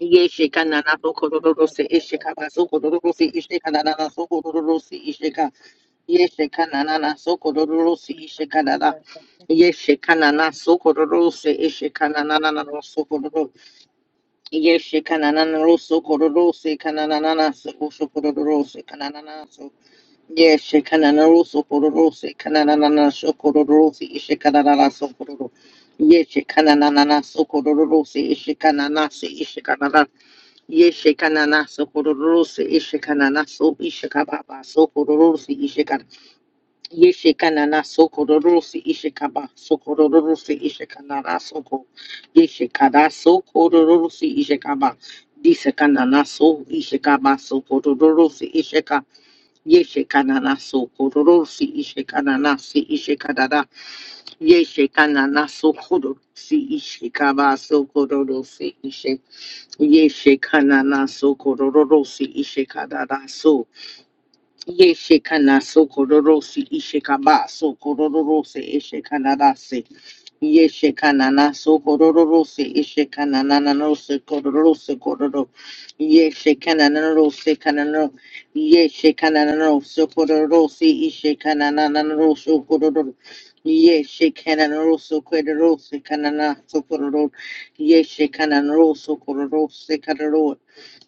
[SPEAKER 8] Yeshe kanana so kororo se ishe kabatsu kororo se ishe kanana so kororo se ishe ka. Yeshe kanana so kororo se ishe kanana. Yeshe kanana so kororo se ishe kanana so kororo. Yeshe kananana roso kororose. se kananana so, osho kororose. se kananana so. Yeshe kanana roso kororose. se kananana so kororo se ishe kananana so kororo. Yeshe kananana so kororose. se ishe kanana se ishe kanana. Yeshe kanana so kororo se ishe kanana so ishe kababa so kororo Yeshekanana soko rorosi ishekaba soko rorosi ishekanana soko yeshekada soko rorosi ishekaba disekanana so ishekaba soko rorosi isheka yeshekanana soko rorosi ishekanana si ishekadada yeshekanana soko rorosi ishekaba soko rorosi ishe yeshekanana soko rorosi ishekadada so Yeshekana sokororosi ishekaba sokororose ishekanarase yeshekanana sokororose ishekanananose kororose kororo yeshekananose kanano yeshekananose kororose ishekanananose kororo yeshekananose kororose kanana sokororo yeshekananose kororose kororo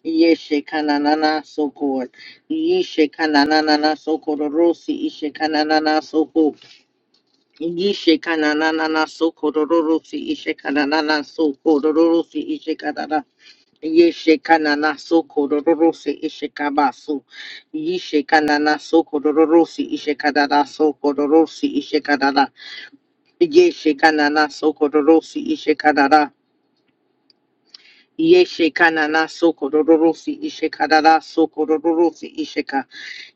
[SPEAKER 8] Yeshe kananana soko. Yeshe kananana soko rorosi. Ishe kananana soko. Yeshe kananana soko rorosi. Ishe kananana soko rorosi. Ishe kanana. Yeshe kanana soko rorosi. Ishe kabasu. Yeshe kanana soko rorosi. Ishe kanana soko rorosi. Ishe kanana. Yeshe kanana soko rorosi. Ishe kanana. Yeshe kanana soko rororosi ishe karara soko rororosi isheka.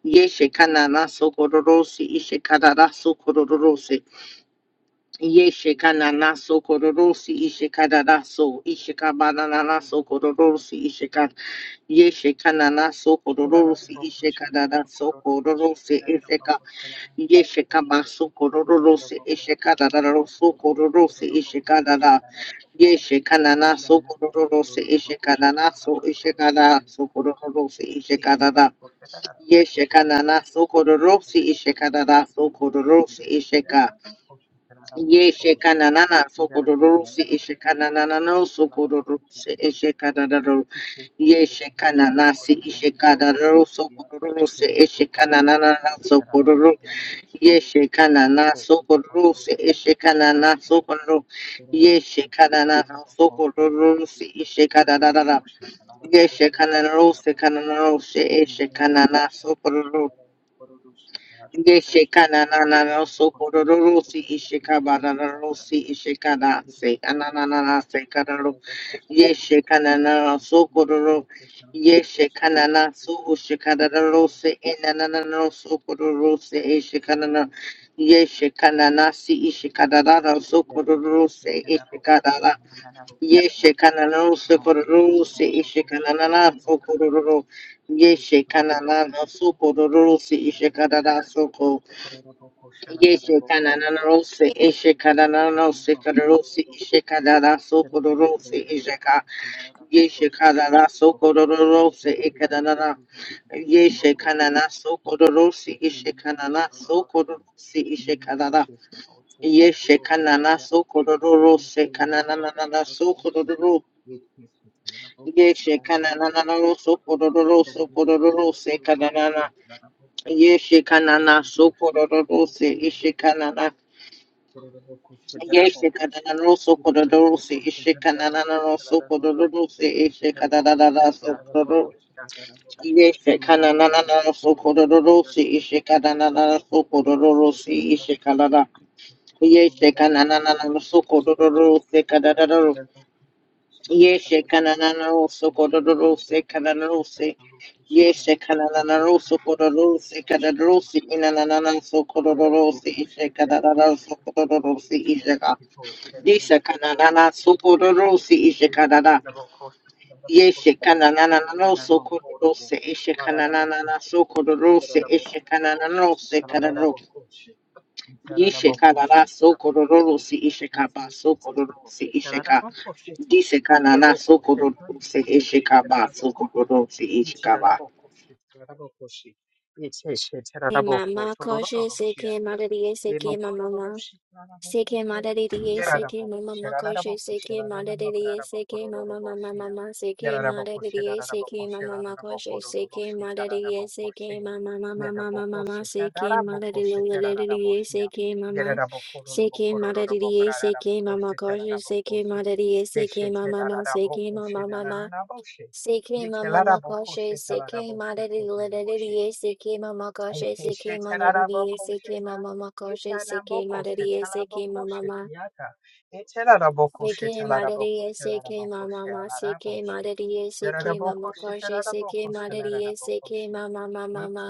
[SPEAKER 8] Yeshe kanana soko rororosi ishe karara soko rororosi. Yeshe kanana so ishe kabanana soko rororosi ishe ka. Yeshe kanana soko rororosi ishe karara Yeshekamasu kororose eshekananaroso kororose eshekanana. Yeshekananaso kororose eshekananaso eshekananaso kororose eshekanana. Yeshekananaso kororose eshekananaso kororose esheka. Yeshekananaso kororose eshekananaso kororose eshekananaro. Yeshekananasi eshekananaroso kororose eshekananaso kororose Yeshe kanana sokoro se eshe kanana sokoro yeshe kanana sokoro se eshe kanana yeshe kanana se kanana se eshe kanana Deshekana na na no sokororosi ishikabara rosi ishikada se ananana se kararo yeshekana na sokororo yeshekana na so ushikada rose enanana no sokororose ishikana na yeshekana na si ishikada ra sokororose ishikada Yeshe kanana sokororo se ishe kanana sokororo. Yeshe kanana sokororo se ishe kanana soko. Yeshe kanana se ishe kanana sokororo se ishe kanana sokororo se ishe ka. Yeshe kanana sokororo se ikanana. Yeshe kanana sokororo se ishe kanana sokororo se ishe kanana. Yeshe kanana sokororo se kanana sokororo. Yeshe kananana sokororo sokororo se kananana. Yeshe kanana sokororo se ishe kanana.
[SPEAKER 9] No,
[SPEAKER 8] Yeshe kananana sokororo se ishe kananana sokororo se ishe kananana sokororo. Yeshe kananana sokororo se ishe kananana sokororo se ishe kanana. Yeshe kananana sokororo se kananana Yeshe kananaro sokororo se kananaro se yeshe kananaro sokororo se kananaro se inanana sokororo se ishe kananana sokororo se ishe ka yeshe kananana sokororo se ishe kanana yeshe kananana sokororo se ishe kananana sokororo se ishe kananana se Yishekalala sokororo si ishekaba sokororo si isheka. Disekanana sokororo si ishekaba sokororo si ishekaba.
[SPEAKER 6] mama koshe say K ma daddy yeah, say K mama CK Mada DDA, CK Mama Makoshe, CK Mada DDA, CK Mama Mama Mama, CK Mada DDA, CK Mama Makoshe, CK Mada DDA, CK Mama Mama Mama Mama, CK Mada DDA, CK Mama, CK Mada DDA, CK Mama Koshe, CK Mada DDA, CK Mama Mama, CK Mama Mama. CK mama makoshe CK madadi lidadi CK mama koshe CK madadi CK mama makoshe CK madadi CK mama ma CK madadi CK mama ma CK madadi CK mama koshe CK madadi CK mama mama ma.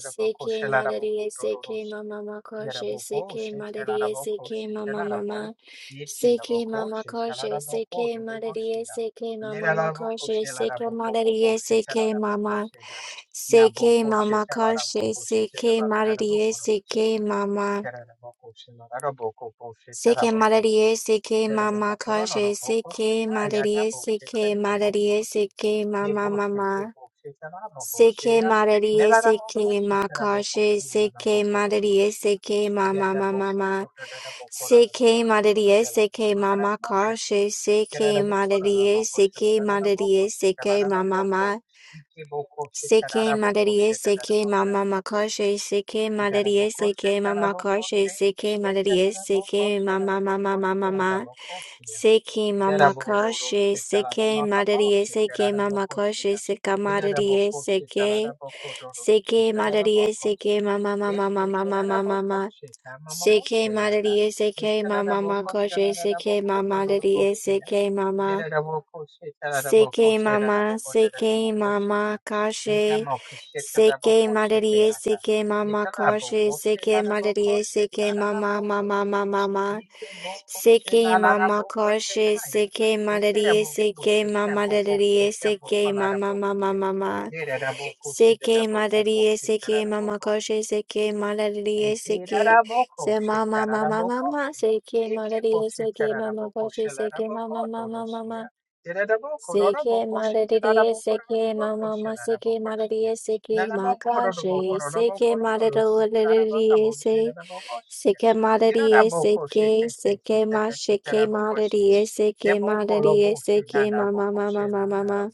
[SPEAKER 6] Seke madariye seke mama makoshe seke madariye seke mama mama seke mama koshe seke madariye seke mama makoshe seke madariye seke mama seke mama koshe seke madariye seke mama seke madariye seke mama koshe seke madariye seke madariye seke mama mama Seke mararie, seke makashe, seke mararie, seke mama mama. Seke mararie, seke mama kashe, seke mararie, seke mararie, seke mama ma. Seke mararie, seke mama makashe, seke mararie, seke mama kashe, seke mararie, seke mama mama mama ma. Seki mama koshe, seki madarie, seki mama koshe, seka madarie, seki. Seke madariye seke mama mama mama mama mama seke madariye seke mama mama koshe seke mama madariye seke mama Seikei Mama, Seikei Mama Kashi, Seikei Marerie, Seikei Mama Kashi, Seikei Marerie, Seikei Mama Mama Mama Mama, Seikei Mama Kashi, Seikei Marerie, Seikei Mama Marerie, Seikei Mama Mama Mama, Seikei Marerie, Seikei Mama Kashi, Seikei Marerie, Seikei Se Mama Mama Mama, Seikei Marerie, Seikei Mama Kashi, Seikei Mama Mama Mama. CK Maladidier, CK Mama, CK Maladidier, CK Makashi, CK Maladidier, CK Maladidier, CK, CK Ma, CK Maladidier, CK Maladidier, CK Mama, Mama, Mama, Mama.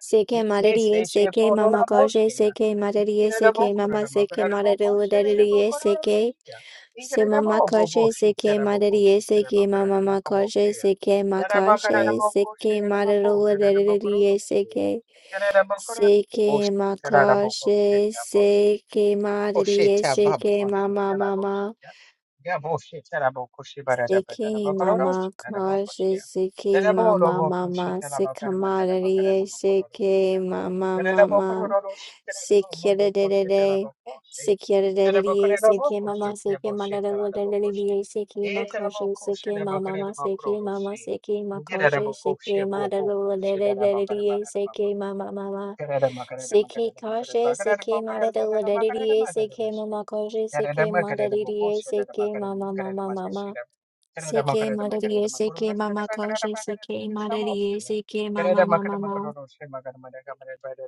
[SPEAKER 6] CK Maladidier, CK Mama Kashi, CK Maladidier, CK Mama, CK Maladidier, CK. Se mama koşe seke madariye seke mama koşe seke makaşe seke madarola dereriye seke seke makaşe seke madariye seke mama mama seke mama koşe seke mama mama seke madariye seke mama mama Sikyadadadada, sikyadadadadada, sikye mama, sikye madadadadadada, sikye makoshe, sikye mama, ma- sikye mama, sikye makoshe, sikye madadadadadada, sikye mama, mama. Sikhe koshe, sikhe madadadadada, sikye mama koshe, sikye madadadada, sikye mama, mama, mama. Sikhe madadada, sikye mama koshe, sikye madadada, sikye mama, mama, mama.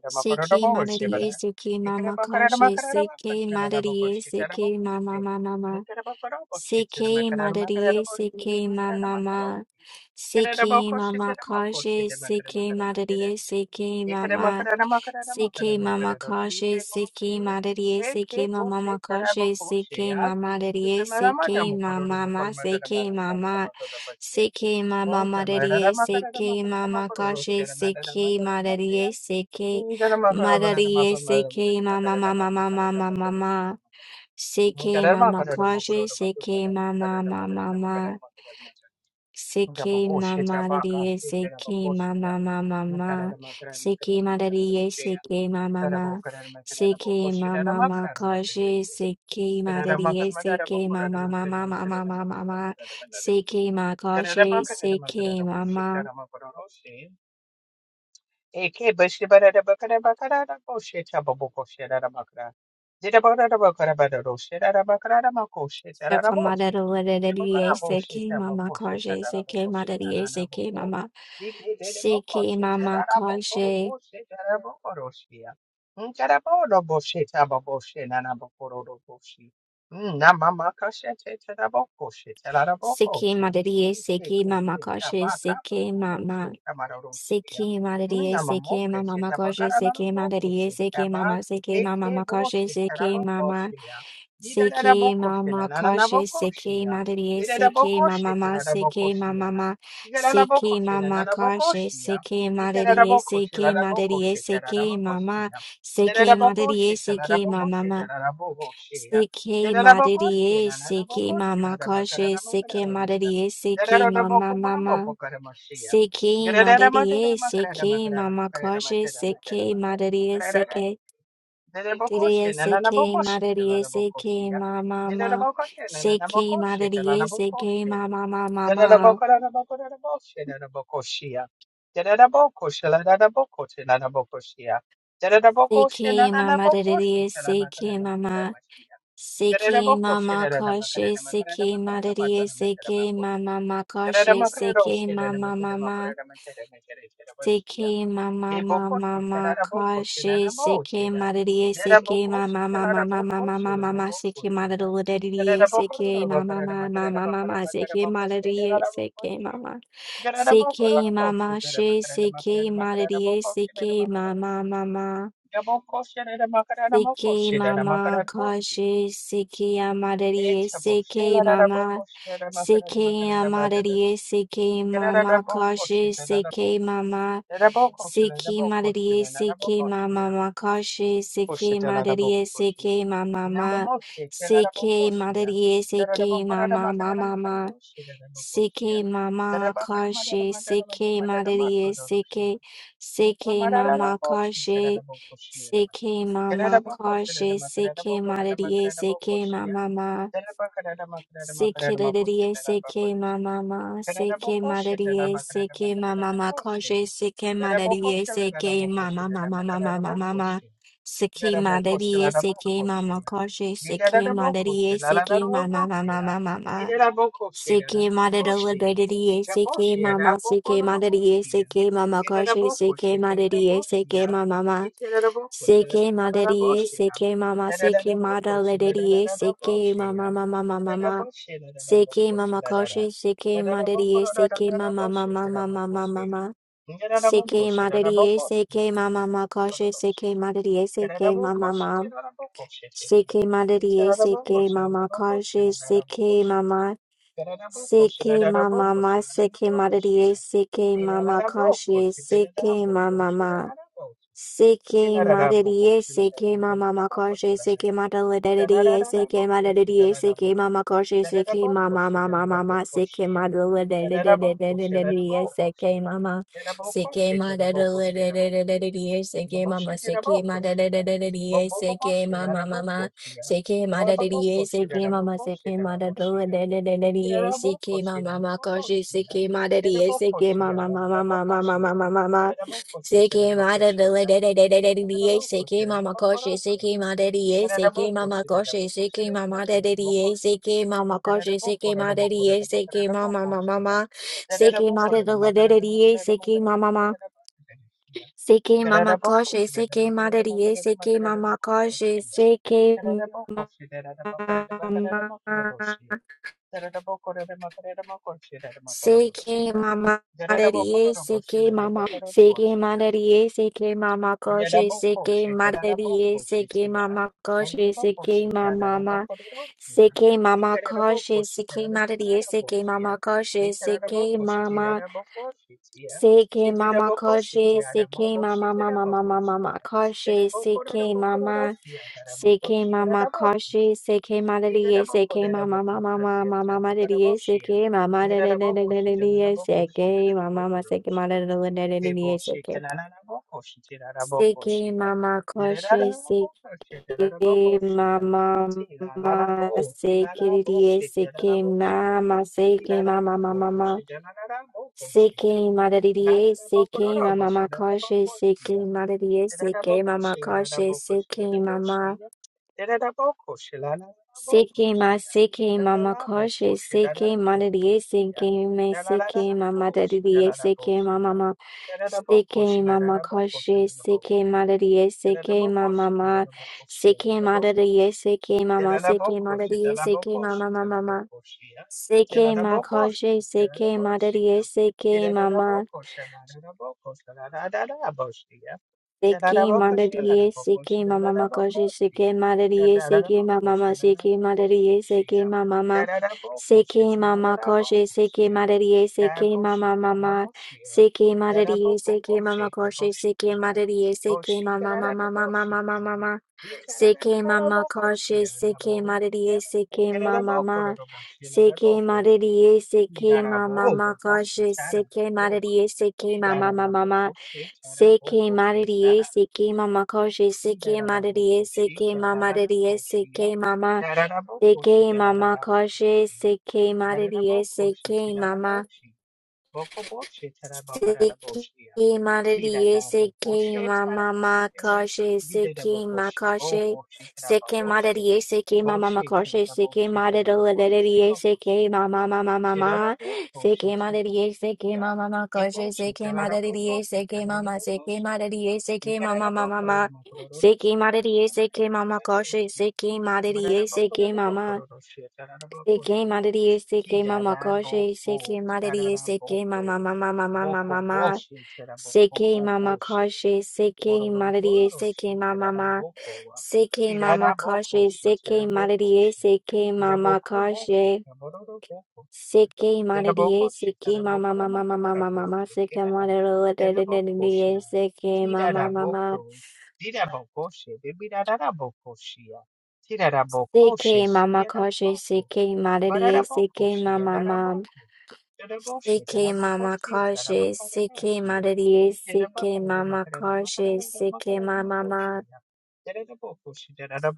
[SPEAKER 6] CK Madariye CK Mama Kashi CK Madariye CK Mama Mama Ma CK Madariye CK Mama Ma CK Mama Kashi CK Madariye CK Mama CK Mama Kashi, CK Madariye, CK Mama Makashi, CK Mama Dariye, CK Mama Ma, CK Mama, CK Mama Madariye, CK Mama Kashi, CK Madariye, CK Madariye, CK Mama Mama Mama Mama Mama, CK Mama Kashi, CK Mama Mama Mama. Siki mama daddy siki mama mama mama, siki mama daddy siki mama ma siki mama ma kashi siki mama daddy siki mama mama mama mama ma siki ma kashi siki mama Saka mada daddy siki mama kashi siki mama daddy siki mama siki mama kashi siki mama daddy siki mama kashi siki mama CK mama CK mama koshe CK mama CK mama CK mama koshe CK mama CK mama koshe CK mama CK mama CK mama CK mama koshe CK mama CK mama CK mama CK mama CK mama CK mama CK mama koshe CK mama CK mama mama CK Madidie CK Mama Koshe CK Madidie CK Didie CK Madidie CK Mama Mama CK Madidie CK Mama Mama Mama CK Mama Didie CK Mama CK Mama Koshe CK Madidie CK Mama Mama Koshe CK Mama Mama Seke ma mama mama ma ma kashi seke ma didiye seke mama mama mama mama mama. ma ma ma ma ma seke ma didiye didiye seke ma ma ma ma ma ma ma seke ma seke ma seke ma she seke ma didiye seke ma mama ma CK Mama Kashi CK Amadari CK Mama CK Amadari CK Mama Kashi CK Mama CK Madari CK Mama Kashi CK Madari CK Mama CK Madari CK Mama Mama CK Mama Kashi, CK Madidi, CK, CK Mama Kashi, CK Mama Kashi, CK Madidi, CK Mama Ma, CK Lididi, CK Mama Ma, CK Madidi, CK Mama Ma Kashi, CK Madidi, CK Mama Mama Mama Mama Ma. CK Madidi, CK Mama Kashi, CK Madidi, CK Mama Mama Mama Ma. CK Madariya Ligadidiya CK Mama CK Madariya CK Mama Karshi CK Madariya CK Mama CK Madariya CK Mama CK Madariya CK Mama Mama Mama Mama Mama Karshi CK Madariya CK Mama Mama Mama Mama Mama CK Madariya CK Mama Mama Karshi CK Madariya CK Mama Mama CK Madariya CK Mama Karshi CK Mama CK Mama, my CK Madadia, CK Mama Conchie, CK Mama. ma Seke madadiye, seke mama makorshe, seke madaladadiye, seke madadiye, seke mama korshe, seke mama mama mama, seke madaladadiye, seke mama, seke madaladadiye, seke mama, seke madaladadiye, seke mama mama, seke madadiye, seke mama, seke madaladadiye, seke mama makorshe, seke madadiye, seke mama mama mama mama mama. Seki mada dele de de de de de de de seki mama koshe seki mada de seki mama koshe seki mama de de de seki mama koshe seki mada de seki mama mama mama seki mada dele de de de seki mama mama seki mama koshe seki mada de seki mama koshe seki mama CK Mama Marie, CK Mama, CK Marie, CK Mama Koshi, CK Marie, CK Mama Koshi, CK Mama Ma, Mama Koshi, CK Marie, CK Mama Koshi, CK Mama CK Mama Koshe, CK Mama Mama Mama Mama Koshe, CK Mama, CK Mama Koshe, CK Maladiye, CK Mama Mama Mama Mama Maladiye, CK Mama Dadadadadadadiye, CK Mama Mama CK Maladadadadadadiye, CK CK Mama Koshe, CK Mama Mama CK Didiye, CK Mama CK Mama Mama Seeking Madadidier, seeking Mama Kashi, seeking Madadidier, seeking Mama Kashi, seeking Mama. Seeking ma, seeking Mama Kashi, seeking Madadidier, seeking me, seeking Mama Dadidier, seeking Mama. Seeking Mama Kashi, seeking Madadidier, seeking Mama. Seeking Madadidier, seeking Mama, seeking Madadidier, seeking Mama Mama. Seeking my Kashi, seeking Madadidier, seeking Mama. Seki madariye, seki mama makashi, seki madariye, seki mama ma, seki madariye, seki mama ma, seki mama koshi, seki madariye, seki mama mama, seki madariye, seki mama koshi, seki madariye, seki mama mama mama mama mama, seki mama koshi, seki madariye, seki mama ma, seki madariye, seki mama makashi, seki madariye, seki mama mama Mama. Seke madadiye, seke mama koshe, seke madadiye, seke mama dadiye, seke mama, seke mama koshe, seke madadiye, seke mama. Seki Madidi Seki Mama Makashi Seki Makashi Seki Madidi Seki Mama Makashi Seki Madidi Seki Mama Mama Mama Seki Madidi Seki Mama Makashi Seki Madidi Seki Mama Seki Madidi Seki Mama Mama Mama Seki Madidi Seki Mama Kashi Seki Madidi Seki Mama Seki Madidi Seki Mama Kashi Seki Madidi Seki Mama Mama Mama Mama Mama Seke mama koshe, seke maladiye, seke mama ma, seke mama koshe, seke maladiye, seke mama koshe, seke maladiye, seke mama mama mama mama ma, seke maladiye, seke mama mama, seke mama koshe, seke maladiye, seke mama ma, seke mama koshe, seke maladiye, seke mama koshe, seke mama ma.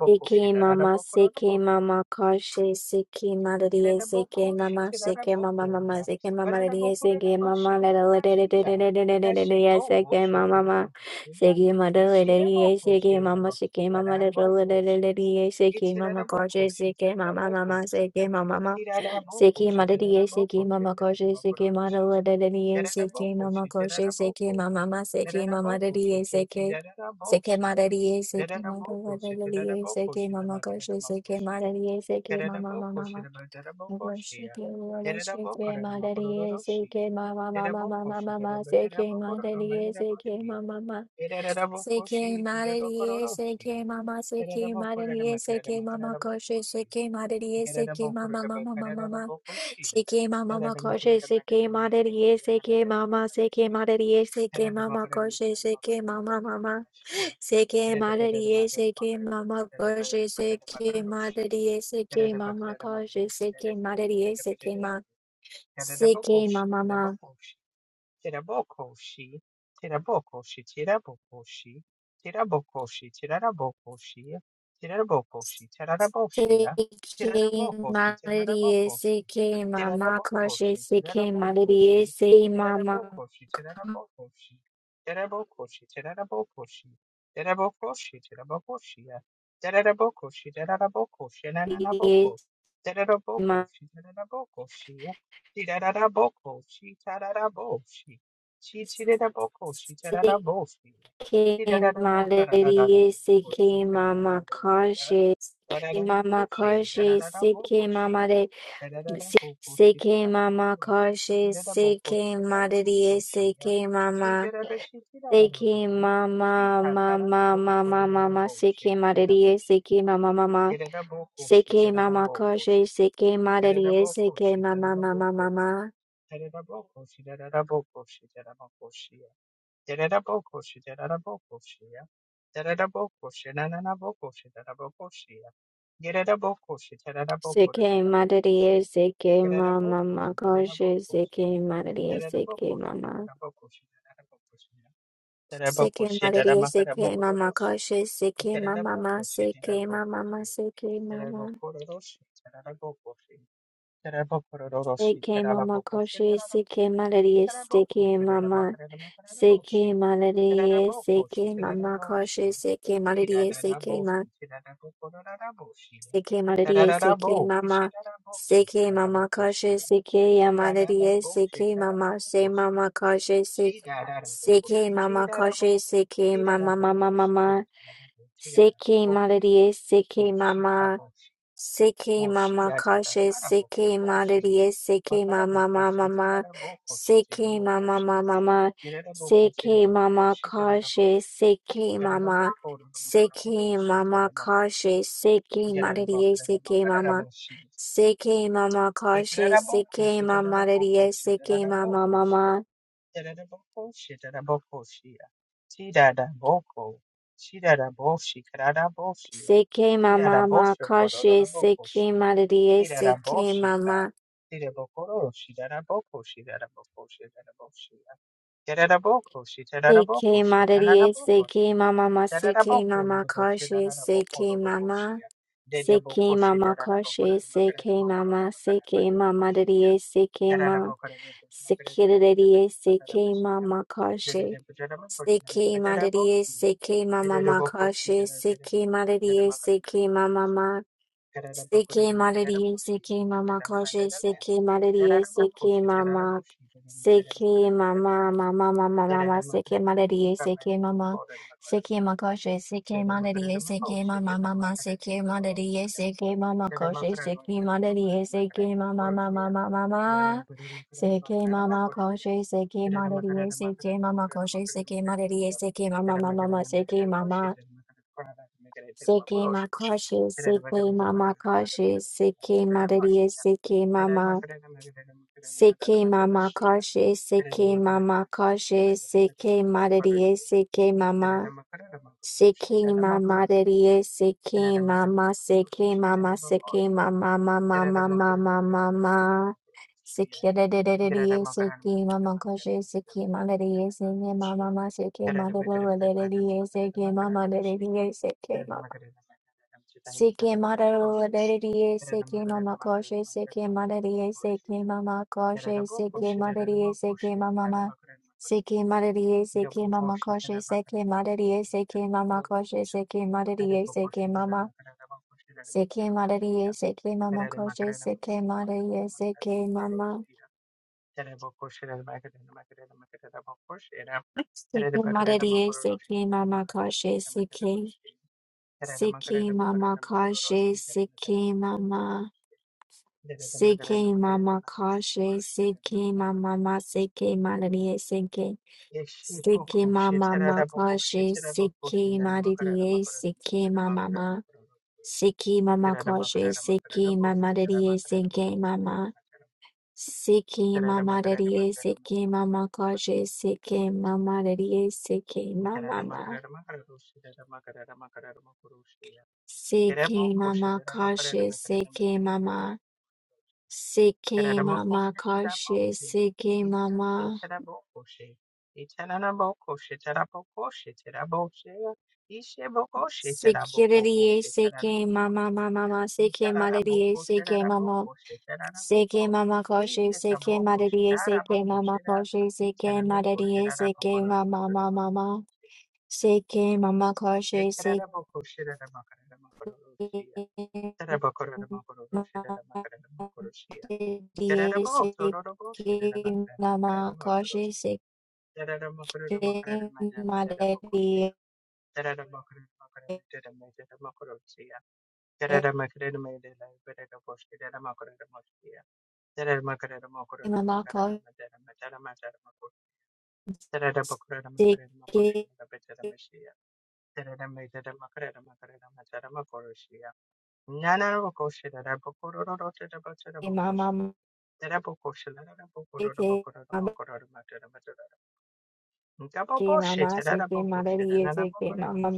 [SPEAKER 6] Seki mama, seki mama, kashi, seki malaria, seki mama, seki mama, mama, seki mama, malaria, seki mama, malaria, seki mama, seki malaria, seki mama, seki mama, malaria, seki mama, kashi, seki mama, mama, seki mama, seki malaria, seki mama, kashi, seki malaria, seki mama, kashi, seki mama, seki mama, malaria, seki Seke mararie, seke mararie, seke mama koshe, seke mararie, seke mama mama mama. I worship you, Lord. Seke mararie, seke mama mama mama mama. Seke mararie, seke mama mama. Seke mararie, seke mama, seke mararie, seke mama koshe, seke mararie, seke mama mama mama mama. Seke mama mama koshe, seke mararie, seke mama, seke mararie, seke mama koshe, seke mama mama. Seke madariye seke mama koje seke madariye seke mama koje seke madariye seke ma seke mama ma seke madariye seke mama koje seke madariye seke mama koje ma seke madariye seke mama koje seke mama koje seke mama Seke mama karshe, seke madariye, seke mama, seke mama, mama, mama, mama, seke madariye, seke mama, mama, seke mama karshe, seke madariye, seke mama, mama, mama, seke madariye, seke mama, mama karshe, seke madariye, seke mama. Seke madariye, seke mama karshe, seke mama, mama, seke mama, mama, seke mama. Seke mama koshe, seke malaria, seke mama, seke malaria, seke mama koshe, seke malaria, seke ma, seke malaria, seke mama, seke mama koshe, seke ya malaria, seke mama, se mama koshe, se, seke mama koshe, seke mama mama mama, seke malaria, seke mama. Seki mama kashe seki madariye seki mama mama ma seki mama mama ma seki mama kashe seki mama seki mama kashe seki madariye seki mama seki mama kashe seki mama madariye seki mama mama seki mama ma kashe seki madariye seki mama Seke mararie, seke mama ma, seke mama karshe, seke mama. Seke mama karshe, seke mama, seke mama darie, seke ma. Seke darie, seke mama karshe. Seke mararie, seke mama ma karshe, seke mararie, seke mama ma. CK Malady, CK Mama Crochet, CK Malady, CK Mama, CK Mama, Mama, Mama, Mama, CK Malady, CK Mama, CK Mama Crochet, CK Malady, CK Mama, Mama, CK Malady, CK Mama Crochet, CK Malady, CK Mama, Mama, Mama, CK Mama Crochet, CK Malady, CK Mama Crochet, CK Malady, CK Mama, Mama, Mama, CK Mama. Seke makashe, seke mama kashe, seke mararie, seke mama, seke mama kashe, seke mama kashe, seke mararie, seke mama, seke mama rarie, seke mama, seke mama, seke mama, mama, mama, mama, mama. Seke rarie, seke mama kashe, seke mararie, seke mama, mama, seke mama, rarie, seke mama, rarie, seke mama. Seki madaru adediye, seki mama koshe, seki madadiye, seki mama koshe, seki madadiye, seki mama ma. Seki madadiye, seki mama koshe, seki madadiye, seki mama koshe, seki madadiye, seki mama. Seki madadiye, seki mama koshe, seki madadiye, seki mama. Seki madadiye, seki mama koshe, seki. Seki mama koshe, seki mama. CK Mama Kashe, CK Mama Ma, CK Malaria, CK, CK Mama Ma Kashe, CK Malaria, CK Mama Ma, CK Mama Kashe, CK Mama Malaria, CK Mama, CK Mama Malaria, CK Mama Kashe, CK Mama Malaria, CK Mama Ma, CK Mama Kashe, CK Mama, CK Mama Kashe, CK Mama. Security, CK Mama Mama Mama, CK Malady, CK Mama, CK Mama Koshi, CK Malady, CK Mama Koshi, CK Malady, CK Mama Mama Mama, CK Mama Koshi, CK Malady, CK Mama Koshi, CK Malady, Mama Koshi, CK Mama Seke mama seke mama seke malariye seke mama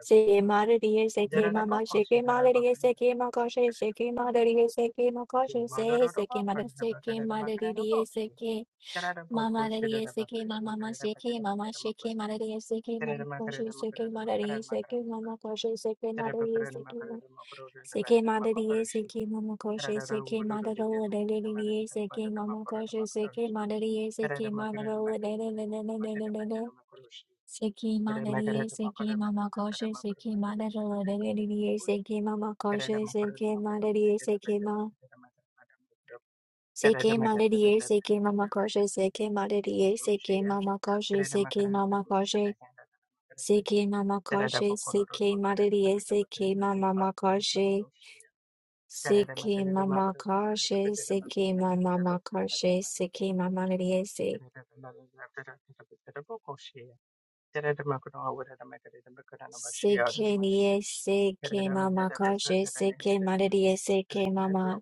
[SPEAKER 6] seke malariye seke mama seke malariye seke makashe seke malariye seke makashe se seke malariye seke malariye seke mama malariye seke mama mama seke mama seke malariye seke mama kashe seke malariye seke mama kashe seke malariye seke Seke madariye, seke mama koshe, seke madaro, lelelelele, seke mama koshe, seke madariye, seke madaro, lelelelelelelele. Seke madariye, seke mama koshe, seke madaro, lelelelele, seke mama koshe, seke madariye, seke ma. Seke madariye, seke mama koshe, seke madariye, seke mama koshe, seke mama koshe. Seke mama koshe, seke madariye, seke mama koshe. Siki mama karshe, siki mama makarshe, siki mama lidiese. Siki liese, ke mama karshe, siki malidiese, ke mama.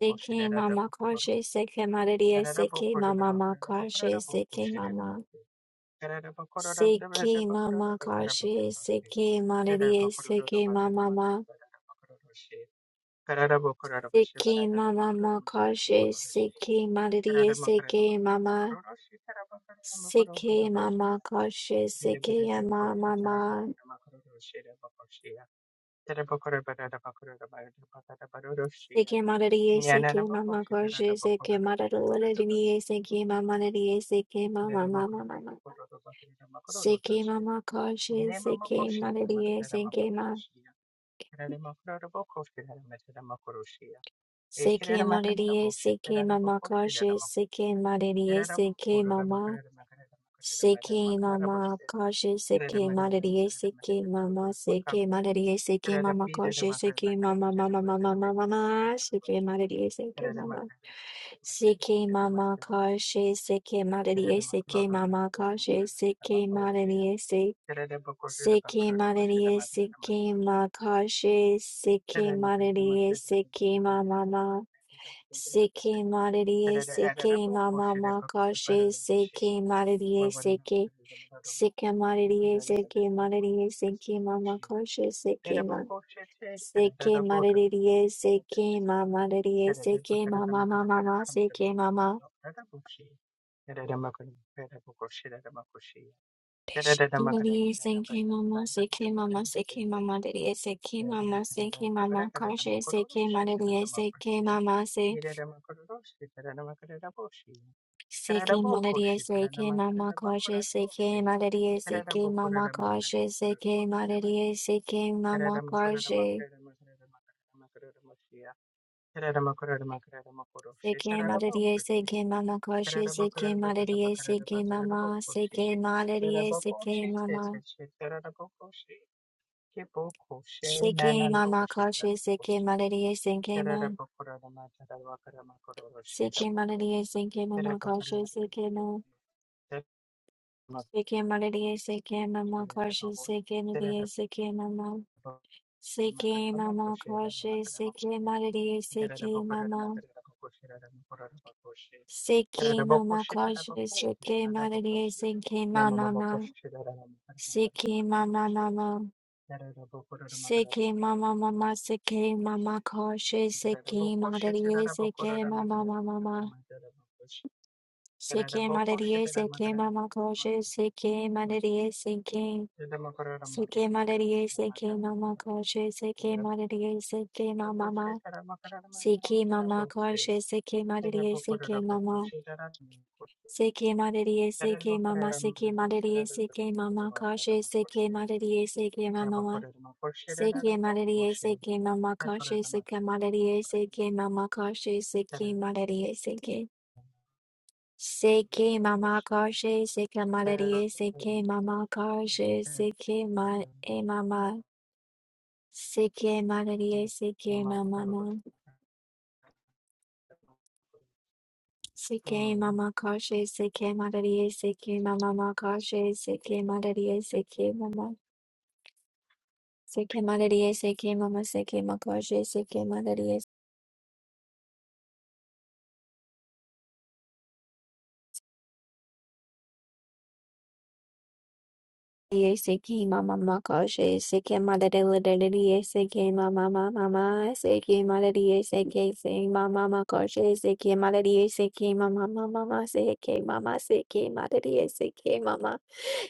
[SPEAKER 6] Siki mama karshe, siki malidiese, ke mama makarshe, siki mama. Siki mama karshe, siki malidiese, ke mama ma. Siki mama makarshe, siki malidiese, ke mama. CK Mama Koshe CK Mama Mama CK Madariye CK Mama Koshe CK Madaruliniye CK Mama Nadiye CK Mama Mama Mama CK Mama Koshe CK Madariye CK Ma CK Madariye CK Mama Koshe CK Madariye CK Mama Seke mama kaje seke malaria seke mama seke malaria seke mama kaje seke mama mama mama mama mama seke malaria seke mama seke mama kaje seke malaria seke mama kaje seke malaria se seke malaria seke ma kaje seke malaria seke mama mama seke malaria seke mama mama kaje seke malaria seke Seke mareriye, seke mareriye, seke mama koshe, seke ma. Seke mareriye, seke mama reriye, seke mama mama ma, seke mama. Reriye, seke mama, seke mama, seke mama reriye, seke mama, seke mama koshe, seke mareriye, seke mama se. Seke mareriye, seke mama koshe, seke mareriye, seke mama koshe, seke mareriye, seke mama koshe. Seke malaria, seke mama koshi, seke malaria, seke mama, seke malaria, seke mama, seke mama koshi, seke malaria, seke mama, seke malaria, seke mama koshi, seke mama, seke malaria, seke mama koshi, seke malaria, seke mama, seke mama koshi, seke malaria, seke mama, seke mama koshi, seke malaria, seke mama, seke mama mama. Seki mama mama seki mama koshi seki madariye seki mama mama mama seki madariye seki mama koshi seki madariye seki seki madariye seki mama koshi seki madariye seki mama mama seki mama koshi seki madariye seki mama seki madariye seki mama seki madariye seki mama koshi seki madariye seki mama Seki malaria, seki mama koshe, seki malaria, seki mama koshe, seki malaria, seki. Seki mama koshe, seki malaria, seki mama koshe, seki ma e mama. Seki malaria, seki mama no. Seki mama koshe, seki malaria, seki mama ma koshe, seki malaria, seki mama. Seki malaria, seki mama, seki ma koshe, Ese que mama makoshi, ese que madre lady, ese que mama mama, ese que madre, ese que se mama makoshi, ese que madre, ese que mama mama, mama, ese que mama, ese que madre, ese que mama,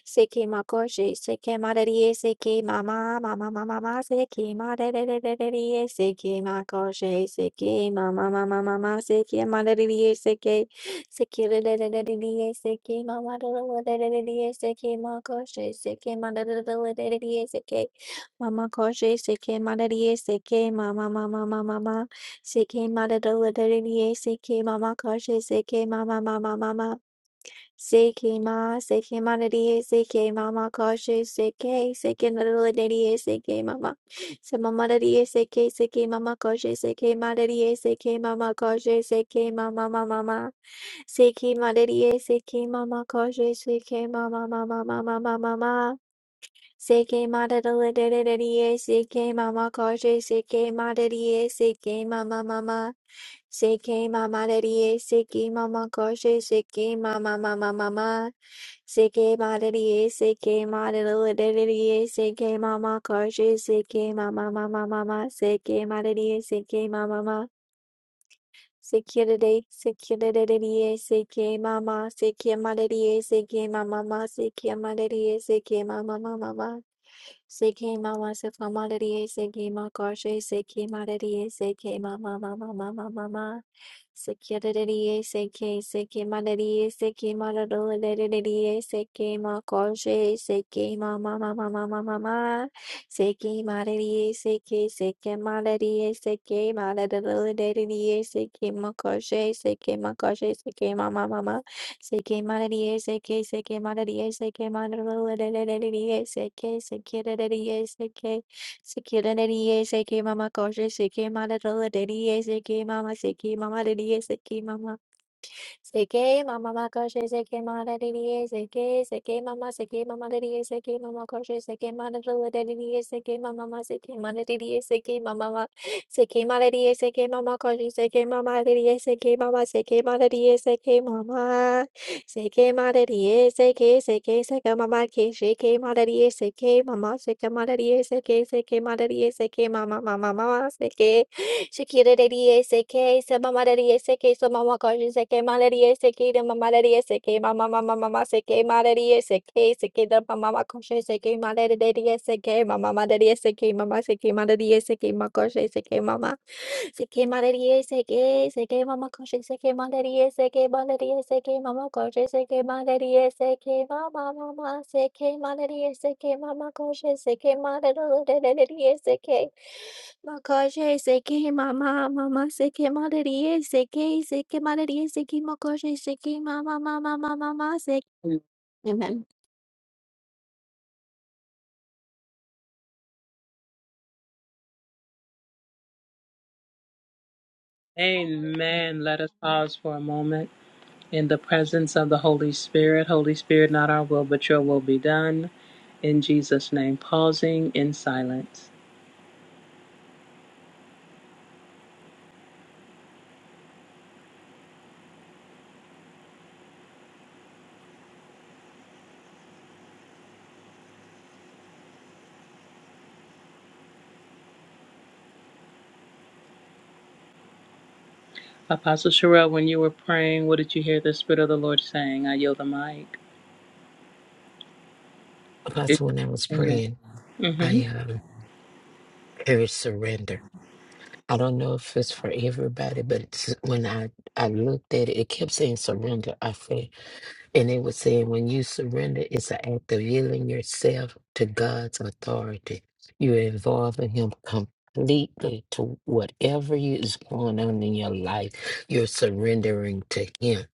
[SPEAKER 6] ese que makoshi, ese que madre, ese que mama mama mama, mama, ese que madre, le le le ese que makoshi, ese que mama mama mama, ese que madre, ese que Mama koshe seke madarie seke mama mama mama mama seke madadala seke mama koshe seke mama mama mama CK ma, CK ma nadiye, CK mama cautious, CK, CK little nadiye, CK mama. So mama nadiye, CK, CK mama cautious, CK ma nadiye, CK mama cautious, CK mama mama mama. CK ma nadiye, CK mama cautious, CK mama mama mama mama mama. CK ma little nadiye, CK mama cautious, CK ma nadiye, CK mama mama. CK mama daddy CK mama koshe CK mama mama mama CK mama daddy CK mama daddy CK mama koshe CK mama mama mama CK mama daddy CK mama mama Security, security, CK mama, CK mama, CK mama, CK mama, CK mama, mama, mama. Seki mama se famalariye seki ma koshe seki malariye seki mama mama mama mama Sekirariye seki seki malariye seki malarolariye seki ma koshe seki mama mama mama mama Seki malariye seki seki malariye seki malarolariye seki ma koshe seki ma koshe seki mama mama Se que madre, se que, se Seke manadiye, seke, seke manadiye, seke se seke, se dadadiye, seke, seke se seke mama se koshe, seke se seke mama, se seke mama se seke mama. Seke mama ma koshe seke ma da di di e mama seke mama da di e mama koshe seke ma da da da e mama ma seke ma da di e mama ma seke ma da di e mama koshe seke mama da di e mama ma da di e seke mama ma da di e seke seke mama ma da e e e Shakira-da-dee-yay-say-kay, say mama-da-dee-yay-say-kay, So mama mama Mama Mama Mama mama mama Mama mama Shakirereriesekai, Mama samamakoshsekai, malariesekai, Mama mamamamamasekai, malariesekai, sekidam mamamakoshesekai, malarereriesekai, mamamamareriesekai, mamasekai, malariesekai, makoshesekai, mama. Sekemaleriye seke, seke mama koşe seke maleriye seke maleriye seke mama koşe seke maleriye seke mama mama seke maleriye seke mama koşe seke maleriye seke makoşe seke mama mama seke maleriye seke seke maleriye seke makoşe seke mama mama mama mama seke Amen.
[SPEAKER 3] Amen. Let us pause for a moment in the presence of the Holy Spirit. Holy Spirit, not our will, but your will be done. In Jesus' name, pausing in silence.
[SPEAKER 2] when I was praying.
[SPEAKER 3] hmm
[SPEAKER 2] I um heard surrender. I don't know if it's for everybody, but it's- when I I looked at it, it kept saying surrender. I said. And it was saying when you surrender, it's an act of yielding yourself to God's authority. You're involving Him completely to whatever you- is going on in your life. You're surrendering to Him.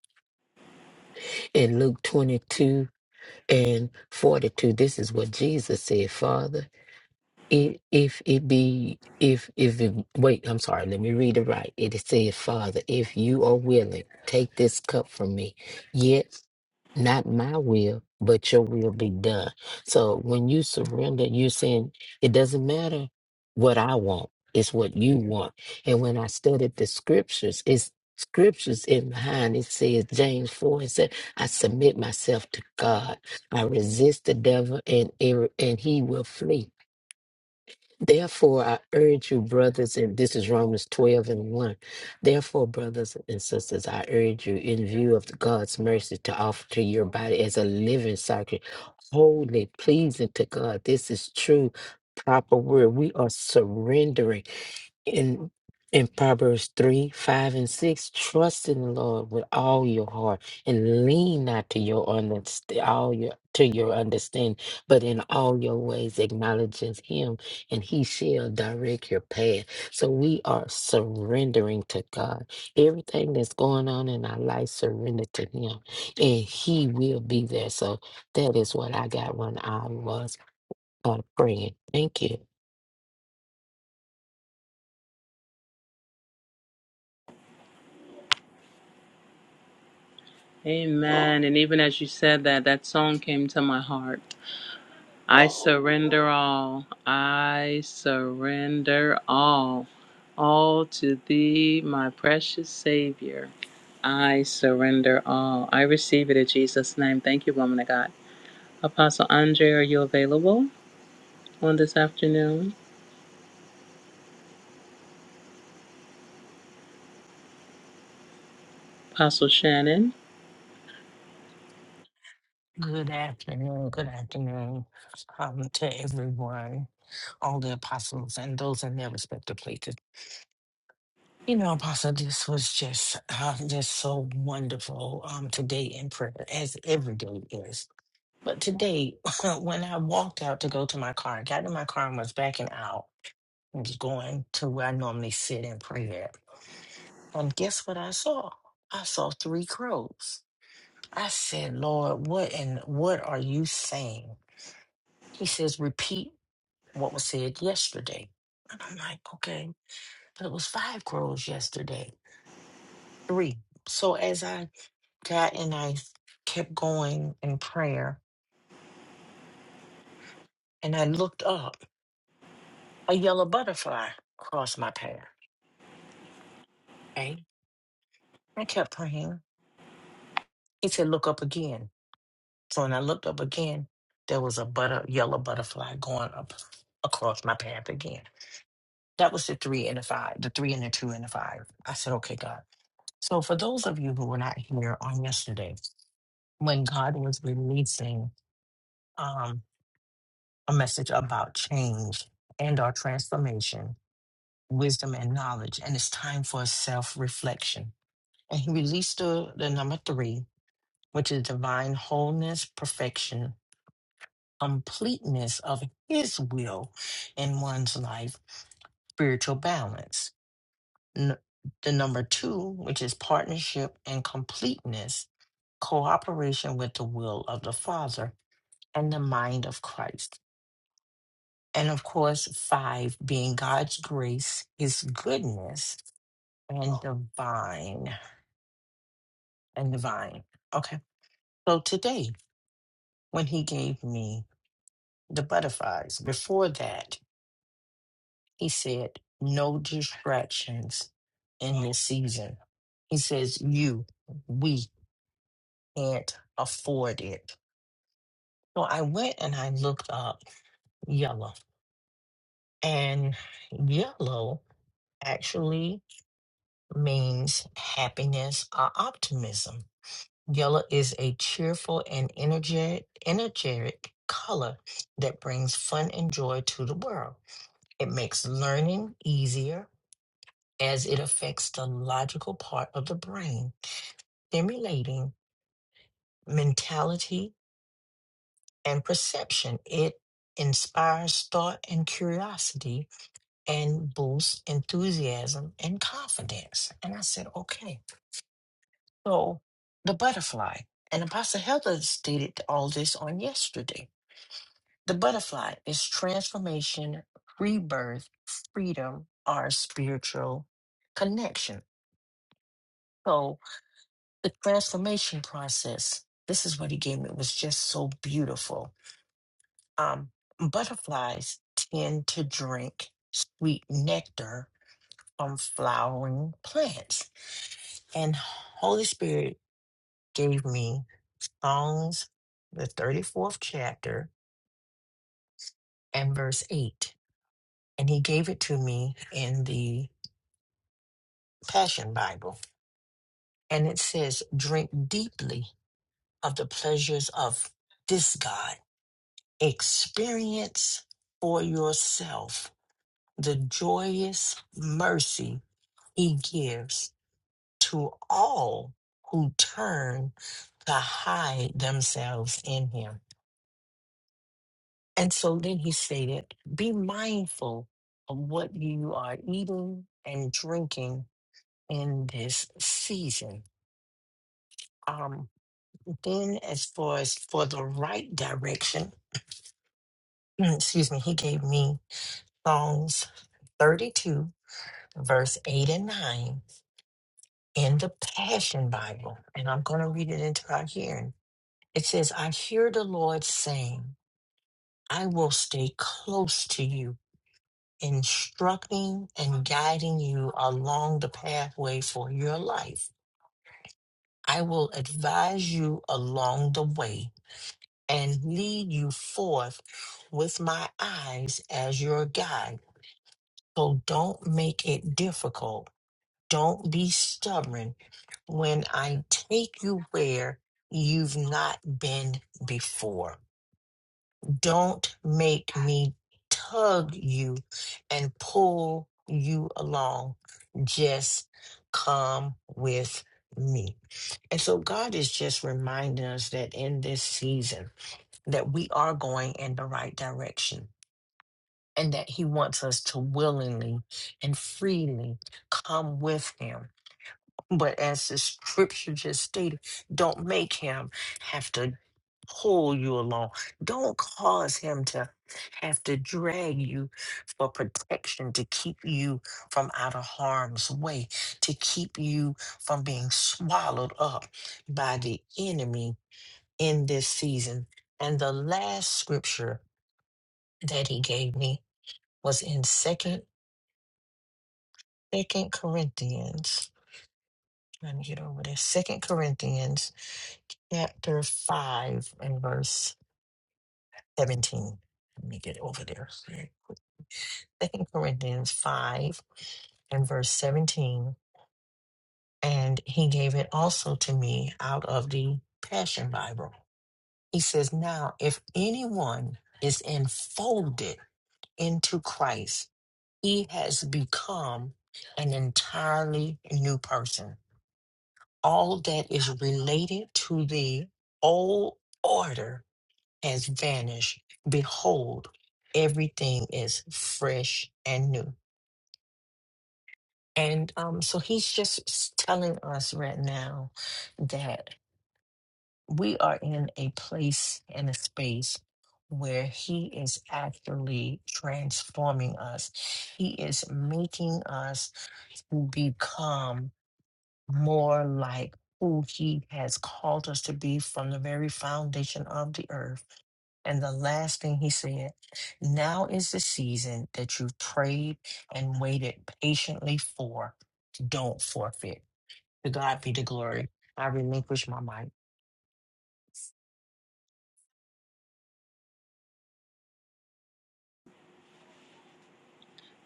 [SPEAKER 2] In Luke 22 and 42, this is what Jesus said, Father. i- If it be, if, if, it, wait, I'm sorry, let me read it right. It said, Father, if you are willing, take this cup from me. Yet not my will, but your will be done. So when you surrender, you're saying it doesn't matter what I want, it's what you want. And when I studied the scriptures, it's scriptures in behind it says James 4 and said, I submit myself to God. I resist the devil and er- and he will flee. Therefore, I urge you, brothers, and this is Romans 12 and 1. Therefore, brothers and sisters, I urge you, in view of God's mercy, to offer to your body as a living sacrifice, holy, pleasing to God. This is true, proper word. We are surrendering in in Proverbs 3, 5, and 6, trust in the Lord with all your heart and lean not to your underst- all your to your understanding, but in all your ways acknowledge him and he shall direct your path. So we are surrendering to God. Everything that's going on in our life, surrender to him, and he will be there. So that is what I got when I was uh, praying. Thank you.
[SPEAKER 3] Amen. And even as you said that, that song came to my heart. I surrender all. I surrender all. All to thee, my precious Savior. I surrender all. I receive it in Jesus' name. Thank you, woman of God. Apostle Andre, are you available? on this afternoon, Apostle Shannon.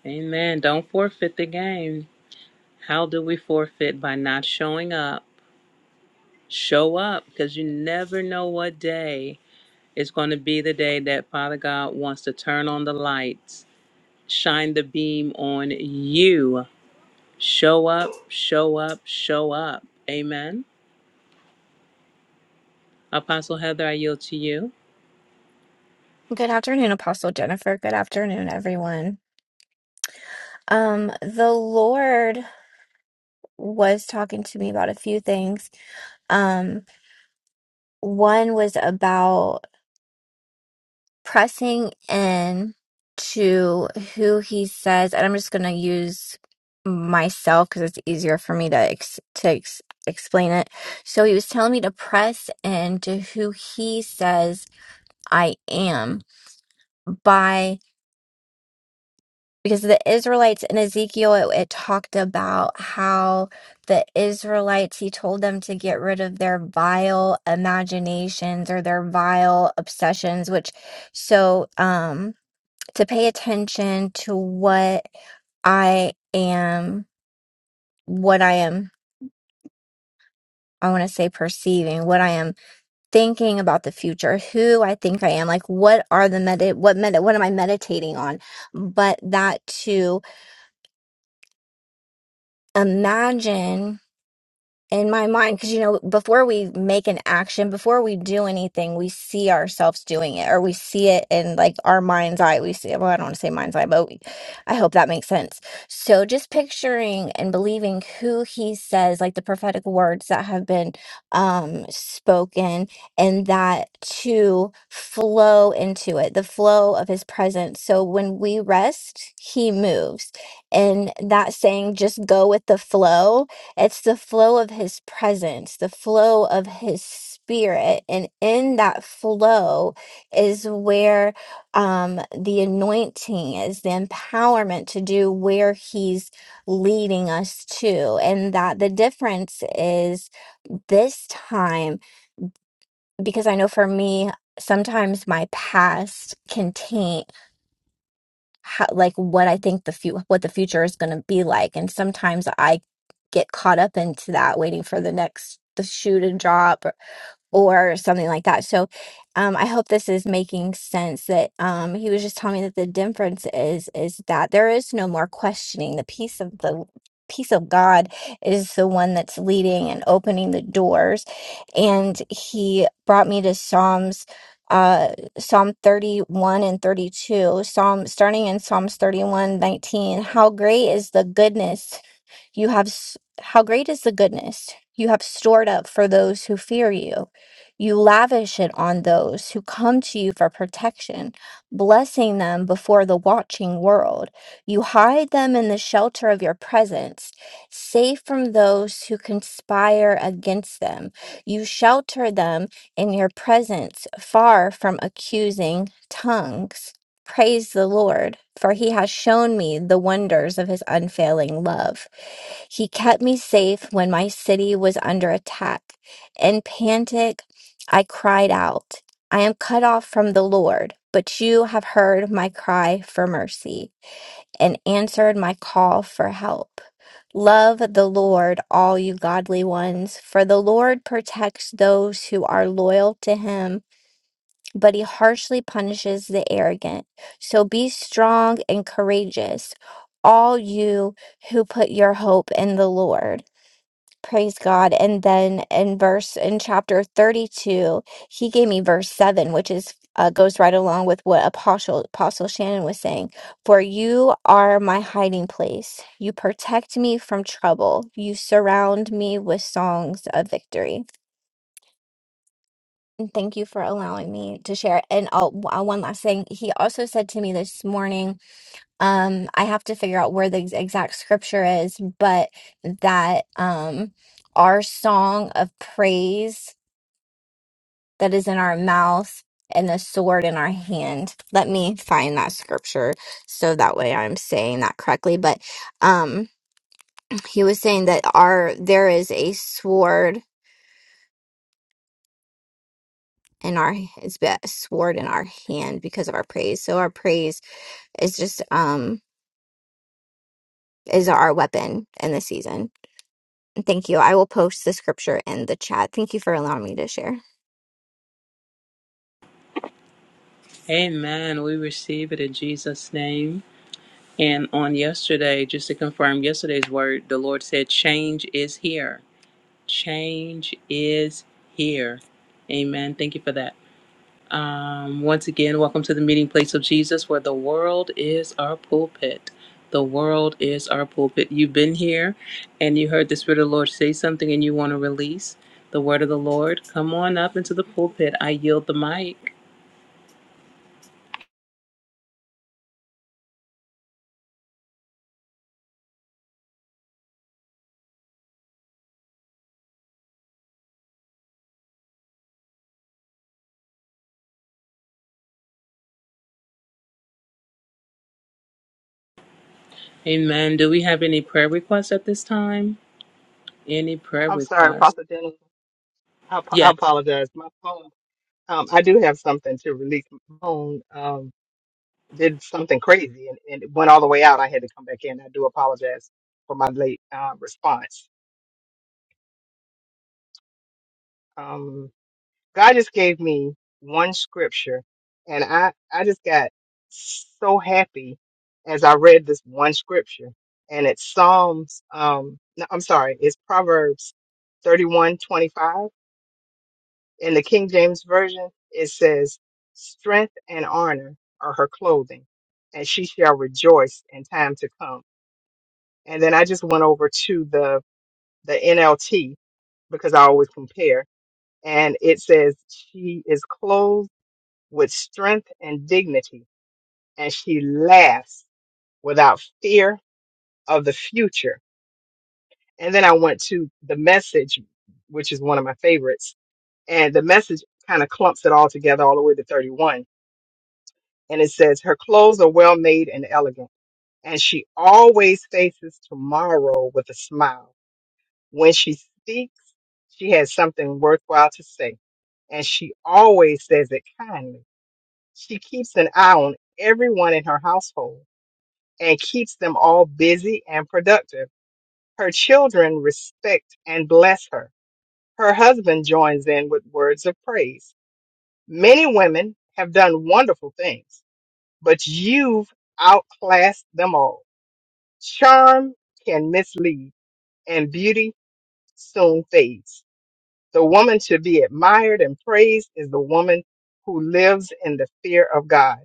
[SPEAKER 3] Amen. Don't forfeit the game. How do we forfeit? By not showing up. Show up because you never know what day is going to be the day that Father God wants to turn on the lights, shine the beam on you. Show up, show up, show up. Amen. Apostle Heather, I yield to you.
[SPEAKER 6] Good afternoon, Apostle Jennifer. Good afternoon, everyone. Um, the Lord was talking to me about a few things. Um, one was about pressing in to who he says, and I'm just going to use myself because it's easier for me to ex- to ex- explain it. So he was telling me to press in to who he says I am by. because the Israelites in Ezekiel, it, it talked about how the Israelites, he told them to get rid of their vile imaginations or their vile obsessions, which so um to pay attention to what I am, what I am, I want to say perceiving, what I am thinking about the future, who I think I am, like what are the med, what med, what am I meditating on? But that to imagine. in my mind because you know before we make an action before we do anything we see ourselves doing it or we see it in like our mind's eye we see well i don't want to say mind's eye but we, i hope that makes sense so just picturing and believing who he says like the prophetic words that have been um spoken and that to flow into it the flow of his presence so when we rest he moves and that saying just go with the flow it's the flow of his presence, the flow of his spirit. And in that flow is where um, the anointing is, the empowerment to do where he's leading us to. And that the difference is this time, because I know for me, sometimes my past can taint how, like what I think the few what the future is going to be like. And sometimes I get caught up into that, waiting for the next the shoe to drop. or or something like that. So um, I hope this is making sense that um, he was just telling me that the difference is is that there is no more questioning. The peace of the peace of God is the one that's leading and opening the doors. And he brought me to Psalms uh Psalm 31 and 32. Psalm starting in Psalms 31 19. How great is the goodness you have, s- how great is the goodness you have stored up for those who fear you. You lavish it on those who come to you for protection, blessing them before the watching world. You hide them in the shelter of your presence, safe from those who conspire against them. You shelter them in your presence, far from accusing tongues. Praise the Lord, for he has shown me the wonders of his unfailing love. He kept me safe when my city was under attack. In panic, I cried out, I am cut off from the Lord, but you have heard my cry for mercy and answered my call for help. Love the Lord, all you godly ones, for the Lord protects those who are loyal to him but he harshly punishes the arrogant. So be strong and courageous, all you who put your hope in the Lord. Praise God. And then in verse in chapter 32, he gave me verse 7, which is uh, goes right along with what Apostle Apostle Shannon was saying. For you are my hiding place. You protect me from trouble. You surround me with songs of victory. And Thank you for allowing me to share. And oh, w- uh, one last thing. He also said to me this morning, um, I have to figure out where the ex- exact scripture is, but that um, our song of praise that is in our mouth and the sword in our hand. Let me find that scripture so that way I'm saying that correctly. But um, he was saying that our there is a sword in our it's a sword in our hand because of our praise. So our praise is just um is our weapon in this season. And Thank you. I will post the scripture in the chat. Thank you for allowing me to share.
[SPEAKER 3] Amen. We receive it in Jesus' name. And on yesterday, just to confirm yesterday's word, the Lord. said, Change here. Change is Um, the pulpit, I yield the mic.
[SPEAKER 9] I'm sorry. It's Proverbs 31:25 In the King James Version, it says, Strength and honor are her clothing, and she shall rejoice in time to come. And then I just went over to the, the NLT because I always compare. And it says, She is clothed with strength and dignity, and she laughs without fear of the future. And then I went to the message, which is one of my favorites. And the message kind of clumps it all together all the way to 31. And it says, Her clothes are well made and elegant, and she always faces tomorrow with a smile. When she speaks, she has something worthwhile to say, and she always says it kindly. She keeps an eye on everyone in her household and keeps them all busy and productive. Her children respect and bless her Her husband joins in with words of praise. Many women have done wonderful things, but you've outclassed them all. Charm can mislead, and beauty soon fades. The woman to be admired and praised is the woman who lives in the fear of God.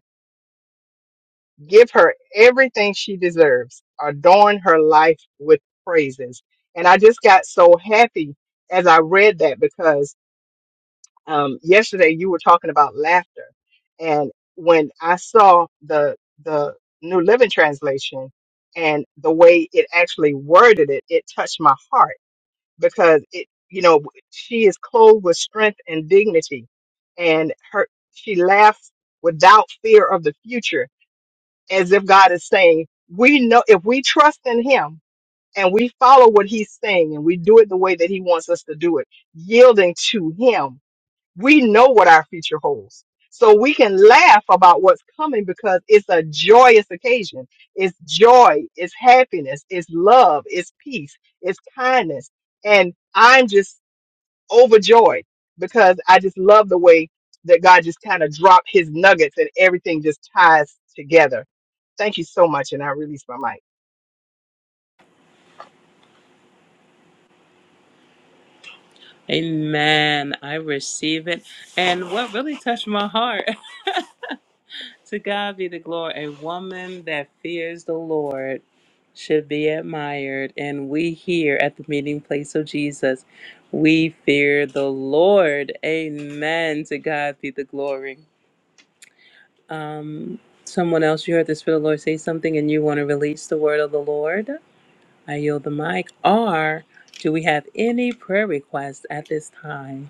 [SPEAKER 9] Give her everything she deserves. Adorn her life with praises. And I just got so happy as I read that because um, yesterday you were talking about laughter, and when I saw the the New Living Translation and the way it actually worded it, it touched my heart because it, you know, she is clothed with strength and dignity, and her she laughs without fear of the future, as if God is saying, we know if we trust in Him. And we follow what he's saying and we do it the way that he wants us to do it, yielding to him we know what our future holds. So we can laugh about what's coming because it's a joyous occasion. It's joy, it's happiness, it's love, it's peace, it's kindness. And I'm just overjoyed because I just love the way that God just kind of dropped his nuggets and everything just ties together. Thank you so much. And I release my mic.
[SPEAKER 3] Amen. I receive it. And what really touched my heart, to God be the glory, a woman that fears the Lord should be admired. And we here at the meeting place of Jesus, we fear the Lord. Amen. To God be the glory. Someone else, you heard the Spirit of the Lord say something and you want to release the word of the Lord? I yield the mic. Or do we have any prayer requests at this time?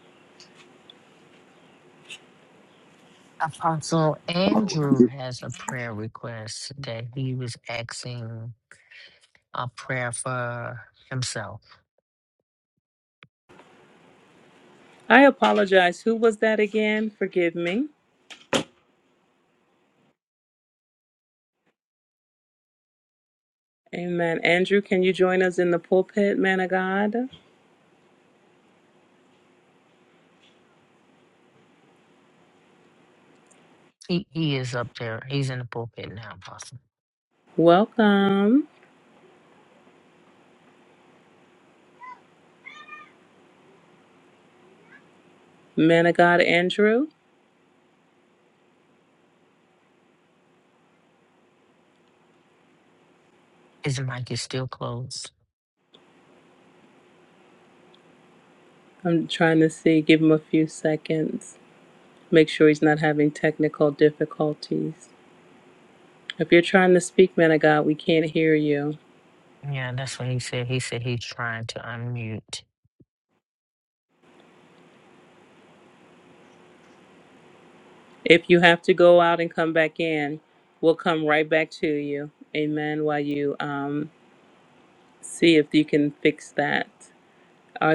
[SPEAKER 3] I apologize. Who was that again? Forgive me. Amen. Andrew, can you join us in the pulpit, man of God? Are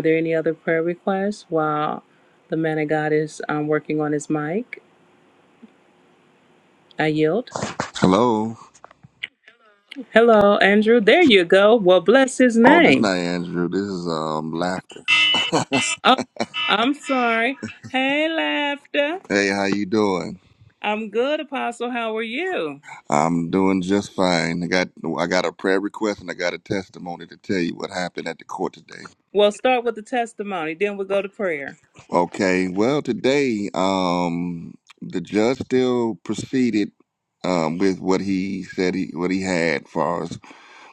[SPEAKER 3] there any other prayer requests while the man of God is um, working on his mic? I yield.
[SPEAKER 10] Hello.
[SPEAKER 3] Hello, Andrew. There you go. Well, bless his
[SPEAKER 10] Oh, this
[SPEAKER 3] name.
[SPEAKER 10] not Andrew. This is um laughter.
[SPEAKER 3] Oh, I'm sorry. Hey, laughter.
[SPEAKER 10] Hey, how you doing?
[SPEAKER 3] I'm good, Apostle. How are you?
[SPEAKER 10] I'm doing just fine. I got I got a prayer request and I got a testimony to tell you what happened at the court today.
[SPEAKER 3] Well, start with the testimony, then we'll go to prayer.
[SPEAKER 10] Okay. Well, today um the judge still proceeded um with what he said he what he had for us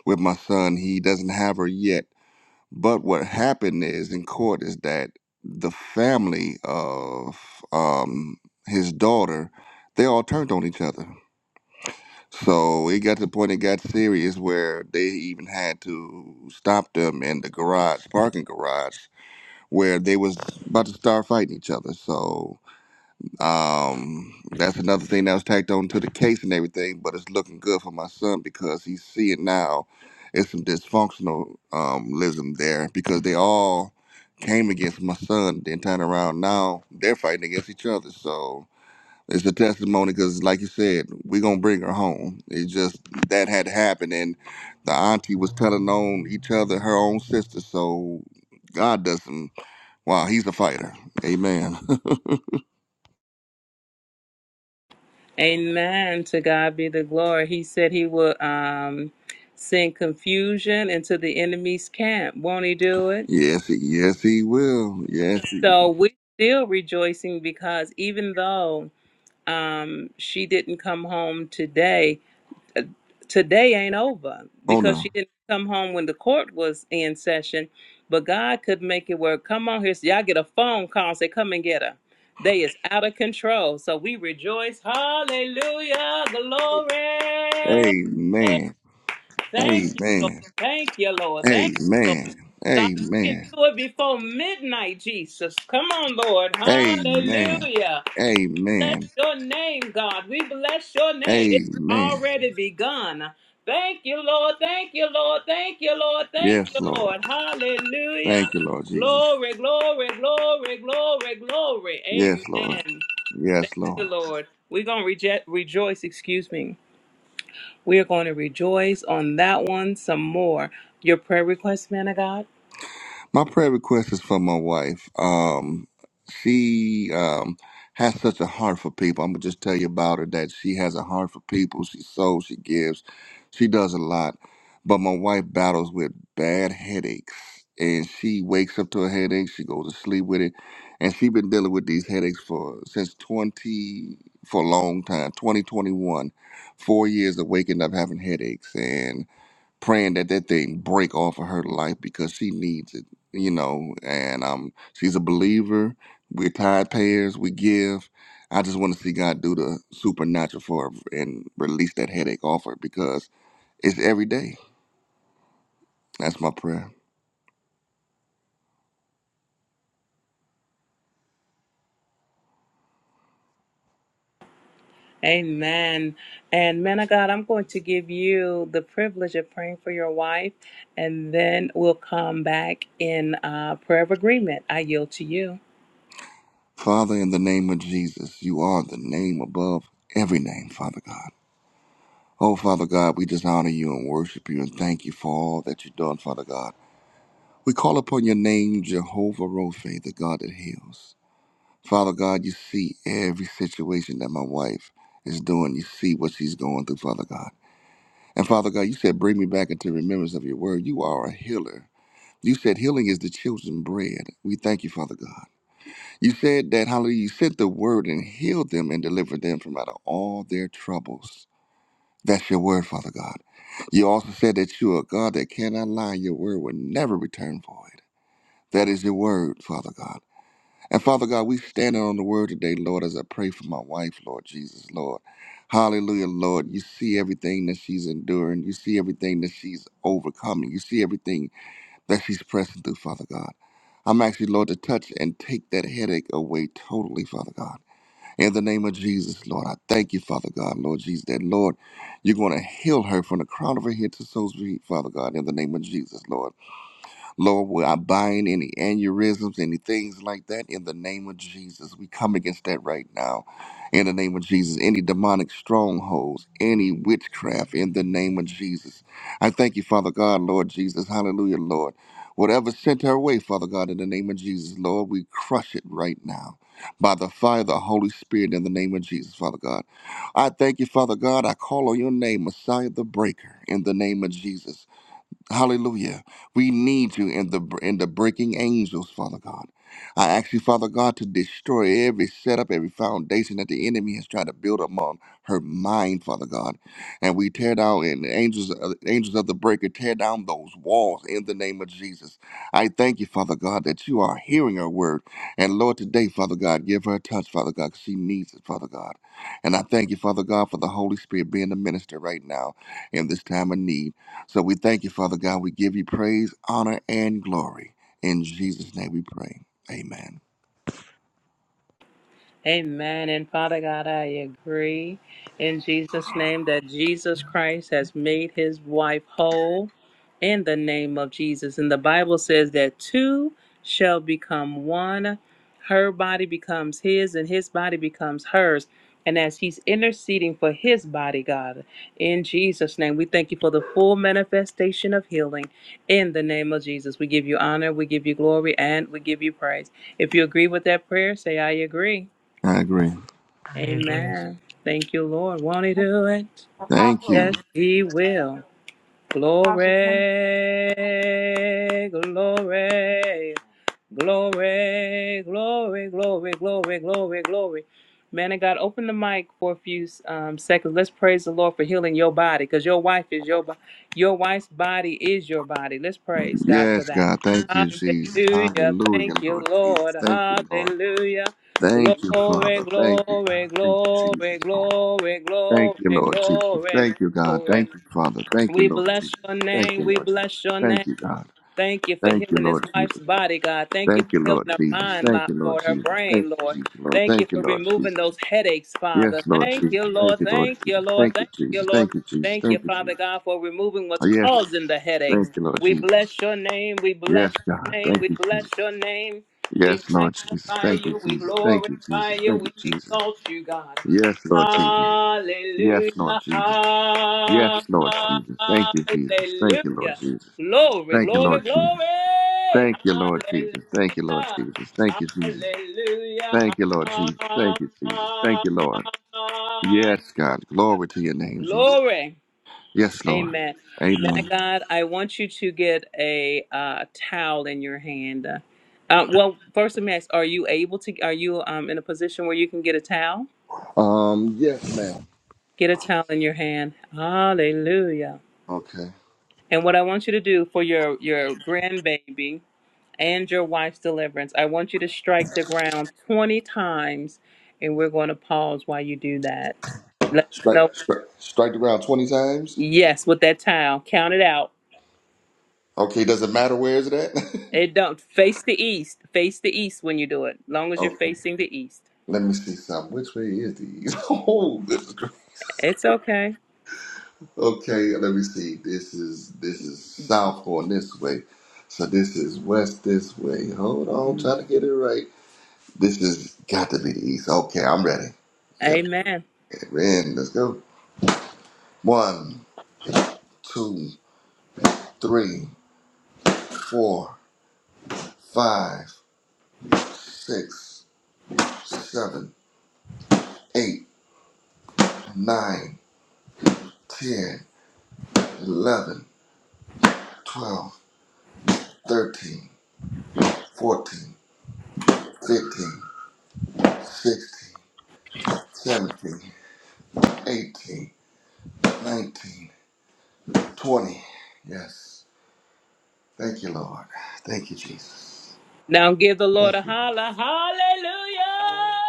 [SPEAKER 10] with my son. He doesn't have her yet. But what happened is in court is that the family of um, his daughter, they all turned on each other. So it got to the point it got serious where they even had to stop them in the garage, parking garage, where they was about to start fighting each other. So um, that's another thing that was tacked on to the case and everything, but it's looking good for my son because he's seeing now it's some dysfunctionalism um, lism there because they all came against my son, then turn around now they're fighting against each other. So it's a testimony because, like you said, we're gonna bring her home. It's just that had happened, and the auntie was telling on each other her own sister. So God does some wow, he's a fighter, amen.
[SPEAKER 3] Amen. To God be the glory. He said he will um, send confusion into the enemy's camp. Won't he do it?
[SPEAKER 10] Yes, he, yes, he will. Yes, he.
[SPEAKER 3] So we're still rejoicing because even though um, she didn't come home today, today ain't over
[SPEAKER 10] Oh
[SPEAKER 3] because she
[SPEAKER 10] no.
[SPEAKER 3] didn't come home when the court was in session, but God could make it work. Come on here, so y'all get a phone call and say, "Come and get her." They is out of control, so we rejoice. Hallelujah, glory.
[SPEAKER 10] Amen.
[SPEAKER 3] Thank you, Lord.
[SPEAKER 10] Amen.
[SPEAKER 3] Thank you, Lord. Thank you, Lord.
[SPEAKER 10] Amen.
[SPEAKER 3] God, you can
[SPEAKER 10] Amen.
[SPEAKER 3] do it before midnight, Jesus. Come on, Lord.
[SPEAKER 10] Amen.
[SPEAKER 3] Hallelujah bless
[SPEAKER 10] Amen.
[SPEAKER 3] your name, God. We bless your name. It's
[SPEAKER 10] Amen.
[SPEAKER 3] already begun. Thank you, Lord. Thank you, Lord. Thank you, Lord. Thank
[SPEAKER 10] Yes,
[SPEAKER 3] you,
[SPEAKER 10] Lord.
[SPEAKER 3] Lord. Hallelujah.
[SPEAKER 10] Thank you, Lord Jesus.
[SPEAKER 3] Glory, glory, glory, glory, glory.
[SPEAKER 10] Yes, Lord.
[SPEAKER 3] Amen.
[SPEAKER 10] Yes,
[SPEAKER 3] Thank
[SPEAKER 10] Lord.
[SPEAKER 3] you, Lord. We're going to reject, rejoice, excuse me. We are going to rejoice on that one some more. Your prayer request, man of God?
[SPEAKER 10] My prayer request is for my wife. Um, she um, has such a heart for people. I'm gonna just tell you about her that she has a heart for people. She sows, she gives, she does a lot. But my wife battles with bad headaches, and she wakes up to a headache. She goes to sleep with it, and she's been dealing with these headaches for since 20 for a long time. 2021, four years of waking up having headaches, and praying that that thing break off of her life because she needs it, you know. And um, she's a believer. We're tithe payers. We give. I just want to see God do the supernatural for her and release that headache off her because it's every day. That's my prayer.
[SPEAKER 3] Amen. And man of God, I'm going to give you the privilege of praying for your wife, and then we'll come back in uh, prayer of agreement. I yield to you.
[SPEAKER 10] Father, in the name of Jesus, you are the name above every name, Father God. Oh, Father God, we just honor you and worship you and thank you for all that you've done, Father God. We call upon your name, Jehovah Rophe, the God that heals. Father God, you see every situation that my wife is doing. You see what she's going through, Father God. And Father God, you said, bring me back into remembrance of your word. You are a healer. You said healing is the children's bread. We thank you, Father God. You said that, hallelujah, you sent the word and healed them and delivered them from out of all their troubles. That's your word, Father God. You also said that you are a God that cannot lie. Your word will never return void. That is your word, Father God. And Father God, we standing on the word today, Lord, as I pray for my wife, Lord Jesus, Lord. Hallelujah, Lord. You see everything that she's enduring. You see everything that she's overcoming. You see everything that she's pressing through, Father God. I'm actually, Lord, to touch and take that headache away totally, Father God. In the name of Jesus, Lord, I thank you, Father God, Lord Jesus, that, Lord, you're going to heal her from the crown of her head to the soles of her feet, Father God, in the name of Jesus, Lord. Lord, we I bind any aneurysms, any things like that in the name of Jesus. We come against that right now. In the name of Jesus, any demonic strongholds, any witchcraft in the name of Jesus. I thank you, Father God, Lord Jesus. Hallelujah, Lord. Whatever sent her way, Father God, in the name of Jesus, Lord, we crush it right now by the fire of the Holy Spirit in the name of Jesus, Father God. I thank you, Father God. I call on your name, Messiah the Breaker, in the name of Jesus. Hallelujah. We need you in the in the breaking angels, Father God. I ask you, Father God, to destroy every setup, every foundation that the enemy has tried to build upon her mind, Father God. And we tear down and the angels, uh, angels of the breaker, tear down those walls in the name of Jesus. I thank you, Father God, that you are hearing her word. And Lord, today, Father God, give her a touch, Father God, 'cause she needs it, Father God. And I thank you, Father God, for the Holy Spirit being the minister right now in this time of need. So we thank you, Father God. We give you praise, honor, and glory. In Jesus' name we pray. Amen.
[SPEAKER 3] Interceding for his body, God. In Jesus' name, we thank you for the full manifestation of healing. In the name of Jesus, we give you honor, we give you glory, and we give you praise. If you agree with that prayer, say, I agree.
[SPEAKER 10] I agree.
[SPEAKER 3] Amen. Thank you, Lord. Won't he do it?
[SPEAKER 10] Thank
[SPEAKER 3] Yes,
[SPEAKER 10] you.
[SPEAKER 3] he will. Glory, glory, glory, glory, glory, glory, glory, glory. Man, uh, you for
[SPEAKER 10] Yes, God. Thank you, Jesus.
[SPEAKER 3] Hallelujah.
[SPEAKER 10] Hallelujah,
[SPEAKER 3] Thank you,
[SPEAKER 10] Lord Jesus.
[SPEAKER 3] Lord.
[SPEAKER 10] Thank you, Lord.
[SPEAKER 3] Hallelujah.
[SPEAKER 10] Thank you,
[SPEAKER 3] Glory,
[SPEAKER 10] Father. Thank you,
[SPEAKER 3] glory,
[SPEAKER 10] God. Thank you,
[SPEAKER 3] glory,
[SPEAKER 10] Jesus. Lord.
[SPEAKER 3] glory,
[SPEAKER 10] Thank you,
[SPEAKER 3] glory,
[SPEAKER 10] Lord Jesus.
[SPEAKER 3] glory,
[SPEAKER 10] Thank you, God.
[SPEAKER 3] glory.
[SPEAKER 10] Thank you, Father. Thank you, Lord Jesus. Thank you, Lord Jesus. Thank you, God. Thank you, Lord Jesus. Thank you, Lord Jesus. Thank you, Lord Jesus. Thank you, Jesus, Lord. Thank you, Lord Jesus. Yes, Lord Jesus. Thank you, Lord Jesus. Thank you, Jesus. Thank you, Jesus. Thank you, Jesus. Oh, Yes, thank you, Lord Jesus. Yes, God. Thank you, Jesus. Yes, Lord Jesus. Thank you, Jesus. Thank you, Jesus. Thank you, Jesus. Yes, Lord Jesus. Yes, Lord Jesus. Yes, Lord Jesus. Thank you, Jesus. Thank you, Lord Jesus. Thank you, Lord Jesus. Thank you, Lord Jesus. Thank you, Lord Jesus. Thank you, Jesus. Thank you, Lord Jesus. Thank you, Jesus. Thank you, Lord. Yes, God. Glory to your name, Jesus. Yes, Lord. Amen. Um, yes, ma'am. Okay.
[SPEAKER 3] And what I want you to do for your your grandbaby and your wife's deliverance. I want you to strike the ground 20 times, and we're going to pause while you do that. Let us
[SPEAKER 10] Strike,
[SPEAKER 3] know.
[SPEAKER 10] strike, strike the ground 20 times.
[SPEAKER 3] Yes, with that towel. Count it out.
[SPEAKER 10] Okay, does it matter where is it at?
[SPEAKER 3] It don't face the east. Face the east when you do it. Long as you're
[SPEAKER 10] okay.
[SPEAKER 3] facing the east.
[SPEAKER 10] Let me see something. Which way is the east? oh, this is great.
[SPEAKER 3] It's okay.
[SPEAKER 10] Okay, let me see. This is this is south going this way. So this is west this way. Hold on,
[SPEAKER 3] Mm.
[SPEAKER 10] trying to get it right. This has got to be the east. Okay, I'm ready. Yep.
[SPEAKER 3] Amen.
[SPEAKER 10] We're in. Let's go. One, two, three, four, five, six, seven. 8, nine, ten, eleven, twelve, thirteen, fourteen, fifteen, sixteen, seventeen, eighteen, nineteen, twenty. Yes. Thank you, Lord. Thank you, Jesus.
[SPEAKER 3] Now
[SPEAKER 10] Thank you. Lord.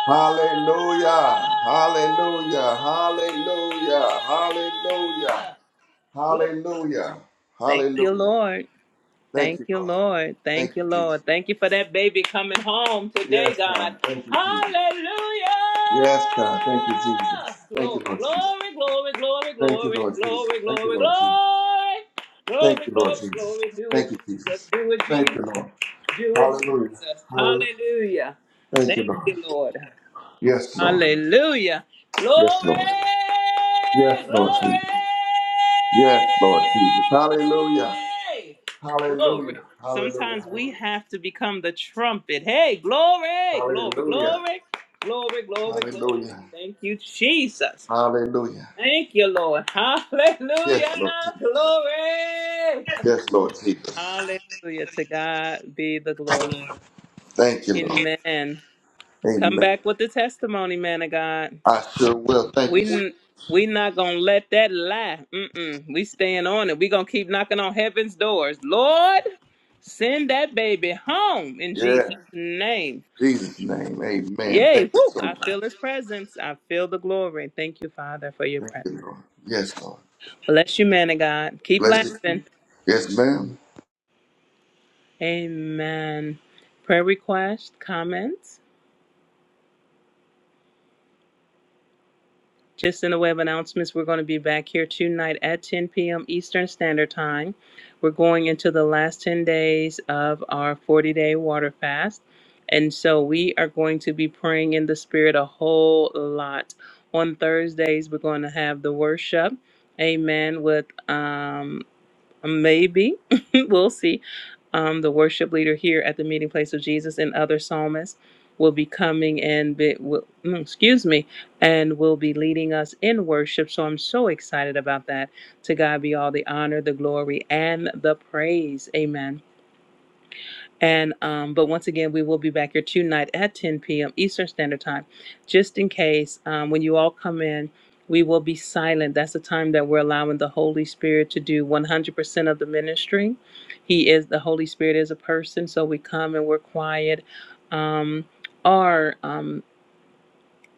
[SPEAKER 10] Hallelujah. Hallelujah. Hallelujah. Hallelujah. Hallelujah. Hallelujah. Thank you, Lord. Thank you, Jesus. Yes, God. Thank you, Jesus. Yes, God. Thank you, Jesus. Thank you, Lord Jesus. Thank you, Lord Jesus. Thank you, Lord Jesus. Thank you, Lord Jesus. Thank you, Jesus. Thank you, Lord.
[SPEAKER 3] do it,
[SPEAKER 10] Hallelujah.
[SPEAKER 3] Jesus.
[SPEAKER 10] Hallelujah.
[SPEAKER 3] Hallelujah.
[SPEAKER 10] Thank you,
[SPEAKER 3] Thank
[SPEAKER 10] Lord.
[SPEAKER 3] you, Lord.
[SPEAKER 10] Yes, Lord.
[SPEAKER 3] Hallelujah.
[SPEAKER 10] Yes,
[SPEAKER 3] Glory.
[SPEAKER 10] Lord. Yes, Lord Jesus.
[SPEAKER 3] Glory!
[SPEAKER 10] Yes, Lord Jesus. Hallelujah.
[SPEAKER 3] Glory.
[SPEAKER 10] Hallelujah. Hallelujah.
[SPEAKER 3] Sometimes we have to become the trumpet. Hey,
[SPEAKER 10] Hallelujah.
[SPEAKER 3] glory, glory,
[SPEAKER 10] Hallelujah.
[SPEAKER 3] glory, glory, glory, glory.
[SPEAKER 10] Hallelujah.
[SPEAKER 3] Thank you, Jesus.
[SPEAKER 10] Hallelujah.
[SPEAKER 3] Thank you, Lord.
[SPEAKER 10] Yes,
[SPEAKER 3] Hallelujah.
[SPEAKER 10] Lord Jesus.
[SPEAKER 3] Glory.
[SPEAKER 10] Yes, Lord Jesus. Thank you,
[SPEAKER 3] Amen.
[SPEAKER 10] Lord. Amen. I sure will. Thank
[SPEAKER 3] We
[SPEAKER 10] you. so- Yeah. Jesus' name. Amen. Thank you so much. Thank you, Lord. Yes, Lord.
[SPEAKER 3] bless you, man of God. Keep
[SPEAKER 10] Bless you.
[SPEAKER 3] laughing.
[SPEAKER 10] Yes, ma'am.
[SPEAKER 3] Amen. Prayer request, comments. Just in the way of announcements, we're going to be back here tonight at 10 p.m. Eastern Standard Time. We're going into the last 10 days of our 40 day water fast. And so we are going to be praying in the Spirit a whole lot. On Thursdays, we're going to have the worship. Amen. With um, Maybe. we'll see. Um, the worship leader here at the meeting place of Jesus and other psalmists will be coming and be, will, mm, excuse me, and will be leading us in worship. So I'm so excited about that. To God be all the honor, the glory, and the praise. Amen. And um, but once again, we will be back here tonight at 10 p.m. Eastern Standard Time, just in case um, when you all come in, we will be silent. That's the time that we're allowing the Holy Spirit to do 100% of the ministry. He is the Holy Spirit is a person, so we come and we're quiet. Um, or um,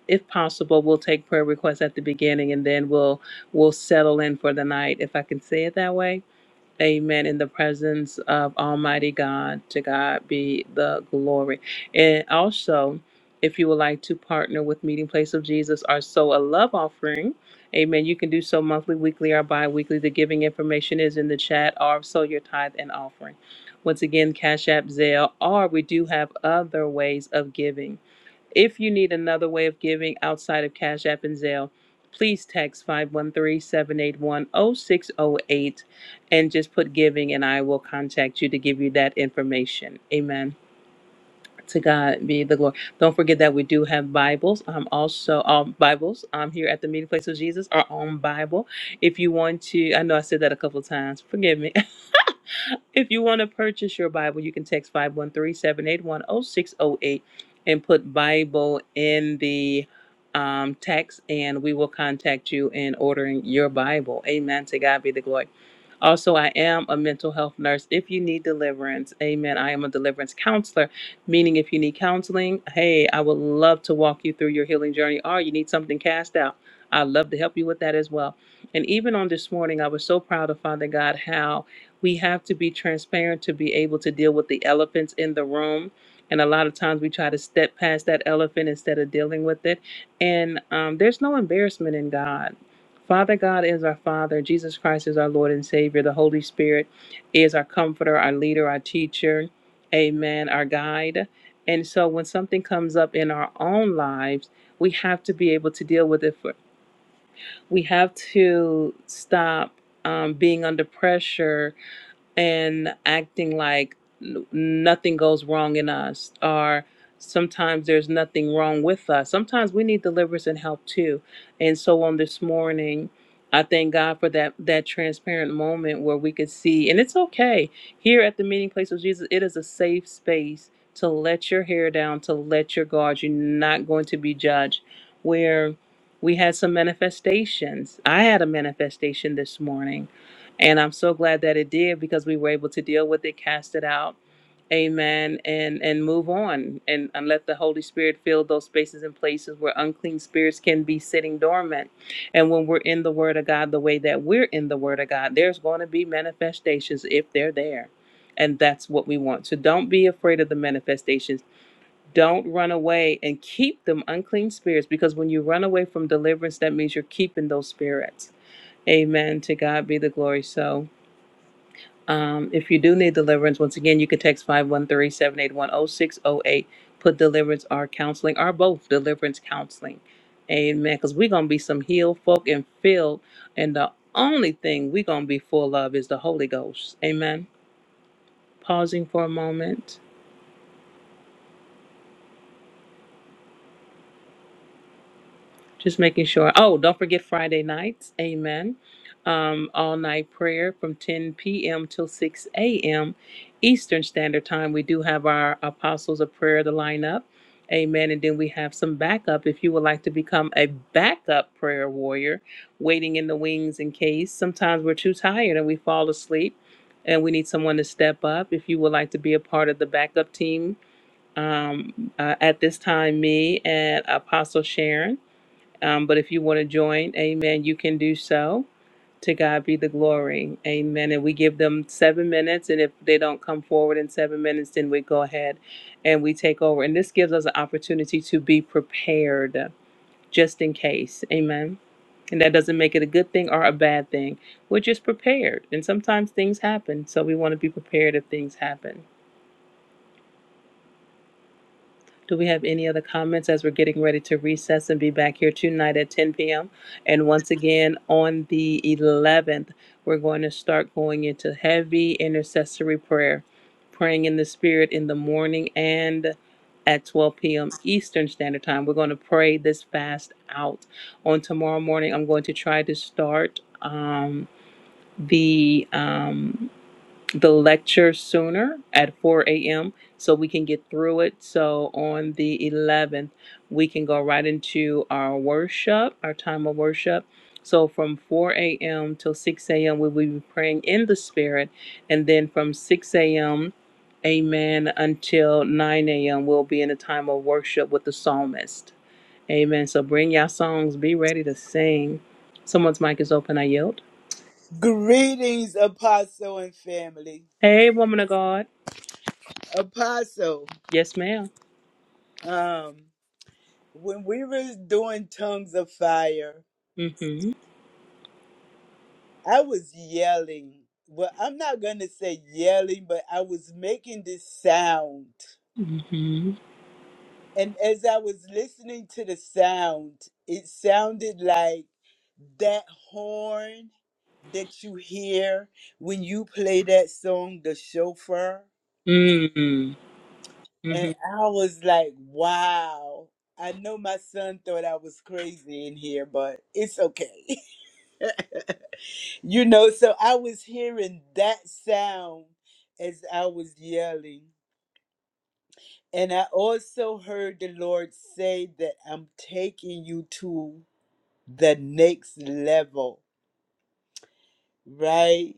[SPEAKER 3] if possible, we'll take prayer requests at the beginning, and then we'll we'll settle in for the night, if I can say it that way Amen. In the presence of Almighty God, to God be the glory. And also, if you would like to partner with Meeting Place of Jesus or sow a love offering, amen, you can do so monthly, weekly, or bi weekly. The giving information is in the chat or sow your tithe and offering. Once again, Cash App, Zelle, or we do have other ways of giving. If you need another way of giving outside of Cash App and Zelle, please text five one three seven eight one zero six zero eight, and just put giving and I will contact you to give you that information. Amen. To God be the glory. Don't forget that we do have Bibles. Um, also, um, Bibles um, here at the Meeting Place of Jesus are on Bible. If you want to, I know I said that a couple of times. Forgive me. If you want to purchase your Bible, you can text five one three seven eight one zero six zero eight and put Bible in the um, text, and we will contact you in ordering your Bible. Amen. To God be the glory. Also, I am a mental health nurse. If you need deliverance, amen. I am a deliverance counselor, meaning if you need counseling, hey, I would love to walk you through your healing journey or you need something cast out. I'd love to help you with that as well. And even on this morning, I was so proud of Father God how we have to be transparent to be able to deal with the elephants in the room. And a lot of times we try to step past that elephant instead of dealing with it. And um, there's no embarrassment in God. Father God is our Father. Jesus Christ is our Lord and Savior. The Holy Spirit is our comforter, our leader, our teacher. Amen. Our guide. And so when something comes up in our own lives, we have to be able to deal with it. For, we have to stop um, being under pressure and acting like n- nothing goes wrong in us or sometimes there's nothing wrong with us sometimes we need deliverance and help too and so on this morning i thank god for that that transparent moment where we could see and it's okay here at the meeting place of jesus it is a safe space to let your hair down to let your guard you're not going to be judged where we had some manifestations i had a manifestation this morning and I'm so glad that it did because we were able to deal with it, cast it out, amen, and and move on and, and let the Holy Spirit fill those spaces and places where unclean spirits can be sitting dormant. And when we're in the Word of God the way that we're in the Word of God, there's going to be manifestations if they're there. And that's what we want. So don't be afraid of the manifestations. Don't run away and keep them unclean spirits because when you run away from deliverance, that means you're keeping those spirits. Amen. To God be the glory. So. Um, if you do need deliverance, once again, you can text five one three seven eight one zero six zero eight. Put deliverance or counseling or both deliverance counseling. Amen. Because we're going to be some healed folk and filled. And the only thing we're going to be full of is the Holy Ghost. Amen. Pausing for a moment. Just making sure. Oh, don't forget Friday nights. Amen. Um, all night prayer from 10 p.m. till 6 a.m. Eastern Standard Time. We do have our Apostles of Prayer to line up. Amen. And then we have some backup if you would like to become a backup prayer warrior, waiting in the wings in case. Sometimes we're too tired and we fall asleep and we need someone to step up. If you would like to be a part of the backup team, um, uh, at this time, me and Apostle Sharon. Um, but if you want to join, amen, you can do so. To God be the glory. Amen. And we give them seven minutes. And if they don't come forward in seven minutes, then we go ahead and we take over. And this gives us an opportunity to be prepared just in case. Amen. And that doesn't make it a good thing or a bad thing. We're just prepared. And sometimes things happen. So we want to be prepared if things happen. Do we have any other comments as we're getting ready to recess and be back here tonight at 10 p.m.? And once again, on the 11th, we're going to start going into heavy intercessory prayer, praying in the Spirit in the morning and at 12 p.m. Eastern Standard Time. We're going to pray this fast out. On tomorrow morning, I'm going to try to start um, the. um, the lecture sooner at 4 a.m. so we can get through it. So on the 11th, we can go right into our worship, our time of worship. So from 4 a.m. till 6 a.m., we will be praying in the Spirit. And then from 6 a.m., amen, until 9 a.m., we'll be in a time of worship with the psalmist. Amen. So bring your songs, be ready to sing. Someone's mic is open, I yield.
[SPEAKER 7] Greetings, Apostle and family.
[SPEAKER 3] Hey, woman of God.
[SPEAKER 7] Apostle. um, when we were doing tongues of fire, I was yelling. Well, I'm not gonna say yelling, but I was making this sound. And as I was listening to the sound, it sounded like that horn that you hear when you play that song, The Chauffeur. And I was like, wow. I know my son thought I was crazy in here, but it's okay. You know, so I was hearing that sound as I was yelling. And I also heard the Lord say that I'm taking you to the next level, right?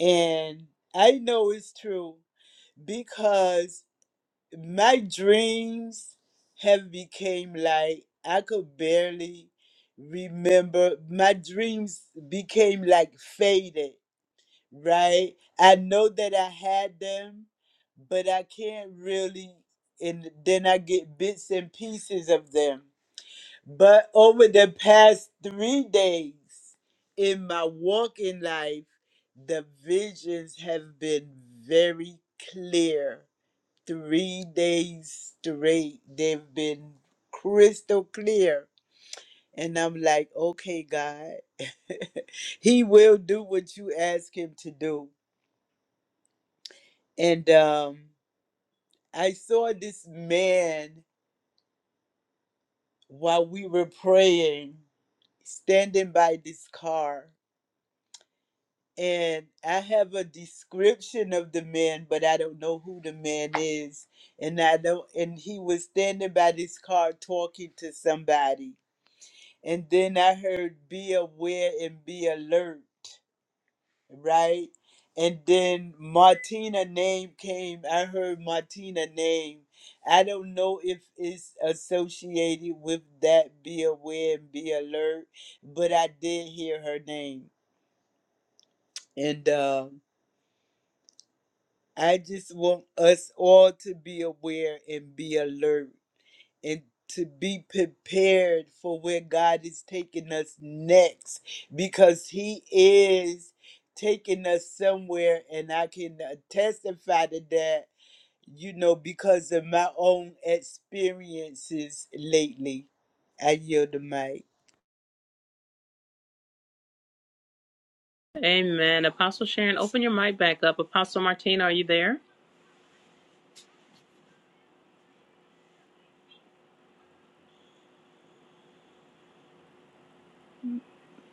[SPEAKER 7] And I know it's true because my dreams have became like I could barely remember. My dreams became like faded right? I know that I had them, but I can't really, and then I get bits and pieces of them. But over the past three days in my walking life, the visions have been very clear. Three days straight, they've been crystal clear. And I'm like, okay, God, He will do what you ask Him to do And um, I saw this man while we were praying standing by this car. And I have a description of the man, but I don't know who the man is. And I don't and he was standing by this car talking to somebody. And then I heard be aware and be alert. right? And then Martina name came. I heard Martina name. I don't know if it's associated with that. Be aware and be alert, but I did hear her name, and um I just want us all to be aware and be alert and to be prepared for where God is taking us next because He is taking us somewhere, and I can uh, testify to that, you know, because of my own experiences lately. I yield the mic.
[SPEAKER 3] Amen. Apostle Sharon, open your mic back up. Apostle Martina, are you there?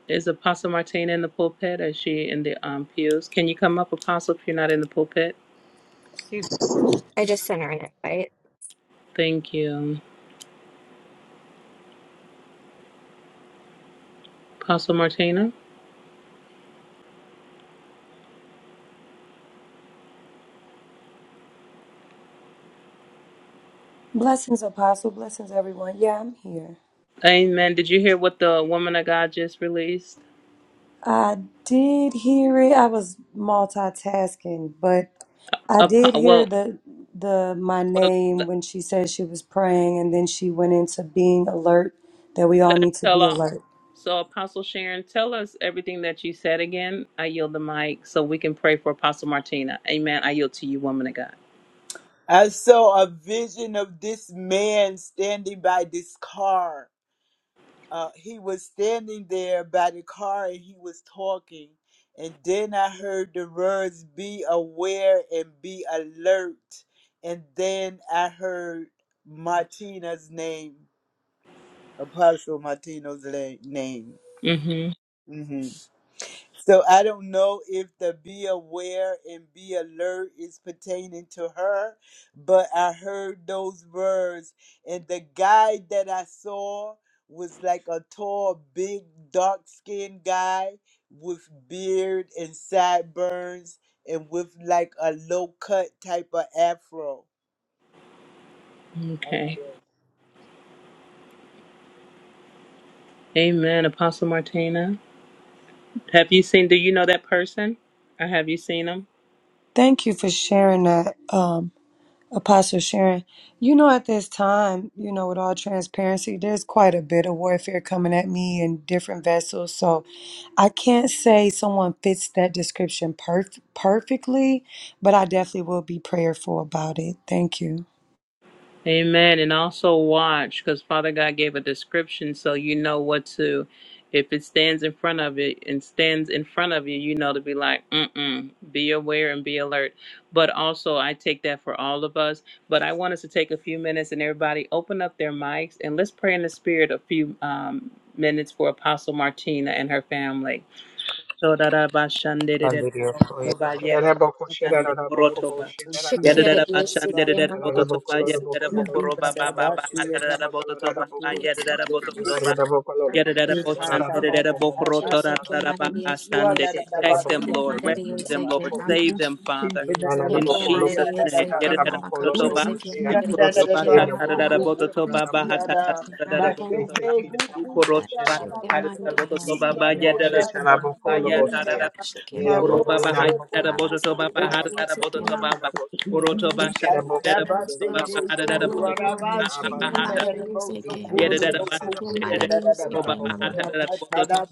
[SPEAKER 3] Is Apostle Martina in the pulpit? Or Is she in the um, pews? Can you come up, Apostle, if you're not in the pulpit?
[SPEAKER 6] I just sent her an invite.
[SPEAKER 3] Thank you. Apostle Martina?
[SPEAKER 11] Blessings, Apostle. Blessings, everyone. Yeah, I'm here.
[SPEAKER 3] Amen. Did you hear what the woman of God just released?
[SPEAKER 11] I did hear it. I was multitasking, but I did
[SPEAKER 3] Apo-
[SPEAKER 11] hear
[SPEAKER 3] well,
[SPEAKER 11] the the my
[SPEAKER 3] well,
[SPEAKER 11] name
[SPEAKER 3] let
[SPEAKER 11] when she said she was praying, and then she went into being alert. That we all
[SPEAKER 3] let her
[SPEAKER 11] need to
[SPEAKER 3] tell
[SPEAKER 11] be
[SPEAKER 3] off.
[SPEAKER 11] alert.
[SPEAKER 3] So, Apostle Sharon, tell us everything that you said again. I yield the mic so we can pray for Apostle Martina. Amen. I yield to you, woman of God.
[SPEAKER 7] I saw a vision of this man standing by this car uh, he was standing there by the car and he was talking. And then I heard the words, be aware and be alert. And then I heard Martina's name, Apostle Martina's la- name.
[SPEAKER 3] Mm-hmm.
[SPEAKER 7] Mm-hmm. So I don't know if the be aware and be alert is pertaining to her, but I heard those words, and the guy that I saw was like a tall, big, dark skinned guy with beard and sideburns and with like a low cut type of afro. I
[SPEAKER 3] Okay.
[SPEAKER 7] know.
[SPEAKER 3] Amen. Apostle Martina. Have you seen, do you know that person? Or have you seen them?
[SPEAKER 11] Thank you for sharing that, um, Apostle Sharon, you know, at this time, you know, with all transparency, there's quite a bit of warfare coming at me in different vessels. So I can't say someone fits that description perf- perfectly, but I definitely will be prayerful about it. Thank you.
[SPEAKER 3] Amen. And also watch, because Father God gave a description so you know what to, if it stands in front of it and stands in front of you, you know to be like, mm-mm, be aware and be alert. But also, I take that for all of us. But I want us to take a few minutes and everybody open up their mics and let's pray in the spirit a few um, minutes for Apostle Martina and her family.
[SPEAKER 4] sikandiri okoye baba.
[SPEAKER 6] Shakira DSC
[SPEAKER 9] Thank
[SPEAKER 6] came on the mouth of Jesse came out of the sea.
[SPEAKER 7] Who do that? Maroon
[SPEAKER 6] Ako during Shechem days,
[SPEAKER 7] so so, so,
[SPEAKER 6] Amasa did
[SPEAKER 7] so,
[SPEAKER 6] not against Shechem
[SPEAKER 9] you.
[SPEAKER 7] Masé,
[SPEAKER 6] and
[SPEAKER 9] Nikeraboko
[SPEAKER 6] surrounds those
[SPEAKER 9] shiraboko
[SPEAKER 6] who I'm
[SPEAKER 9] loroboshi
[SPEAKER 6] Lord and Shechem, my
[SPEAKER 9] terabadoshi.
[SPEAKER 6] daddy, is
[SPEAKER 9] Ite
[SPEAKER 6] Shechem, Amasa, Shechem, my
[SPEAKER 9] shetaraboko
[SPEAKER 6] daddy, is Shechem,
[SPEAKER 9] kosheraboko
[SPEAKER 6] I'm
[SPEAKER 9] loroshi.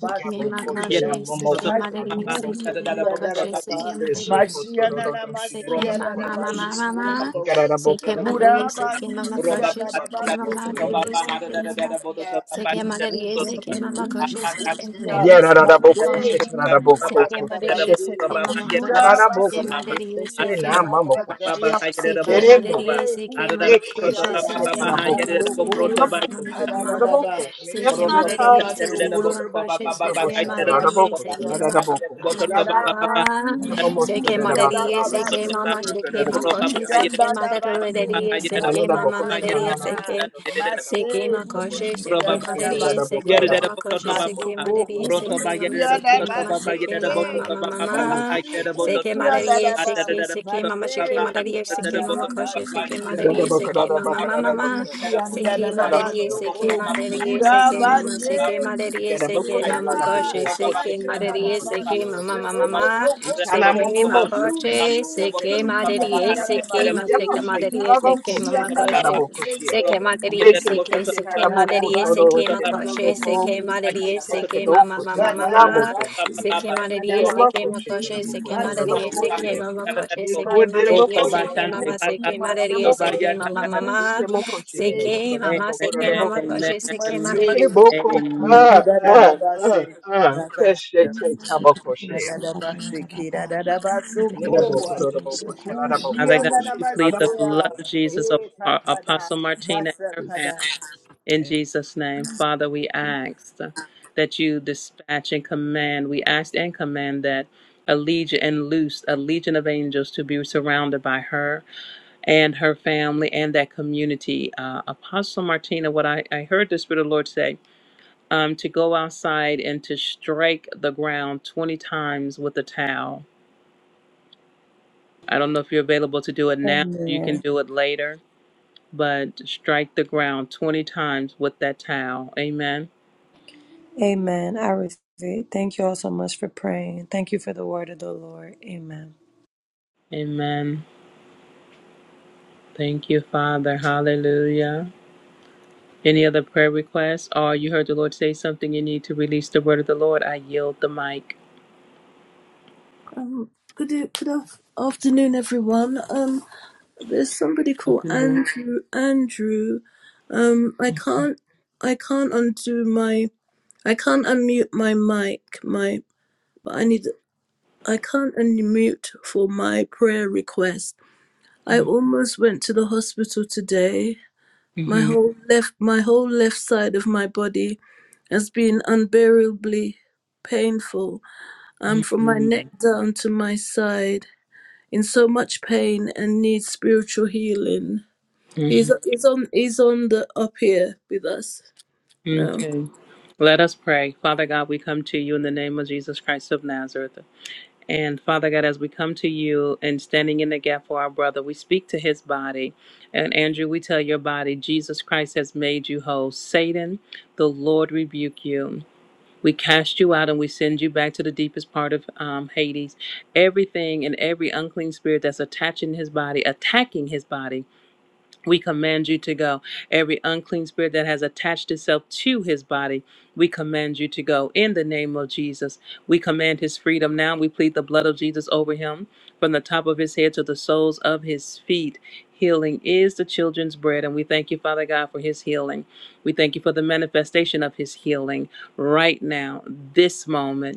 [SPEAKER 6] Seke
[SPEAKER 9] Nikaboko
[SPEAKER 6] magashe, seke
[SPEAKER 9] shiramomoshi
[SPEAKER 6] madari, seke
[SPEAKER 9] ananaboko shia.
[SPEAKER 6] magashe, seke
[SPEAKER 9] Ite
[SPEAKER 6] madari, seke
[SPEAKER 9] shetotororodoshi
[SPEAKER 6] seke
[SPEAKER 9] reraboko
[SPEAKER 6] mama mama
[SPEAKER 9] loroshi.
[SPEAKER 6] mama,
[SPEAKER 9] Nikaraboko
[SPEAKER 6] seke madari,
[SPEAKER 9] loroboko
[SPEAKER 6] seke
[SPEAKER 9] reraboko reraboko
[SPEAKER 6] magashe, seke
[SPEAKER 9] reraboko
[SPEAKER 6] mama
[SPEAKER 9] shia.
[SPEAKER 6] madari, seke mama, seke madari, seke magashe, seke madari, seke
[SPEAKER 9] Yaraboko
[SPEAKER 6] mama,
[SPEAKER 9] shetaraboko
[SPEAKER 6] seke
[SPEAKER 9] tose
[SPEAKER 6] madari, seke
[SPEAKER 9] shetetapo
[SPEAKER 6] magashe, seke
[SPEAKER 7] Murabasi
[SPEAKER 9] shetaraboko
[SPEAKER 6] madari,
[SPEAKER 9] tese
[SPEAKER 7] kutia
[SPEAKER 6] seke
[SPEAKER 7] da da
[SPEAKER 6] mama,
[SPEAKER 9] shenamamoko
[SPEAKER 7] bashaka,
[SPEAKER 9] shia.
[SPEAKER 6] seke madari,
[SPEAKER 7] masete
[SPEAKER 6] seke
[SPEAKER 9] Eke
[SPEAKER 6] magashe,
[SPEAKER 9] se
[SPEAKER 7] hukutia da,
[SPEAKER 6] seke madari,
[SPEAKER 9] shetaraboko,
[SPEAKER 7] masoko
[SPEAKER 6] seke mama
[SPEAKER 9] turaraboko,
[SPEAKER 6] mama
[SPEAKER 7] hukutia da
[SPEAKER 6] mama.
[SPEAKER 7] da da ba
[SPEAKER 9] shetaraboko,
[SPEAKER 6] Seke
[SPEAKER 9] meyatata,
[SPEAKER 7] yada
[SPEAKER 6] maleriye,
[SPEAKER 7] baso
[SPEAKER 6] seke mama
[SPEAKER 7] kururbo
[SPEAKER 6] koşe,
[SPEAKER 9] kika bo
[SPEAKER 7] kutia
[SPEAKER 6] seke
[SPEAKER 7] da da
[SPEAKER 6] maleriye,
[SPEAKER 9] shetaraboko,
[SPEAKER 7] masikia
[SPEAKER 6] seke
[SPEAKER 7] da da
[SPEAKER 6] mama
[SPEAKER 9] shelaraboko,
[SPEAKER 6] mama mama
[SPEAKER 9] momoshia.
[SPEAKER 6] mama.
[SPEAKER 9] Ita momoshia,
[SPEAKER 6] Seke maleriye,
[SPEAKER 9] raramakaraboko,
[SPEAKER 6] seke
[SPEAKER 9] raraboko,
[SPEAKER 6] mama
[SPEAKER 9] raraboko,
[SPEAKER 6] seke ma koşe,
[SPEAKER 9] raraboshia.
[SPEAKER 6] seke
[SPEAKER 7] ba
[SPEAKER 6] maleriye, seke mama
[SPEAKER 9] Yananaboko,
[SPEAKER 6] maleriye,
[SPEAKER 9] shananaboko,
[SPEAKER 6] seke
[SPEAKER 9] raraboko, raraboko,
[SPEAKER 6] seke ma koşe,
[SPEAKER 9] rarabokoshi.
[SPEAKER 7] masete
[SPEAKER 6] seke
[SPEAKER 7] na, na
[SPEAKER 9] Ita
[SPEAKER 6] maleriye,
[SPEAKER 9] raraboko,
[SPEAKER 6] seke mama koşe, seke
[SPEAKER 9] raramakaraboko,
[SPEAKER 6] maleriye,
[SPEAKER 9] momoho,
[SPEAKER 6] seke
[SPEAKER 9] raraboko,
[SPEAKER 6] mama seke
[SPEAKER 9] raraboko,
[SPEAKER 7] Masaka
[SPEAKER 6] mama seke
[SPEAKER 9] rarabokoshi.
[SPEAKER 6] mama mama
[SPEAKER 9] Raraboko,
[SPEAKER 6] mama.
[SPEAKER 7] Rusuku
[SPEAKER 6] Seke
[SPEAKER 7] kia
[SPEAKER 9] shetaraboko, shi.
[SPEAKER 6] maleriye,
[SPEAKER 7] dadaba.
[SPEAKER 6] seke seke mama seke
[SPEAKER 7] Mase
[SPEAKER 6] maleriye,
[SPEAKER 7] kusa
[SPEAKER 6] seke mama
[SPEAKER 7] dadaba.
[SPEAKER 6] koşe, seke maleriye,
[SPEAKER 9] shetaraboko,
[SPEAKER 6] seke
[SPEAKER 9] raraboko,
[SPEAKER 6] mama mama mama.
[SPEAKER 9] raraboko,
[SPEAKER 7] Ukushianda
[SPEAKER 9] rarabokoshi,
[SPEAKER 6] Seke
[SPEAKER 7] da da
[SPEAKER 9] raraboko,
[SPEAKER 6] madariye
[SPEAKER 9] raraboko,
[SPEAKER 7] basoko,
[SPEAKER 6] seke madariye
[SPEAKER 9] rarabokoshi,
[SPEAKER 7] ura
[SPEAKER 6] seke mama
[SPEAKER 9] raraboko,
[SPEAKER 7] base,
[SPEAKER 6] seke madariye
[SPEAKER 9] Yaraboko
[SPEAKER 6] seke mama
[SPEAKER 7] ukushiana,
[SPEAKER 6] koshi
[SPEAKER 9] Shalaraboko
[SPEAKER 6] seke
[SPEAKER 7] nasa da
[SPEAKER 6] madariye
[SPEAKER 7] da
[SPEAKER 9] Koshetanaboko
[SPEAKER 6] seke
[SPEAKER 7] basoko,
[SPEAKER 6] mama mama
[SPEAKER 7] no
[SPEAKER 9] Shanabokosia.
[SPEAKER 7] no
[SPEAKER 6] mama
[SPEAKER 9] Ikana
[SPEAKER 7] bokoshi,
[SPEAKER 6] seke
[SPEAKER 9] Momo
[SPEAKER 6] makoshi
[SPEAKER 7] yushu
[SPEAKER 6] seke
[SPEAKER 9] Shetanaboko
[SPEAKER 7] kushianda
[SPEAKER 6] madariye
[SPEAKER 7] da
[SPEAKER 9] Shia.
[SPEAKER 7] da
[SPEAKER 6] seke ma
[SPEAKER 9] Ijamo
[SPEAKER 7] base,
[SPEAKER 6] seke madariye seke
[SPEAKER 9] Shetanaboko
[SPEAKER 6] mama
[SPEAKER 7] ukushianda da
[SPEAKER 6] koshi
[SPEAKER 9] Shetanaboko Shia.
[SPEAKER 7] base,
[SPEAKER 6] seke madariye
[SPEAKER 9] Rekete
[SPEAKER 6] seke
[SPEAKER 7] ukuta
[SPEAKER 6] seke
[SPEAKER 7] da da
[SPEAKER 9] Shetanaboko
[SPEAKER 6] madariye seke
[SPEAKER 9] Toro
[SPEAKER 7] basoko, no no
[SPEAKER 6] makoshi
[SPEAKER 9] Shetanaboko.
[SPEAKER 6] seke
[SPEAKER 7] bokoshianda
[SPEAKER 6] madariye
[SPEAKER 7] da
[SPEAKER 9] Yete
[SPEAKER 7] base.
[SPEAKER 6] seke mama
[SPEAKER 9] Shadoko
[SPEAKER 6] mama
[SPEAKER 7] Badada
[SPEAKER 6] mama
[SPEAKER 9] Shetanaboko
[SPEAKER 7] basi,
[SPEAKER 9] Shia.
[SPEAKER 6] seke
[SPEAKER 7] badada
[SPEAKER 9] Then
[SPEAKER 6] madariye
[SPEAKER 9] the
[SPEAKER 6] seke
[SPEAKER 9] Moko
[SPEAKER 7] basi,
[SPEAKER 6] makoshi
[SPEAKER 9] Shetanaboko
[SPEAKER 6] seke
[SPEAKER 9] Toro
[SPEAKER 6] madariye
[SPEAKER 9] Naboko
[SPEAKER 6] seke
[SPEAKER 9] Shia.
[SPEAKER 6] mama
[SPEAKER 7] masoko
[SPEAKER 6] koshi
[SPEAKER 9] Yiko
[SPEAKER 6] seke madariye
[SPEAKER 9] Deraboko
[SPEAKER 6] seke mama
[SPEAKER 9] Shetanaboko
[SPEAKER 6] seke madariye
[SPEAKER 9] Shenanaboko
[SPEAKER 6] seke
[SPEAKER 9] Shia.
[SPEAKER 6] mama mama
[SPEAKER 9] Ike
[SPEAKER 6] Seke
[SPEAKER 9] Shetanaboko
[SPEAKER 6] mama, seke mama,
[SPEAKER 9] Naboko
[SPEAKER 6] doje seke mama,
[SPEAKER 9] Ikeboko. Ah, ah, ah, ah. Keshete taboko shea. Inedaboko rodoboko shalada boko shelada boko robo shea. Lada boko. dobo boko ladaboko
[SPEAKER 3] a legion and loosed a legion of angels to be surrounded by her and her family and that community. Uh, Apostle Martina, what I, I heard the Spirit of the Lord say um, to go outside and to strike the ground 20 times with a towel. I don't know if you're available to do it now, you can
[SPEAKER 11] Amen.
[SPEAKER 3] do it later, but strike the ground 20 times with that towel. Amen.
[SPEAKER 11] Amen. I receive it. Thank you all so much for praying. Thank you for the word of the Lord. Amen.
[SPEAKER 3] Amen. Thank you, Father. Hallelujah. Any other prayer requests? Or you heard the Lord say something, you need to release the word of the Lord. I yield the mic.
[SPEAKER 12] Good, e- good afternoon, everyone. Um, there's somebody called
[SPEAKER 3] Okay. Lord.
[SPEAKER 12] Andrew. Andrew, um, I can't, I can't undo my, I can't unmute my mic. My, but I need, I can't unmute for my prayer request. I almost went to the hospital today. My whole left, my whole left side of my body has been unbearably painful. Um, from my neck down to my side. in so much pain and needs spiritual healing. He's he's on he's on the up here with us now.
[SPEAKER 3] Okay. Let us pray. Father God, we come to you in the name of Jesus Christ of Nazareth. And Father God, as we come to you and standing in the gap for our brother, we speak to his body. And Andrew, we tell your body, Jesus Christ has made you whole. Satan, the Lord rebuke you. We cast you out and we send you back to the deepest part of um, Hades. Everything and every unclean spirit that's attaching his body, attacking his body we command you to go. Every unclean spirit that has attached itself to his body, we command you to go. In the name of Jesus, we command his freedom now. We plead the blood of Jesus over him from the top of his head to the soles of his feet. Healing is the children's bread, and we thank you, Father God, for his healing. We thank you for the manifestation of his healing right now, this moment.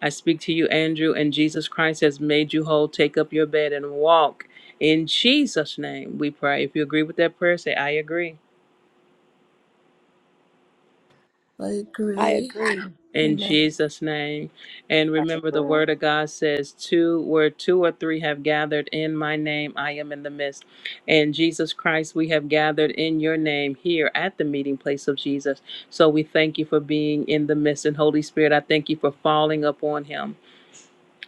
[SPEAKER 3] I speak to you, Andrew, and Jesus Christ has made you whole. Take up your bed and walk. In Jesus' name, we pray. If you agree with that prayer, say, I agree.
[SPEAKER 12] I
[SPEAKER 11] I
[SPEAKER 12] agree.
[SPEAKER 11] agree.
[SPEAKER 3] In
[SPEAKER 11] Amen.
[SPEAKER 3] Jesus' name. And remember, the word of God says, Two, where two or three have gathered in my name, I am in the midst. And Jesus Christ, we have gathered in your name here at the meeting place of Jesus. So we thank you for being in the midst. And Holy Spirit, I thank you for falling upon him.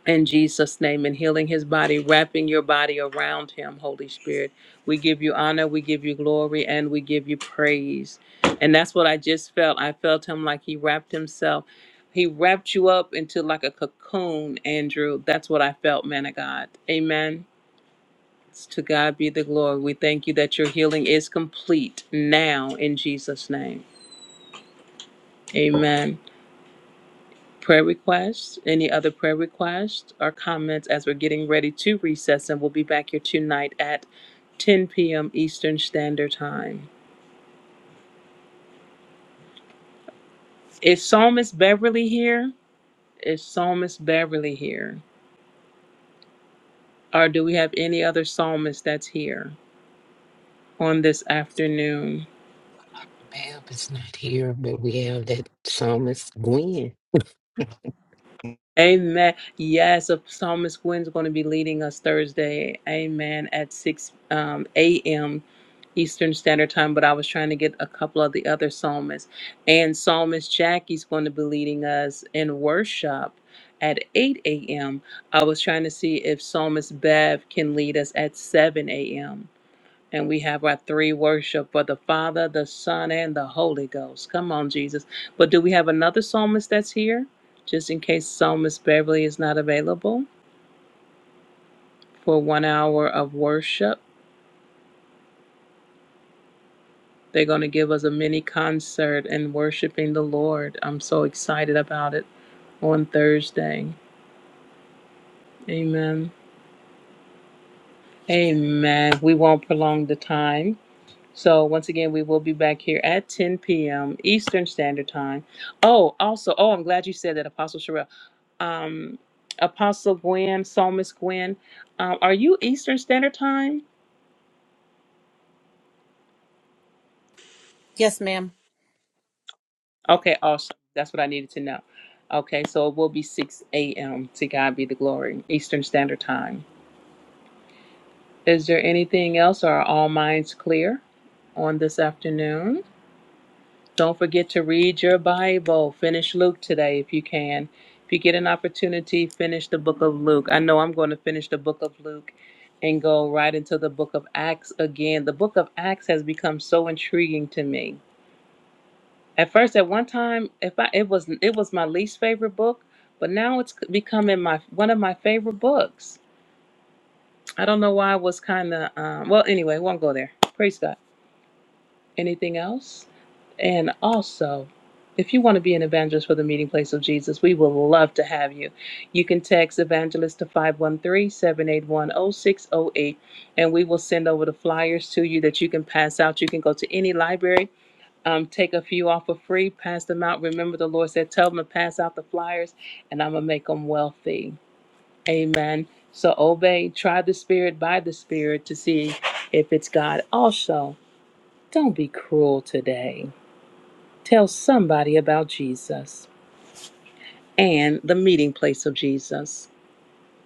[SPEAKER 3] in Jesus' name and healing his body, wrapping your body around him, Holy Spirit. We give you honor, we give you glory, and we give you praise. And that's what I just felt. I felt him like he wrapped himself. He wrapped you up into like a cocoon, Andrew. That's what I felt, man of God. Amen. To God be the glory. We thank you that your healing is complete now in Jesus' name. Amen. prayer requests, any other prayer requests or comments as we're getting ready to recess, and we'll be back here tonight at 10 p.m. Eastern Standard Time. Is Psalmist Beverly here? Is Psalmist Beverly here? Or do we have any other psalmist that's here on this afternoon?
[SPEAKER 2] Mab is not here, but we have that psalmist Gwen.
[SPEAKER 3] Amen. Yes, a Psalmist Gwen's going to be leading us Thursday. Amen. At 6 um, a.m. Eastern Standard Time, but I was trying to get a couple of the other psalmists. And Psalmist Jackie's going to be leading us in worship at 8 a.m. I was trying to see if Psalmist Bev can lead us at 7 a.m. And we have our three worship for the Father, the Son, and the Holy Ghost. Come on, Jesus. But do we have another psalmist that's here? Just in case Psalmist Beverly is not available for one hour of worship. They're going to give us a mini concert and worshiping the Lord. I'm so excited about it on Thursday. Amen. Amen. We won't prolong the time. So once again, we will be back here at 10 p.m. Eastern Standard Time. Oh, also, oh, I'm glad you said that, Apostle Sherelle. Um, Apostle Gwen, Psalmist Gwen, um, are you Eastern Standard Time?
[SPEAKER 13] Yes, ma'am.
[SPEAKER 3] Okay, awesome. That's what I needed to know. Okay, so it will be 6 a.m. To God be the glory, Eastern Standard Time. Is there anything else, or are all minds clear on this afternoon? Don't forget to read your Bible. Finish Luke today if you can. If you get an opportunity, finish the book of Luke. I know I'm going to finish the book of Luke and go right into the book of Acts again. The book of Acts has become so intriguing to me At first, at one time, if I it was it was my least favorite book, but now it's becoming my one of my favorite books. I don't know why I was kind of um, well. Anyway, won't go there. Praise God. Anything else? And also, if you want to be an evangelist for the meeting place of Jesus, we would love to have you. You can text evangelist to five one three seven eight one zero six zero eight, and we will send over the flyers to you that you can pass out. You can go to any library um, take a few off for free, pass them out. Remember, the Lord said, Tell them to pass out the flyers, and I'm going to make them wealthy. Amen. So obey, try the Spirit by the Spirit to see if it's God. Also, don't be cruel today. Tell somebody about Jesus and the meeting place of Jesus.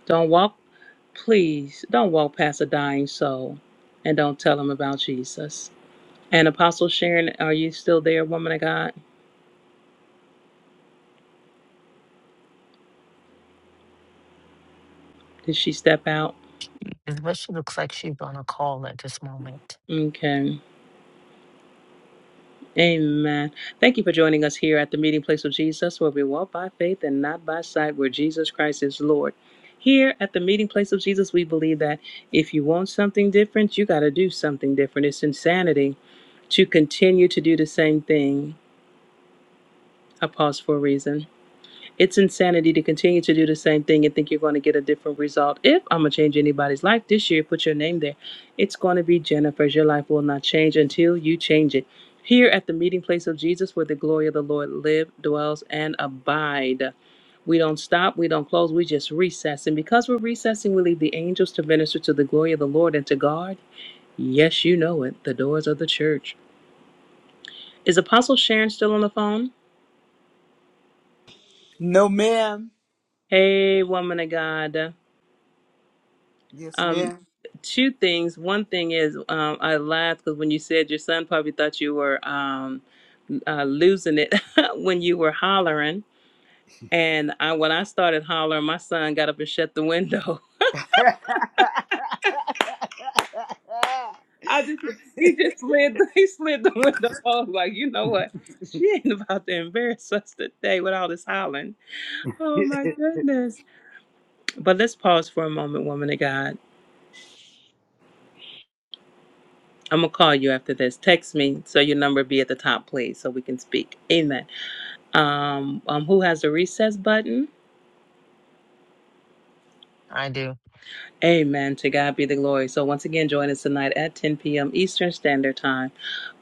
[SPEAKER 3] Don't walk, please, don't walk past a dying soul and don't tell them about Jesus. And Apostle Sharon, are you still there, woman of God? Did she step out? Okay. Amen. Thank you for joining us here at the meeting place of Jesus, where we walk by faith and not by sight, where Jesus Christ is Lord. Here at the meeting place of Jesus, we believe that if you want something different, you got to do something different. It's insanity to continue to do the same thing. I pause for a reason. It's insanity to continue to do the same thing and think you're going to get a different result. If I'm going to change anybody's life this year, put your name there. It's going to be Jennifer's. Your life will not change until you change it. Here at the meeting place of Jesus, where the glory of the Lord live, dwells, and abide. We don't stop, we don't close, we just recess. And because we're recessing, we leave the angels to minister to the glory of the Lord and to guard. Yes, you know it, the doors of the church. Is Apostle Sharon still on the phone?
[SPEAKER 7] no, ma'am.
[SPEAKER 3] Hey, woman of God.
[SPEAKER 7] Yes,
[SPEAKER 3] Um,
[SPEAKER 7] ma'am.
[SPEAKER 3] two things. One thing is, um, I laughed because when you said your son probably thought you were um, uh, losing it when you were hollering, and I, when I started hollering, my son got up and shut the window. I just he just slid he slid the window off like you know what. She ain't about to embarrass us today with all this hollering. Oh my goodness. But let's pause for a moment, woman of God. I'm going to call you after this. Text me so your number be at the top, please, so we can speak. Amen. um, um, who has the recess button. Amen. To God be the glory. So, once again, join us tonight at 10 p.m. Eastern Standard Time.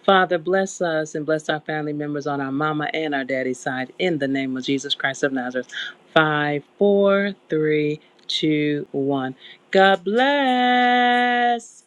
[SPEAKER 3] Father, bless us and bless our family members on our mama and our daddy side in the name of Jesus Christ of Nazareth. Five, four, three, two, one. God bless.